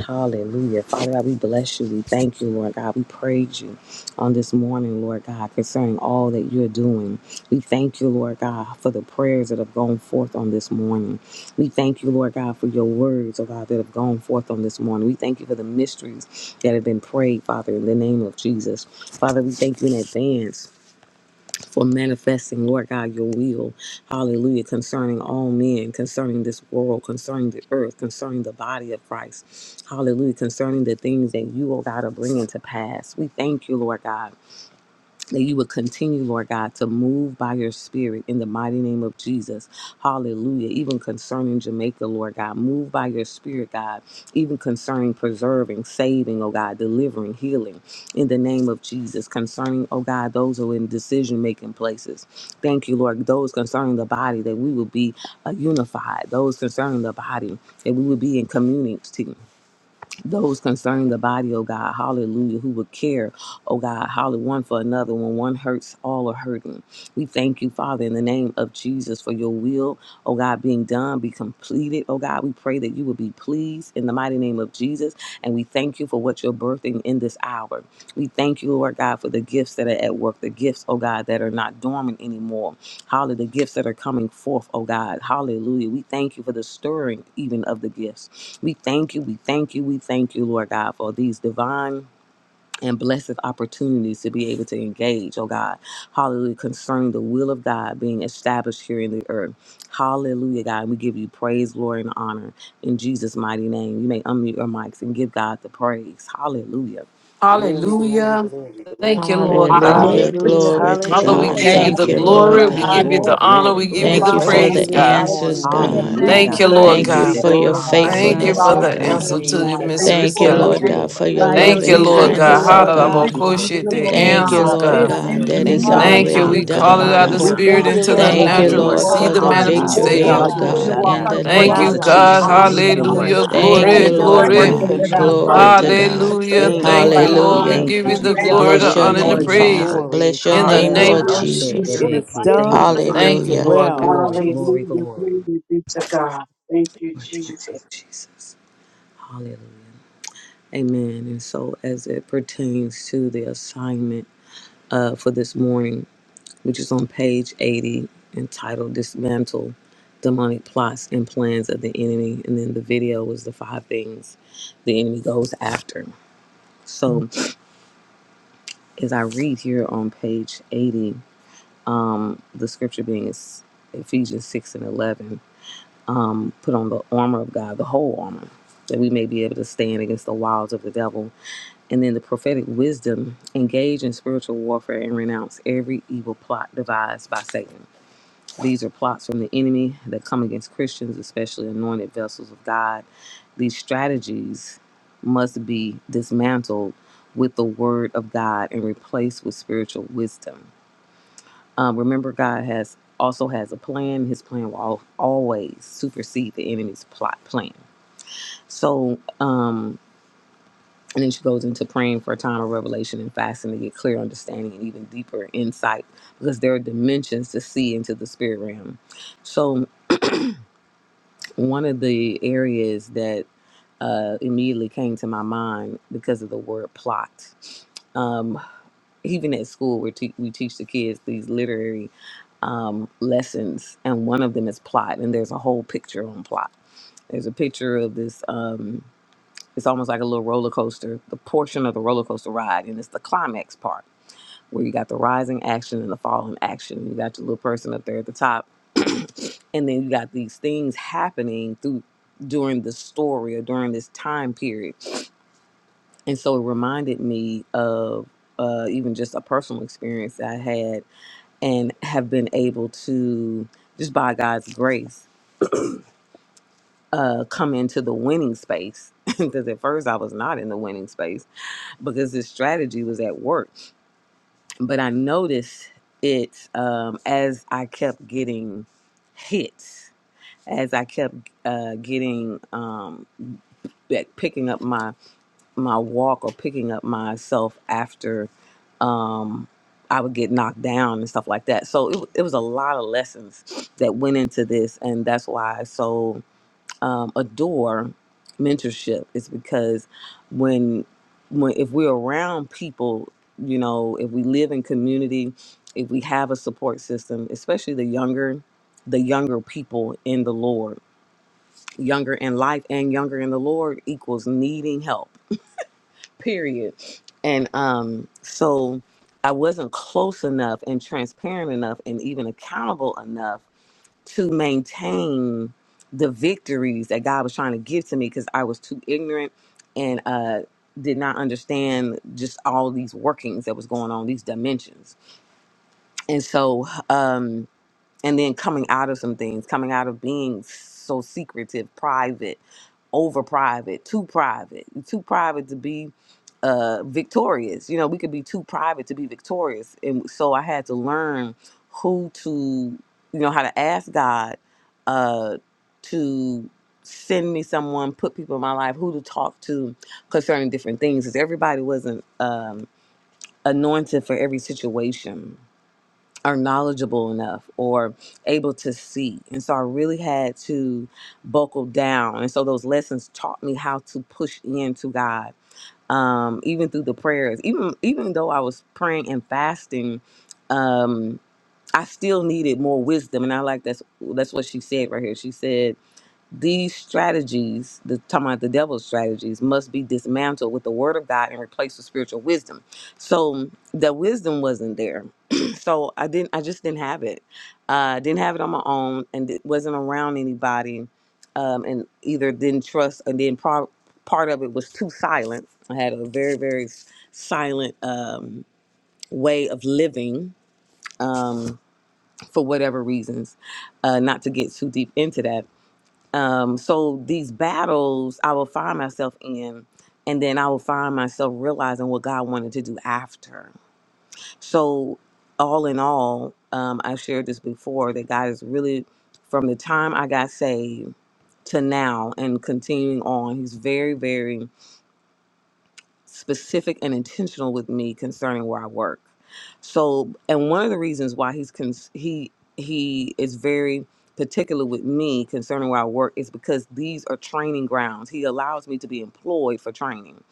Hallelujah. Father God, we bless you. We thank you, Lord God. We praise you on this morning, Lord God, concerning all that you're doing. We thank you, Lord God, for the prayers that have gone forth on this morning. We thank you, Lord God, for your words, oh God, that have gone forth on this morning. We thank you for the mysteries that have been prayed, Father, in the name of Jesus. Father, we thank you in advance for manifesting, Lord God, your will. Hallelujah. Concerning all men, concerning this world, concerning the earth, concerning the body of Christ. Hallelujah. Concerning the things that you, oh God, are bringing to pass. We thank you, Lord God that you would continue, Lord God, to move by your spirit in the mighty name of Jesus. Hallelujah. Even concerning Jamaica, Lord God, move by your spirit, God, even concerning preserving, saving, oh God, delivering, healing in the name of Jesus. Concerning, oh God, those who are in decision making places. Thank you, Lord. Those concerning the body, that we will be uh, unified. Those concerning the body, that we will be in community those concerning the body, oh God, hallelujah, who would care, oh God, hallelujah, one for another. When one hurts, all are hurting. We thank you, Father, in the name of Jesus, for your will, oh God, being done, be completed, oh God. We pray that you would be pleased in the mighty name of Jesus, and we thank you for what you're birthing in this hour. We thank you, Lord God, for the gifts that are at work, the gifts, oh God, that are not dormant anymore, hallelujah, the gifts that are coming forth, oh God, hallelujah. We thank you for the stirring even of the gifts. We thank you, we thank you, we thank you, Lord God, for these divine and blessed opportunities to be able to engage, oh God. Hallelujah, concerning the will of God being established here in the earth. Hallelujah, God. We give you praise, glory, and honor in Jesus' mighty name. You may unmute your mics and give God the praise. Hallelujah. Glory, glory,
Hallelujah.
glory,
Thank
glory,
you, Lord
glory.
God.
Oh,
Hallelujah.
Hallelujah.
Glory to
Father,
Glory
we
hallelujah.
to
God.
Glory
give
to
you
Thank
God.
his
the
Thank
you,
you,
We
name.
Lord
Lord
glory,
thank
we
Glory,
you,
God.
give you
God.
glory,
Lord.
the
We
honor,
glory,
we
thank
We
you,
give you
glory
the
Thank
just
for
you
Father
all
thank
for
God,
you
you
praise,
the
do.
for
this
God.
what you're
answers,
morning. We
we
doing.
God.
Hallelujah,
decree,
Thank you,
We
God.
magnify
declare
We
that
Lord
and
thank
you
Thank
you,
you
lift
be
it
God.
Lord
for
up.
your
God.
Lord
glorified
We
in
God,
Thank
Hallelujah.
thank
our
you
give
faithfulness,
for
for
oh
all
what
the
lives
the
you're
Thank
God.
you,
answer
doing
glory,
in
today
the
to
in
your
God.
the
lives
name.
of
Jesus.
Thank
the
you
mysteries,
Thank
for
you,
God.
Thank
believers,
Lord
you,
you
moving
God,
God.
Lord.
for
for
your
your
by your
Thank
Thank
you,
loving
you
We
for
Thank you,
the
Lord
This
thank
spirit,
you,
God.
oh
Father.
kindness,
prayers
oh
God.
wonderful,
Lord
that were
God,
God.
Thank you,
for
prayed
the
Thank
Father.
this
Hallelujah.
you,
The
Lord
presence.
victory
Thank
Mm-hmm.
you,
answers,
in
God,
was
the
for
Lord
God.
what
this
our
In
day
spirit
God,
you're
that
the
that
in
you
Thank
doing,
it's
you for
name of
the
Father.
God,
manifested
Thank
Jesus'
in
you.
Jesus,
in
already
We
this
encounters,
name.
the
done,
call
the
oh
it
season,
natural.
divine
out of
thank
the
you
We
Lord
God.
spirit
encounters.
thank
God.
you,
for
Thank
into
your
you,
the
mercy.
Lord
Thank
Thank
Oh,
you,
God.
you,
God.
we
natural.
We
We
Lord
honor
Lord,
God.
see
call
you
for
the
this
the
this
glorify
that you
you,
have
our
morning,
Hallelujah.
Lord
called
Eh,
victory,
Father
Oh,
us
God.
manifestation.
oh
and
victory
robo
Give
God,
God,
day
glory
you
appointed us
all
in
be
and
shanda.
because
the
the
Lord
The
you
in
Thank
name
us,
our
you,
are
praise
of
and
and the
the
lives
God.
and the
visitations.
honor,
we're
Jesus.
on
Thank
the
people
you,
God.
that are
Lord
winning
Hallelujah.
God.
team.
Thank
Thank
connected
Thank
Glory,
you,
you
great
to
you
for the
us
for
magnify
Lord
We
God.
and
glory.
in
bless
the
working
your
God.
it
communications.
out,
name
name.
of
We
God.
glory
Glory
like
to
Thank
Jesus.
Hallelujah.
you
We
for
God.
Hallelujah.
thank
turning
Amen.
you,
Thank
it
you,
Thank
Lord
you,
around,
thank
God.
you,
Lord.
God.
high,
We
and
Hallelujah.
to
thank
give
you,
We
you the
give you
Thank
Jesus.
glory,
you,
honor,
Bless
the
your
Glory
honor,
high,
to
and
and
praise,
the
Lord
name,
your
and
name,
God
praise
God.
Father.
praise,
glory in
Bless your
in
Ha,
oh
that
the
name,
Jesus. name.
eh,
your
name
Lord
God.
rabba
of
We
glory
she,
will
Jesus.
It
Jesus.
be
debe,
is
glorify
ke.
done.
seen,
Thank you,
Lord.
It is
Father.
Thank you,
Hallelujah.
Lord. God.
God.
well
you,
in
oh
Glory,
Jesus'
glory,
name.
Hallelujah.
glory.
Glory be to
God.
God. Thank you,
Glory to your
Jesus.
name, Jesus. Hallelujah. Amen. And so, as it pertains to the assignment uh, for this morning, which is on page 80, entitled Dismantle Demonic Plots and Plans of the Enemy. And then the video was the five things the enemy goes after. So as I read here on page 80, the scripture being is Ephesians 6 and 11, um, put on the armor of God, the whole armor, that we may be able to stand against the wiles of the devil and then the prophetic wisdom engage in spiritual warfare and renounce every evil plot devised by satan These are plots from the enemy that come against Christians, especially anointed vessels of God. These strategies must be dismantled with the word of God and replaced with spiritual wisdom. Um, remember, God has also has a plan. His plan will al- always supersede the enemy's plot plan. So, um, and then she goes into praying for a time of revelation and fasting to get clear understanding and even deeper insight because there are dimensions to see into the spirit realm. So one of the areas that uh, immediately came to my mind because of the word plot. Um, even at school, we, te- we teach the kids these literary um, lessons, and one of them is plot, and there's a whole picture on plot. There's a picture of this. Um, it's almost like a little roller coaster, the portion of the roller coaster ride, and it's the climax part where you got the rising action and the falling action. You got your little person up there at the top, and then you got these things happening through during the story or during this time period. And so it reminded me of uh, even just a personal experience that I had and have been able to just by God's grace uh, come into the winning space because at first I was not in the winning space because this strategy was at work. but I noticed it um, as I kept getting hits, as I kept uh, getting um, like picking up my my walk or picking up myself after um, I would get knocked down and stuff like that. So it, it was a lot of lessons that went into this, and that's why. So um, adore mentorship is because when when if we're around people, you know, if we live in community, if we have a support system, especially the younger the younger people in the Lord, younger in life and younger in the Lord equals needing help. Period. And um so I wasn't close enough and transparent enough and even accountable enough to maintain the victories that God was trying to give to me because I was too ignorant and uh, did not understand just all these workings that was going on, these dimensions. And so, um, and then coming out of some things, coming out of being so secretive, private, over private, too private, too private to be uh, victorious. You know, we could be too private to be victorious. And so I had to learn who to, you know, how to ask God uh, to send me someone, put people in my life, who to talk to concerning different things. Because everybody wasn't um, anointed for every situation or knowledgeable enough or able to see. And so I really had to buckle down. And so those lessons taught me how to push into God um, even through the prayers, even even though I was praying and fasting, um, I still needed more wisdom. And I like that's that's what she said right here. She said these strategies, the talking about the devil's strategies, must be dismantled with the word of God and replaced with spiritual wisdom. So the wisdom wasn't there. so I didn't I just didn't have it. Uh didn't have it on my own and it wasn't around anybody. Um and either didn't trust and then pro- part of it was too silent. I had a very, very s- silent um way of living um for whatever reasons uh, not to get too deep into that. Um, so these battles I will find myself in, and then I will find myself realizing what God wanted to do after. So, all in all, um, I've shared this before that God is really, from the time I got saved to now and continuing on, He's very, very specific and intentional with me concerning where I work. So, and one of the reasons why he's cons- he he is very particular with me concerning where I work is because these are training grounds. He allows me to be employed for training,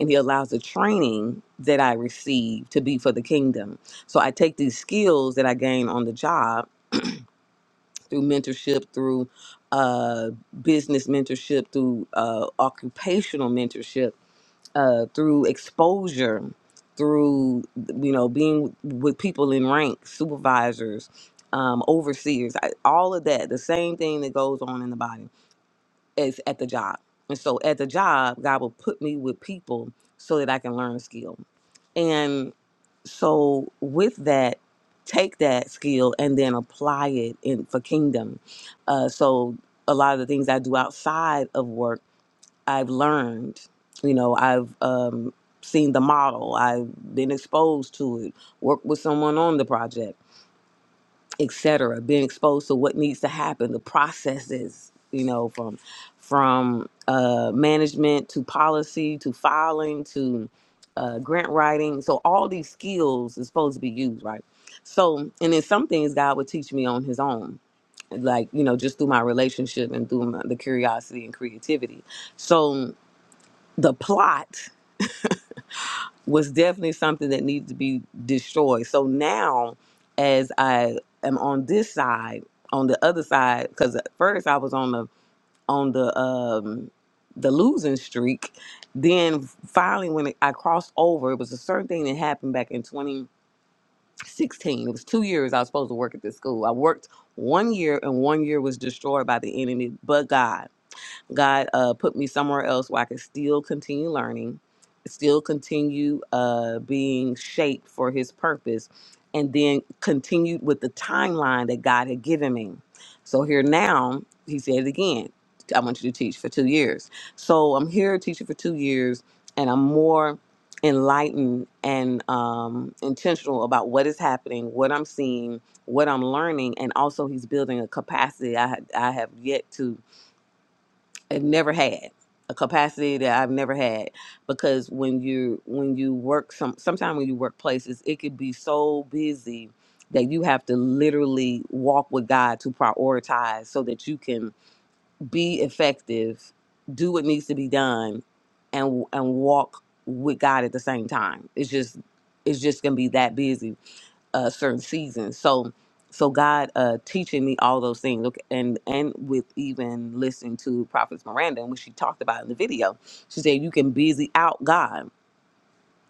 and he allows the training that I receive to be for the kingdom. So I take these skills that I gain on the job through mentorship, through uh, business mentorship, through uh, occupational mentorship uh, through exposure, through you know being with people in rank, supervisors, um, overseers, I, all of that. The same thing that goes on in the body is at the job. And so at the job, God will put me with people so that I can learn a skill. And so with that, take that skill and then apply it in for kingdom. Uh, so a lot of the things I do outside of work I've learned, you know, I've um, seen the model, I've been exposed to it, worked with someone on the project, etc. Been exposed to what needs to happen, the processes, you know, from from uh, management to policy to filing to uh, grant writing. So all these skills is supposed to be used, right? So, and then some things God would teach me on His own, like you know, just through my relationship and through my, the curiosity and creativity. So the plot was definitely something that needed to be destroyed. So now, as I am on this side, on the other side, because at first I was on the on the um the losing streak. Then finally, when I crossed over, it was a certain thing that happened back in 2016. It was two years I was supposed to work at this school. I worked one year, and one year was destroyed by the enemy, but God. God uh, put me somewhere else where I could still continue learning, still continue uh, being shaped for His purpose, and then continued with the timeline that God had given me. So here now, He said it again. I want you to teach for two years. So I'm here teaching for two years, and I'm more enlightened and um, intentional about what is happening, what I'm seeing, what I'm learning, and also He's building a capacity I, I have yet to I've never had a capacity that I've never had because when you when you work some sometimes when you work places it could be so busy that you have to literally walk with God to prioritize so that you can be effective, do what needs to be done, and and walk with God at the same time. It's just it's just gonna be that busy uh, certain seasons. So, so God uh, teaching me all those things, okay, and and with even listening to Prophet Miranda, and what she talked about in the video, she said you can busy out God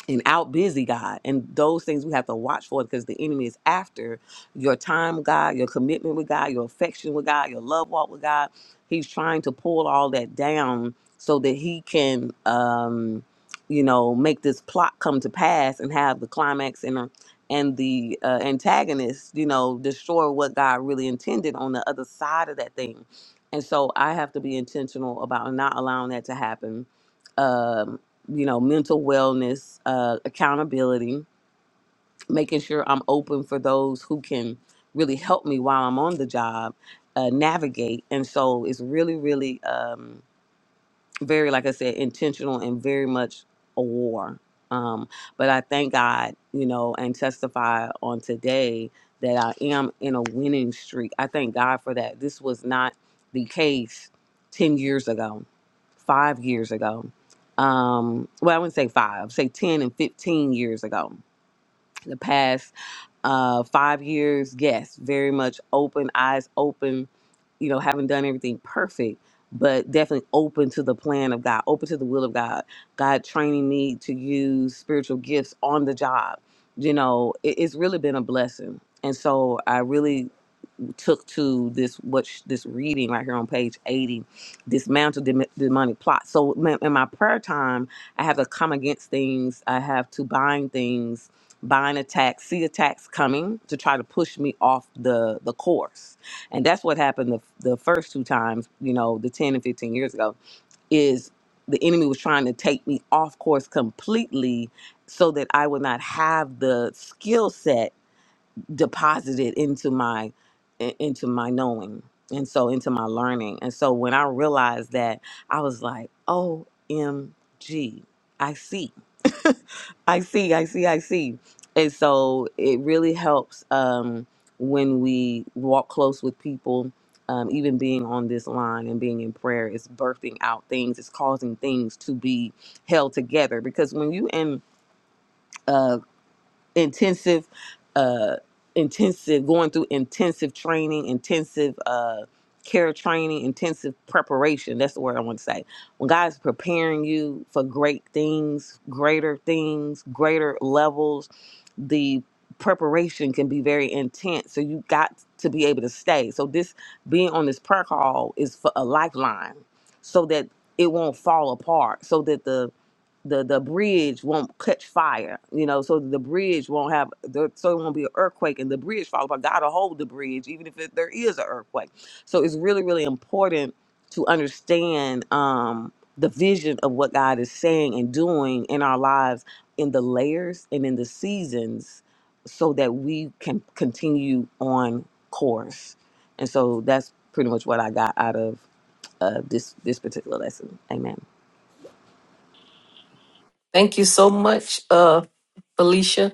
and out busy God. And those things we have to watch for because the enemy is after your time with God, your commitment with God, your affection with God, your love walk with God. He's trying to pull all that down so that he can, um, you know, make this plot come to pass and have the climax and uh, and the uh, antagonist, you know, destroy what God really intended on the other side of that thing. And so I have to be intentional about not allowing that to happen um, you know, mental wellness, uh, accountability, making sure I'm open for those who can really help me while I'm on the job, uh, navigate. And so it's really, really um, very, like I said, intentional and very much a war. Um, but I thank God, you know, and testify on today that I am in a winning streak. I thank God for that. This was not the case 10 years ago five years ago. Um, well, I wouldn't say five, say 10 and 15 years ago. The past uh, five years, yes, very much open, eyes open, you know, haven't done everything perfect, but definitely open to the plan of God, open to the will of God. God training me to use spiritual gifts on the job. You know, it, it's really been a blessing. And so I really took to this what sh- this reading right here on page 80 dismantle dem- demonic plot so ma- in my prayer time i have to come against things i have to bind things bind attacks see attacks coming to try to push me off the the course and that's what happened the, the first two times you know the 10 and 15 years ago is the enemy was trying to take me off course completely so that i would not have the skill set deposited into my i- into my knowing and so into my learning and so when i realized that i was like omg i see i see i see i see and so it really helps um, when we walk close with people um, even being on this line and being in prayer is birthing out things it's causing things to be held together because when you in intensive uh intensive going through intensive training intensive uh care training intensive preparation that's the word i want to say when god's preparing you for great things greater things greater levels the preparation can be very intense so you got to be able to stay so this being on this prayer call is for a lifeline so that it won't fall apart so that the the the bridge won't catch fire, you know, so the bridge won't have the so it won't be an earthquake and the bridge fall apart. God'll hold the bridge even if it, there is an earthquake. So it's really really important to understand um, the vision of what God is saying and doing in our lives in the layers and in the seasons, so that we can continue on course. And so that's pretty much what I got out of uh, this this particular lesson. Amen.
Thank you so much, uh, Felicia,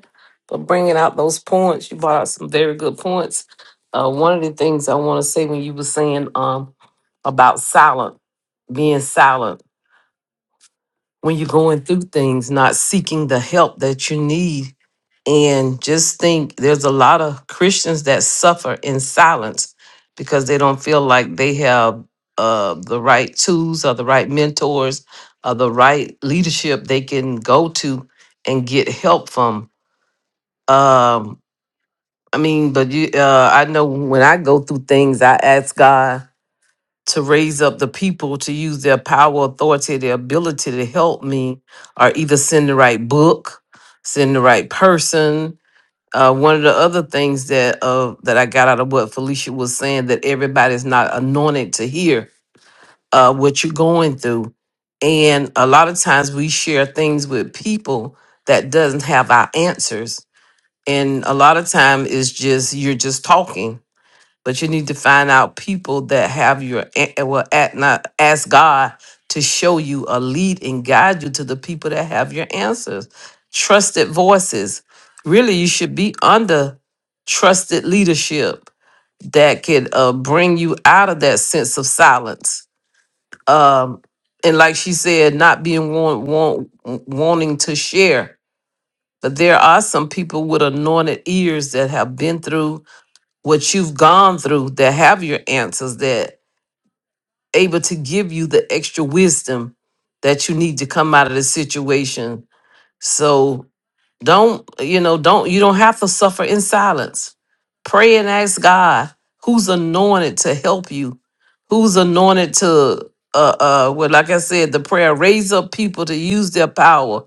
for bringing out those points. You brought out some very good points. Uh, one of the things I want to say when you were saying um, about silent, being silent when you're going through things, not seeking the help that you need and just think there's a lot of Christians that suffer in silence because they don't feel like they have uh, the right tools or the right mentors or the right leadership they can go to and get help from. Um, I mean, but you, uh, I know when I go through things, I ask God to raise up the people to use their power, authority, their ability to help me, or either send the right book, send the right person, uh, one of the other things that uh, that I got out of what Felicia was saying that everybody's not anointed to hear uh, what you're going through, and a lot of times we share things with people that doesn't have our answers, and a lot of time it's just you're just talking, but you need to find out people that have your a- eh, well at not ask God to show you a lead and guide you to the people that have your answers. Trusted voices. Really, you should be under trusted leadership that could uh, bring you out of that sense of silence. Um, and like she said, not being want, want, wanting to share. But there are some people with anointed ears that have been through what you've gone through that have your answers that able to give you the extra wisdom that you need to come out of the situation. So don't, you know, don't, you don't have to suffer in silence. Pray and ask God who's anointed to help you, who's anointed to, uh, uh, well, like I said, the prayer, raise up people to use their power,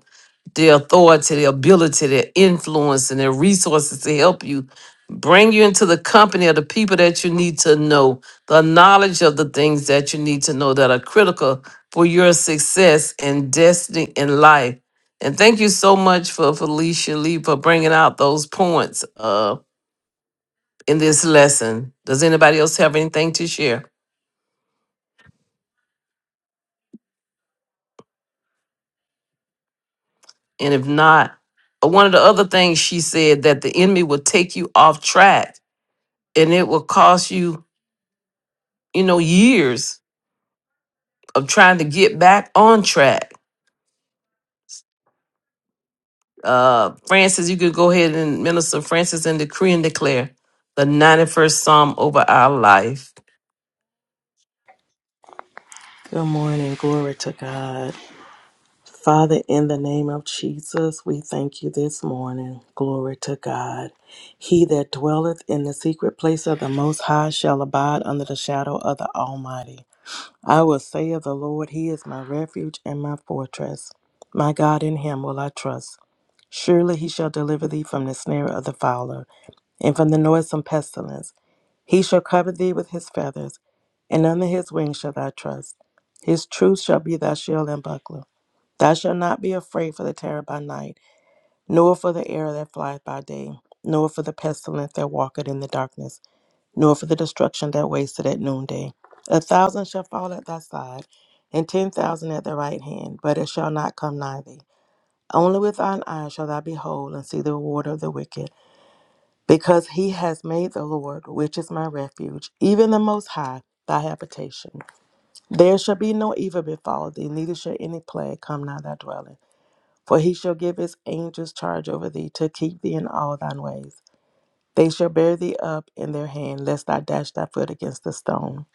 their authority, their ability, their influence, and their resources to help you. Bring you into the company of the people that you need to know, the knowledge of the things that you need to know that are critical for your success and destiny in life and thank you so much for Felicia Lee for bringing out those points uh, in this lesson. Does anybody else have anything to share? And if not, uh, one of the other things she said that the enemy will take you off track and it will cost you, you know, years of trying to get back on track. Uh, Francis, you could go ahead and minister Francis and decree and declare the 91st Psalm over our life.
Good morning. Glory to God. Father, in the name of Jesus, we thank you this morning. Glory to God. He that dwelleth in the secret place of the Most High shall abide under the shadow of the Almighty. I will say of the Lord, He is my refuge and my fortress. My God, in Him will I trust. Surely He shall deliver thee from the snare of the fowler and from the noisome pestilence. He shall cover thee with His feathers, and under His wings shall thy trust. His truth shall be thy shield and buckler. Thou shalt not be afraid for the terror by night, nor for the arrow that flieth by day, nor for the pestilence that walketh in the darkness, nor for the destruction that wasteth at noonday. A thousand shall fall at thy side, and ten thousand at thy right hand, but it shall not come nigh thee. Only with thine eyes shall thou behold and see the reward of the wicked, because he has made the Lord, which is my refuge, even the Most High, thy habitation. There shall be no evil befall thee, neither shall any plague come nigh thy dwelling. For he shall give his angels charge over thee to keep thee in all thine ways. They shall bear thee up in their hand, lest thou dash thy foot against a stone.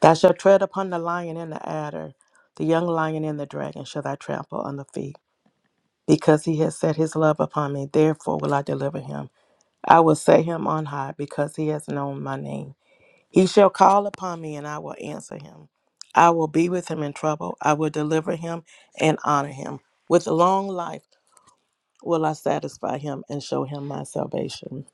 Thou shalt tread upon the lion and the adder, the young lion and the dragon shall thou trample on the feet. Because he has set his love upon me, therefore will I deliver him. I will set him on high, because he has known my name. He shall call upon me, and I will answer him. I will be with him in trouble. I will deliver him and honor him. With long life, will I satisfy him and show him my salvation.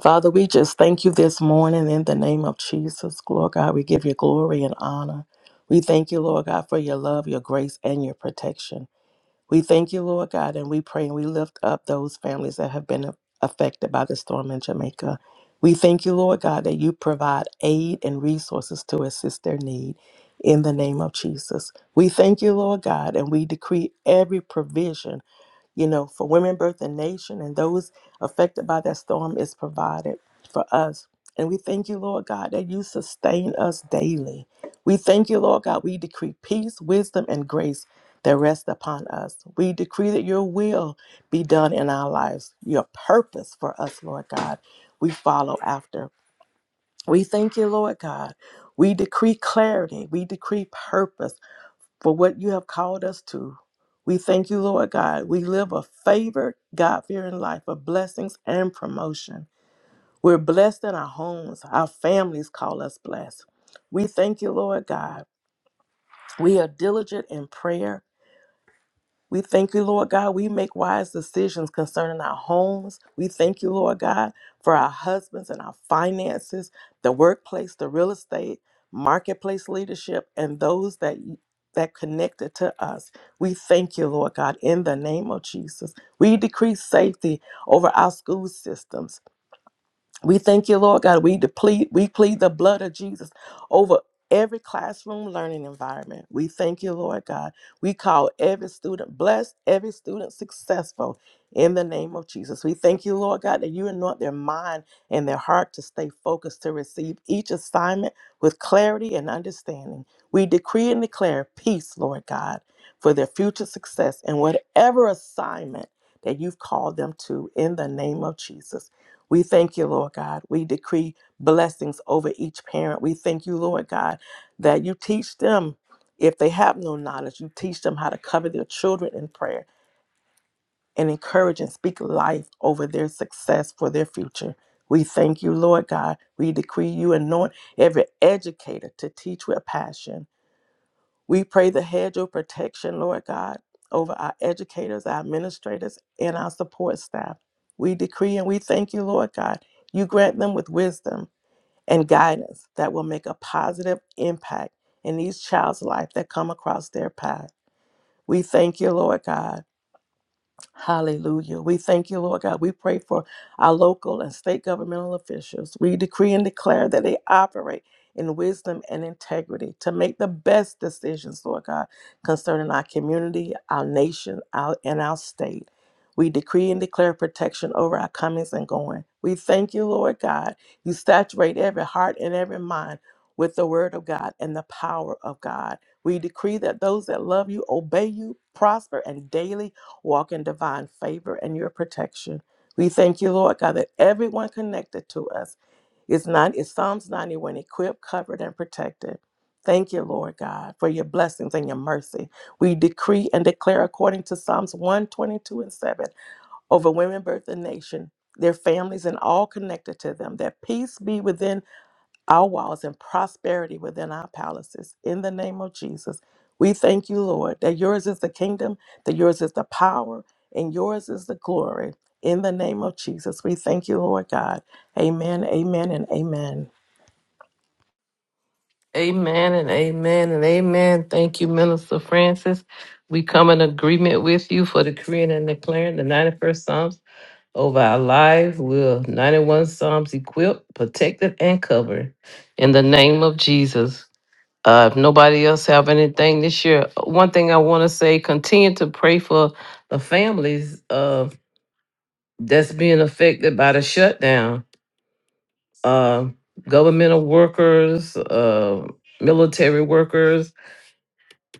Father, we just thank you this morning in the name of Jesus. Lord God, we give you glory and honor. We thank you, Lord God, for your love, your grace, and your protection. We thank you, Lord God, and we pray and we lift up those families that have been affected by the storm in Jamaica. We thank you, Lord God, that you provide aid and resources to assist their need in the name of Jesus. We thank you, Lord God, and we decree every provision you know, for Women Birth and Nation and those affected by that storm is provided for us. And we thank you, Lord God, that you sustain us daily. We thank you, Lord God, we decree peace, wisdom, and grace that rest upon us. We decree that your will be done in our lives, your purpose for us, Lord God, we follow after. We thank you, Lord God. We decree clarity. We decree purpose for what you have called us to. We thank you, Lord God. We live a favored, God fearing life of blessings and promotion. We're blessed in our homes, our families call us blessed. We thank you, Lord God. We are diligent in prayer. We thank you, Lord God. We make wise decisions concerning our homes. We thank you, Lord God, for our husbands and our finances, the workplace, the real estate, marketplace leadership, and those that that connected to us. We thank you, Lord God, in the name of Jesus. We decree safety over our school systems we thank you, Lord God. We deplete, we plead the blood of Jesus over every classroom learning environment. We thank you, Lord God. We call every student blessed, every student successful in the name of Jesus. We thank you, Lord God, that you anoint their mind and their heart to stay focused to receive each assignment with clarity and understanding. We decree and declare peace, Lord God, for their future success and whatever assignment that you've called them to in the name of Jesus. We thank you, Lord God. We decree blessings over each parent. We thank you, Lord God, that you teach them, if they have no knowledge, you teach them how to cover their children in prayer and encourage and speak life over their success for their future. We thank you, Lord God. We decree you anoint every educator to teach with passion we pray the hedge of protection, Lord God, over our educators, our administrators, and our support staff. We decree and we thank you, Lord God. You grant them with wisdom and guidance that will make a positive impact in these child's life that come across their path. We thank you, Lord God. Hallelujah. We thank you, Lord God. We pray for our local and state governmental officials. We decree and declare that they operate in wisdom and integrity to make the best decisions, Lord God, concerning our community, our nation, our, and our state. We decree and declare protection over our comings and going. We thank you, Lord God. You saturate every heart and every mind with the word of God and the power of God. We decree that those that love you obey you, prosper, and daily walk in divine favor and your protection. We thank you, Lord God, that everyone connected to us is not is Psalms 91 equipped, covered, and protected. Thank you, Lord God, for your blessings and your mercy. We decree and declare according to Psalms 122 and 7 over women, birth, and nation, their families, and all connected to them, that peace be within our walls and prosperity within our palaces. In the name of Jesus, we thank you, Lord, that yours is the kingdom, that yours is the power, and yours is the glory. In the name of Jesus, we thank you, Lord God. Amen, amen, and amen.
Amen and amen and amen. Thank you, Minister Francis. We come in agreement with you for decreeing and declaring the 91st Psalms over our lives. We're 91 Psalms equipped, protected, and covered in the name of Jesus. Uh, if nobody else have anything this year, one thing I want to say, continue to pray for the families uh, that's being affected by the shutdown. Uh, governmental workers, uh, military workers,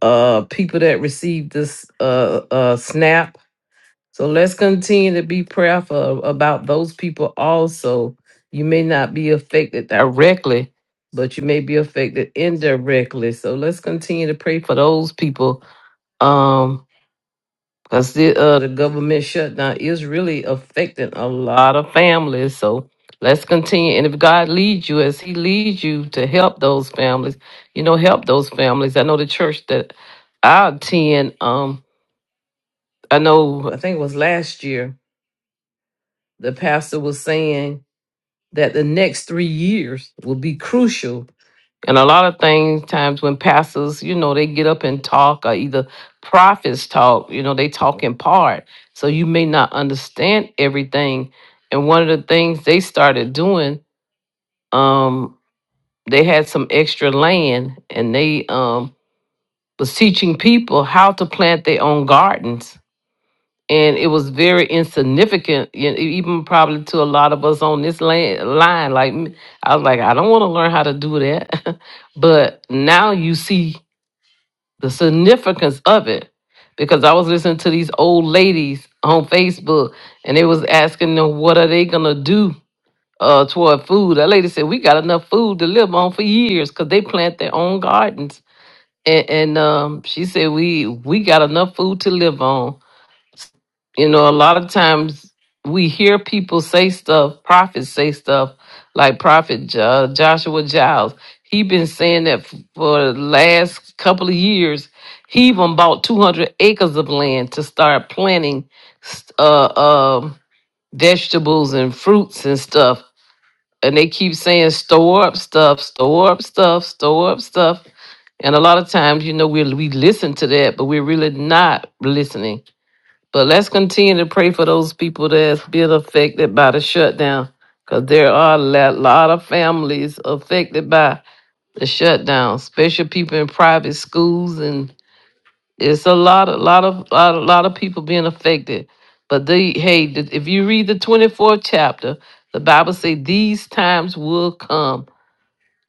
uh people that received this uh uh snap so let's continue to be prayerful about those people also you may not be affected directly but you may be affected indirectly so let's continue to pray for those people um because the, uh, the government shutdown is really affecting a lot of families. So let's continue. And if God leads you as He leads you to help those families, you know, help those families. I know the church that I attend, um, I know, I think it was last year, the pastor was saying that the next three years will be crucial And a lot of things, times when pastors, you know, they get up and talk, or either prophets talk, you know, they talk in part. So you may not understand everything. And one of the things they started doing, um, they had some extra land and they um, was teaching people how to plant their own gardens. And it was very insignificant, you know, e-, even probably to a lot of us on this land, line. Like, me, I was like, I don't want to learn how to do that. but now you see the significance of it because I was listening to these old ladies on Facebook and they was asking them what are they gonna do uh toward food. That lady said we got enough food to live on for years because they plant their own gardens. And, and um, she said we we got enough food to live on. You know, a lot of times we hear people say stuff, prophets say stuff like Prophet uh, Joshua Giles. He been saying that f- for the last couple of years. He even bought 200 acres of land to start planting s- uh, um vegetables and fruits and stuff. And they keep saying, store up stuff, store up stuff, store up stuff. And a lot of times, you know, we we listen to that, but we're really not listening but let's continue to pray for those people that's been affected by the shutdown, because there are a lot, lot of families affected by the shutdown, especially people in private schools, and it's a lot, a lot of, lot, a lot of people being affected. But they, hey, th- if you read the twenty fourth chapter, the Bible say these times will come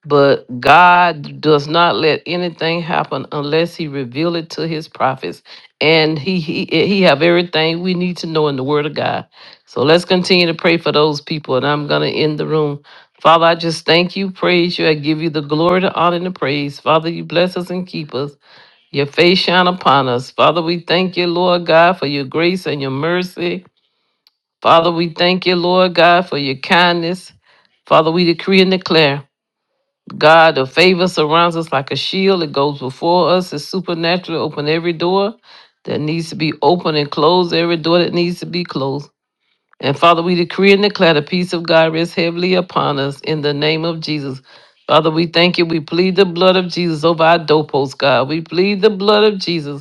but God does not let anything happen unless He reveal it to His prophets, and He He He have everything we need to know in the Word of God. So let's continue to pray for those people, and I'm gonna end the room. Father, I just thank you, praise you, I give you the glory, the honor, and the praise. Father, you bless us and keep us. Your face shine upon us. Father, we thank you, Lord God, for your grace and your mercy. Father, we thank you, Lord God, for your kindness. Father, we decree and declare. God of favor surrounds us like a shield. It goes before us. It's supernatural. Open every door that needs to be open and close every door that needs to be closed. And Father, we decree and declare the peace of God rests heavily upon us in the name of Jesus. Father, we thank you. We plead the blood of Jesus over our doorposts, God. We plead the blood of Jesus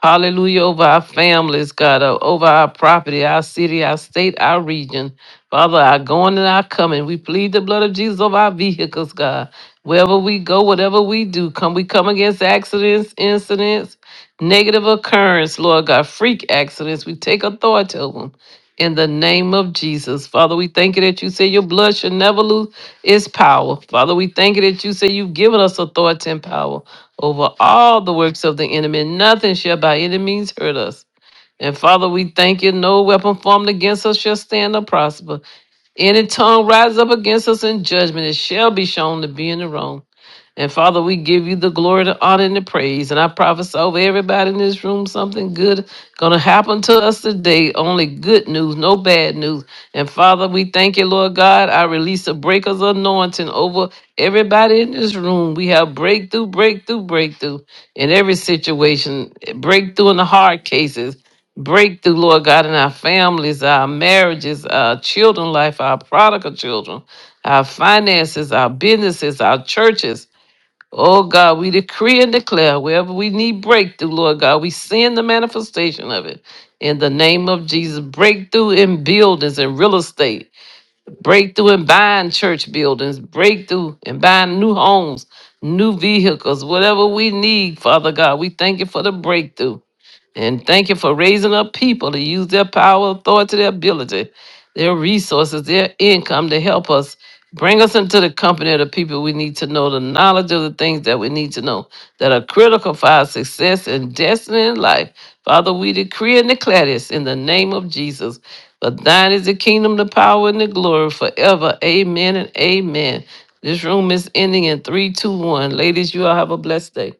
Hallelujah over our families, God, uh, over our property, our city, our state, our region. Father, our going and our coming. We plead the blood of Jesus over our vehicles, God. Wherever we go, whatever we do, come we come against accidents, incidents, negative occurrence, Lord God, freak accidents. We take authority over them. In the name of Jesus. Father, we thank you that you say your blood should never lose its power. Father, we thank you that you say you've given us authority and power over all the works of the enemy. Nothing shall by any means hurt us. And Father, we thank you. No weapon formed against us shall stand or prosper. Any tongue rise up against us in judgment, it shall be shown to be in the wrong. And Father, we give you the glory, the honor, and the praise. And I prophesy over everybody in this room something good gonna happen to us today. Only good news, no bad news. And Father, we thank you, Lord God. I release a breaker's anointing over everybody in this room. We have breakthrough, breakthrough, breakthrough in every situation. Breakthrough in the hard cases. Breakthrough, Lord God, in our families, our marriages, our children life, our prodigal children, our finances, our businesses, our churches. Oh God, we decree and declare wherever we need breakthrough, Lord God, we send the manifestation of it. In the name of Jesus, breakthrough in buildings and real estate, breakthrough in buying church buildings, breakthrough in buying new homes, new vehicles, whatever we need, Father God. We thank you for the breakthrough. And thank you for raising up people to use their power, authority, their ability, their resources, their income to help us. Bring us into the company of the people we need to know, the knowledge of the things that we need to know that are critical for our success and destiny in life. Father, we decree and declare this in the name of Jesus. But thine is the kingdom, the power, and the glory forever. Amen and amen. This room is ending in 321. Ladies, you all have a blessed day.